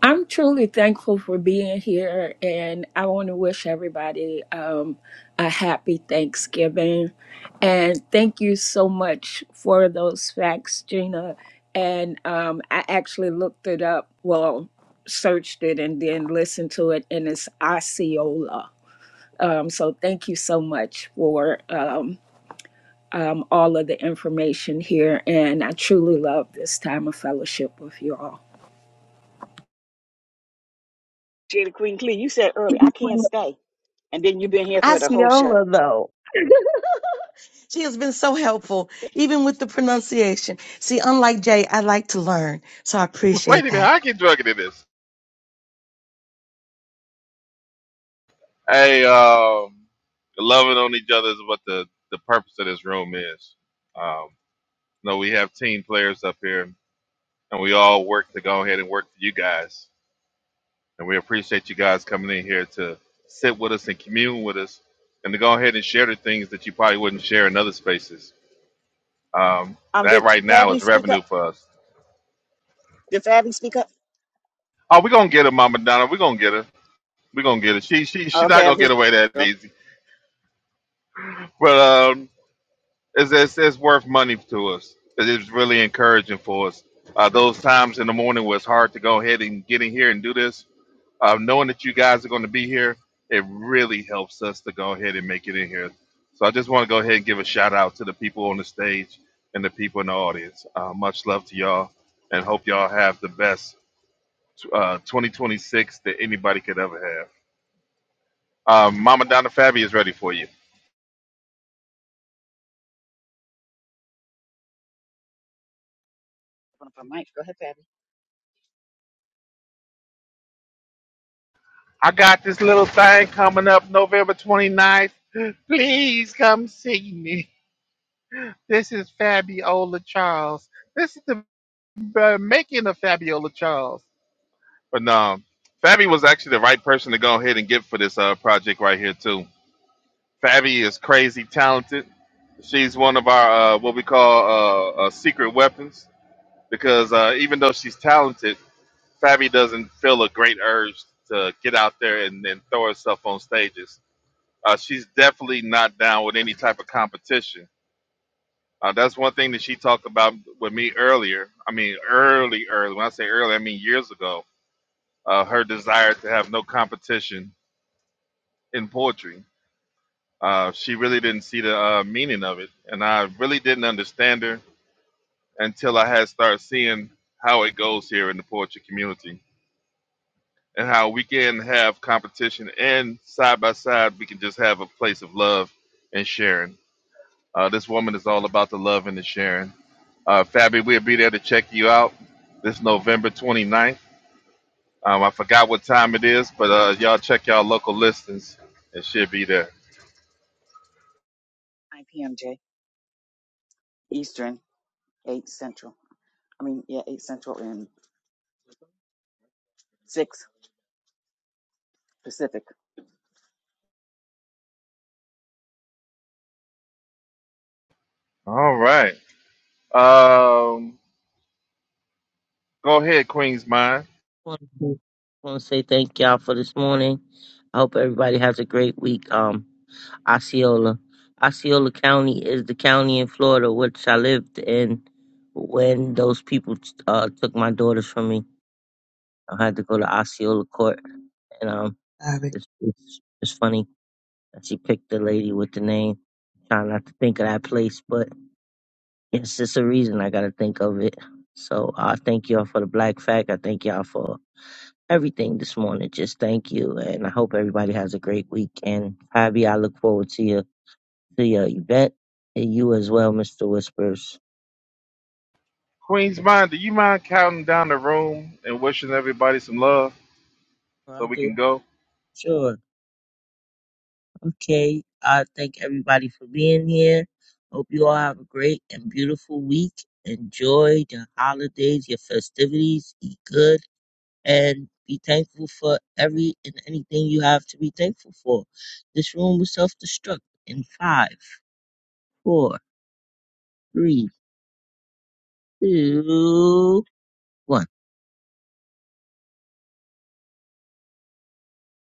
I'm truly thankful for being here, and I want to wish everybody um, a happy Thanksgiving. And thank you so much for those facts, Gina. And um, I actually looked it up, well, searched it, and then listened to it, and it's Osceola. Um, so thank you so much for um, um, all of the information here, and I truly love this time of fellowship with you all.
Jada Queen Clee, you said earlier,
*laughs*
I can't
Well,
stay. And then you've been here through the whole show.
Osceola, though. *laughs* She has been so helpful, even with the pronunciation. See, unlike Jay, I like to learn, so I
*laughs* Wait a
appreciate
minute,
that.
I get drugged into this. Hey, um, loving on each other is what the, the purpose of this room is. Um, you know, we have team players up here, and we all work to go ahead and work for you guys. And we appreciate you guys coming in here to sit with us and commune with us, and to go ahead and share the things that you probably wouldn't share in other spaces. Um,
Um,
that
did
right now is
Fabby speak
revenue
up?
for us.
Did Fabby speak up?
Oh, we're gonna get her, Mama Donna. We're gonna get her. We're gonna get her. She she
Oh,
she's not
Okay,
gonna
I'm
get
just
away that
going
easy. But. um, it's, it's, it's worth money to us because it's really encouraging for us. Uh, those times in the morning where it's hard to go ahead and get in here and do this, uh, knowing that you guys are going to be here, it really helps us to go ahead and make it in here. So I just want to go ahead and give a shout out to the people on the stage and the people in the audience. Uh, much love to y'all and hope y'all have the best uh, 2026 that anybody could ever have. Um, Mama Donna Fabi is ready for you.
open up her mic. Go ahead, Fabby.
I got this little thing coming up November 29th. Please come see me. This is Fabiola Charles. This is the uh, making of Fabiola Charles. But no, Fabi was actually the right person to go ahead and get for this uh, project right here, too. Fabi is crazy talented. She's one of our, uh, what we call, uh, uh, secret weapons because uh, even though she's talented, Fabi doesn't feel a great urge to get out there and, and throw herself on stages. Uh, she's definitely not down with any type of competition. Uh, that's one thing that she talked about with me earlier. I mean, early, early. When I say early, I mean years ago. Uh, her desire to have no competition in poetry. Uh, she really didn't see the uh, meaning of it, and I really didn't understand her until I had started seeing how it goes here in the poetry community and how we can have competition and side by side we can just have a place of love and sharing. Uh, this woman is all about the love and the sharing Uh, Fabi, we'll be there to check you out this November 29th. Um, I forgot what time it is, but uh, y'all check y'all local listings. It should be there.
9 p.m. J Eastern, 8 Central. I mean, yeah, 8 Central and 6 Pacific.
All right. Um, go ahead, Queen's Mind.
I want to say thank y'all for this morning. I hope everybody has a great week. Um, Osceola. Osceola County is the county in Florida which I lived in when those people uh, took my daughters from me. I had to go to Osceola Court, and um,
Sorry.
it's it's, it's funny that she picked the lady with the name. Trying not to think of that place, but yes, it's just a reason I gotta think of it. So I thank y'all for the black fact. I thank y'all for everything this morning. Just thank you, and I hope everybody has a great week. And Abby, I look forward to your to your event and you as well, Mister Whispers.
Queen's Mind, do you mind counting down the room and wishing everybody some love
I
so we
do
can go?
sure. Okay, I thank everybody for being here. Hope you all have a great and beautiful week. Enjoy the holidays, your festivities. Eat good and be thankful for every and anything you have to be thankful for. This room will self destruct in five, four, three, two, one.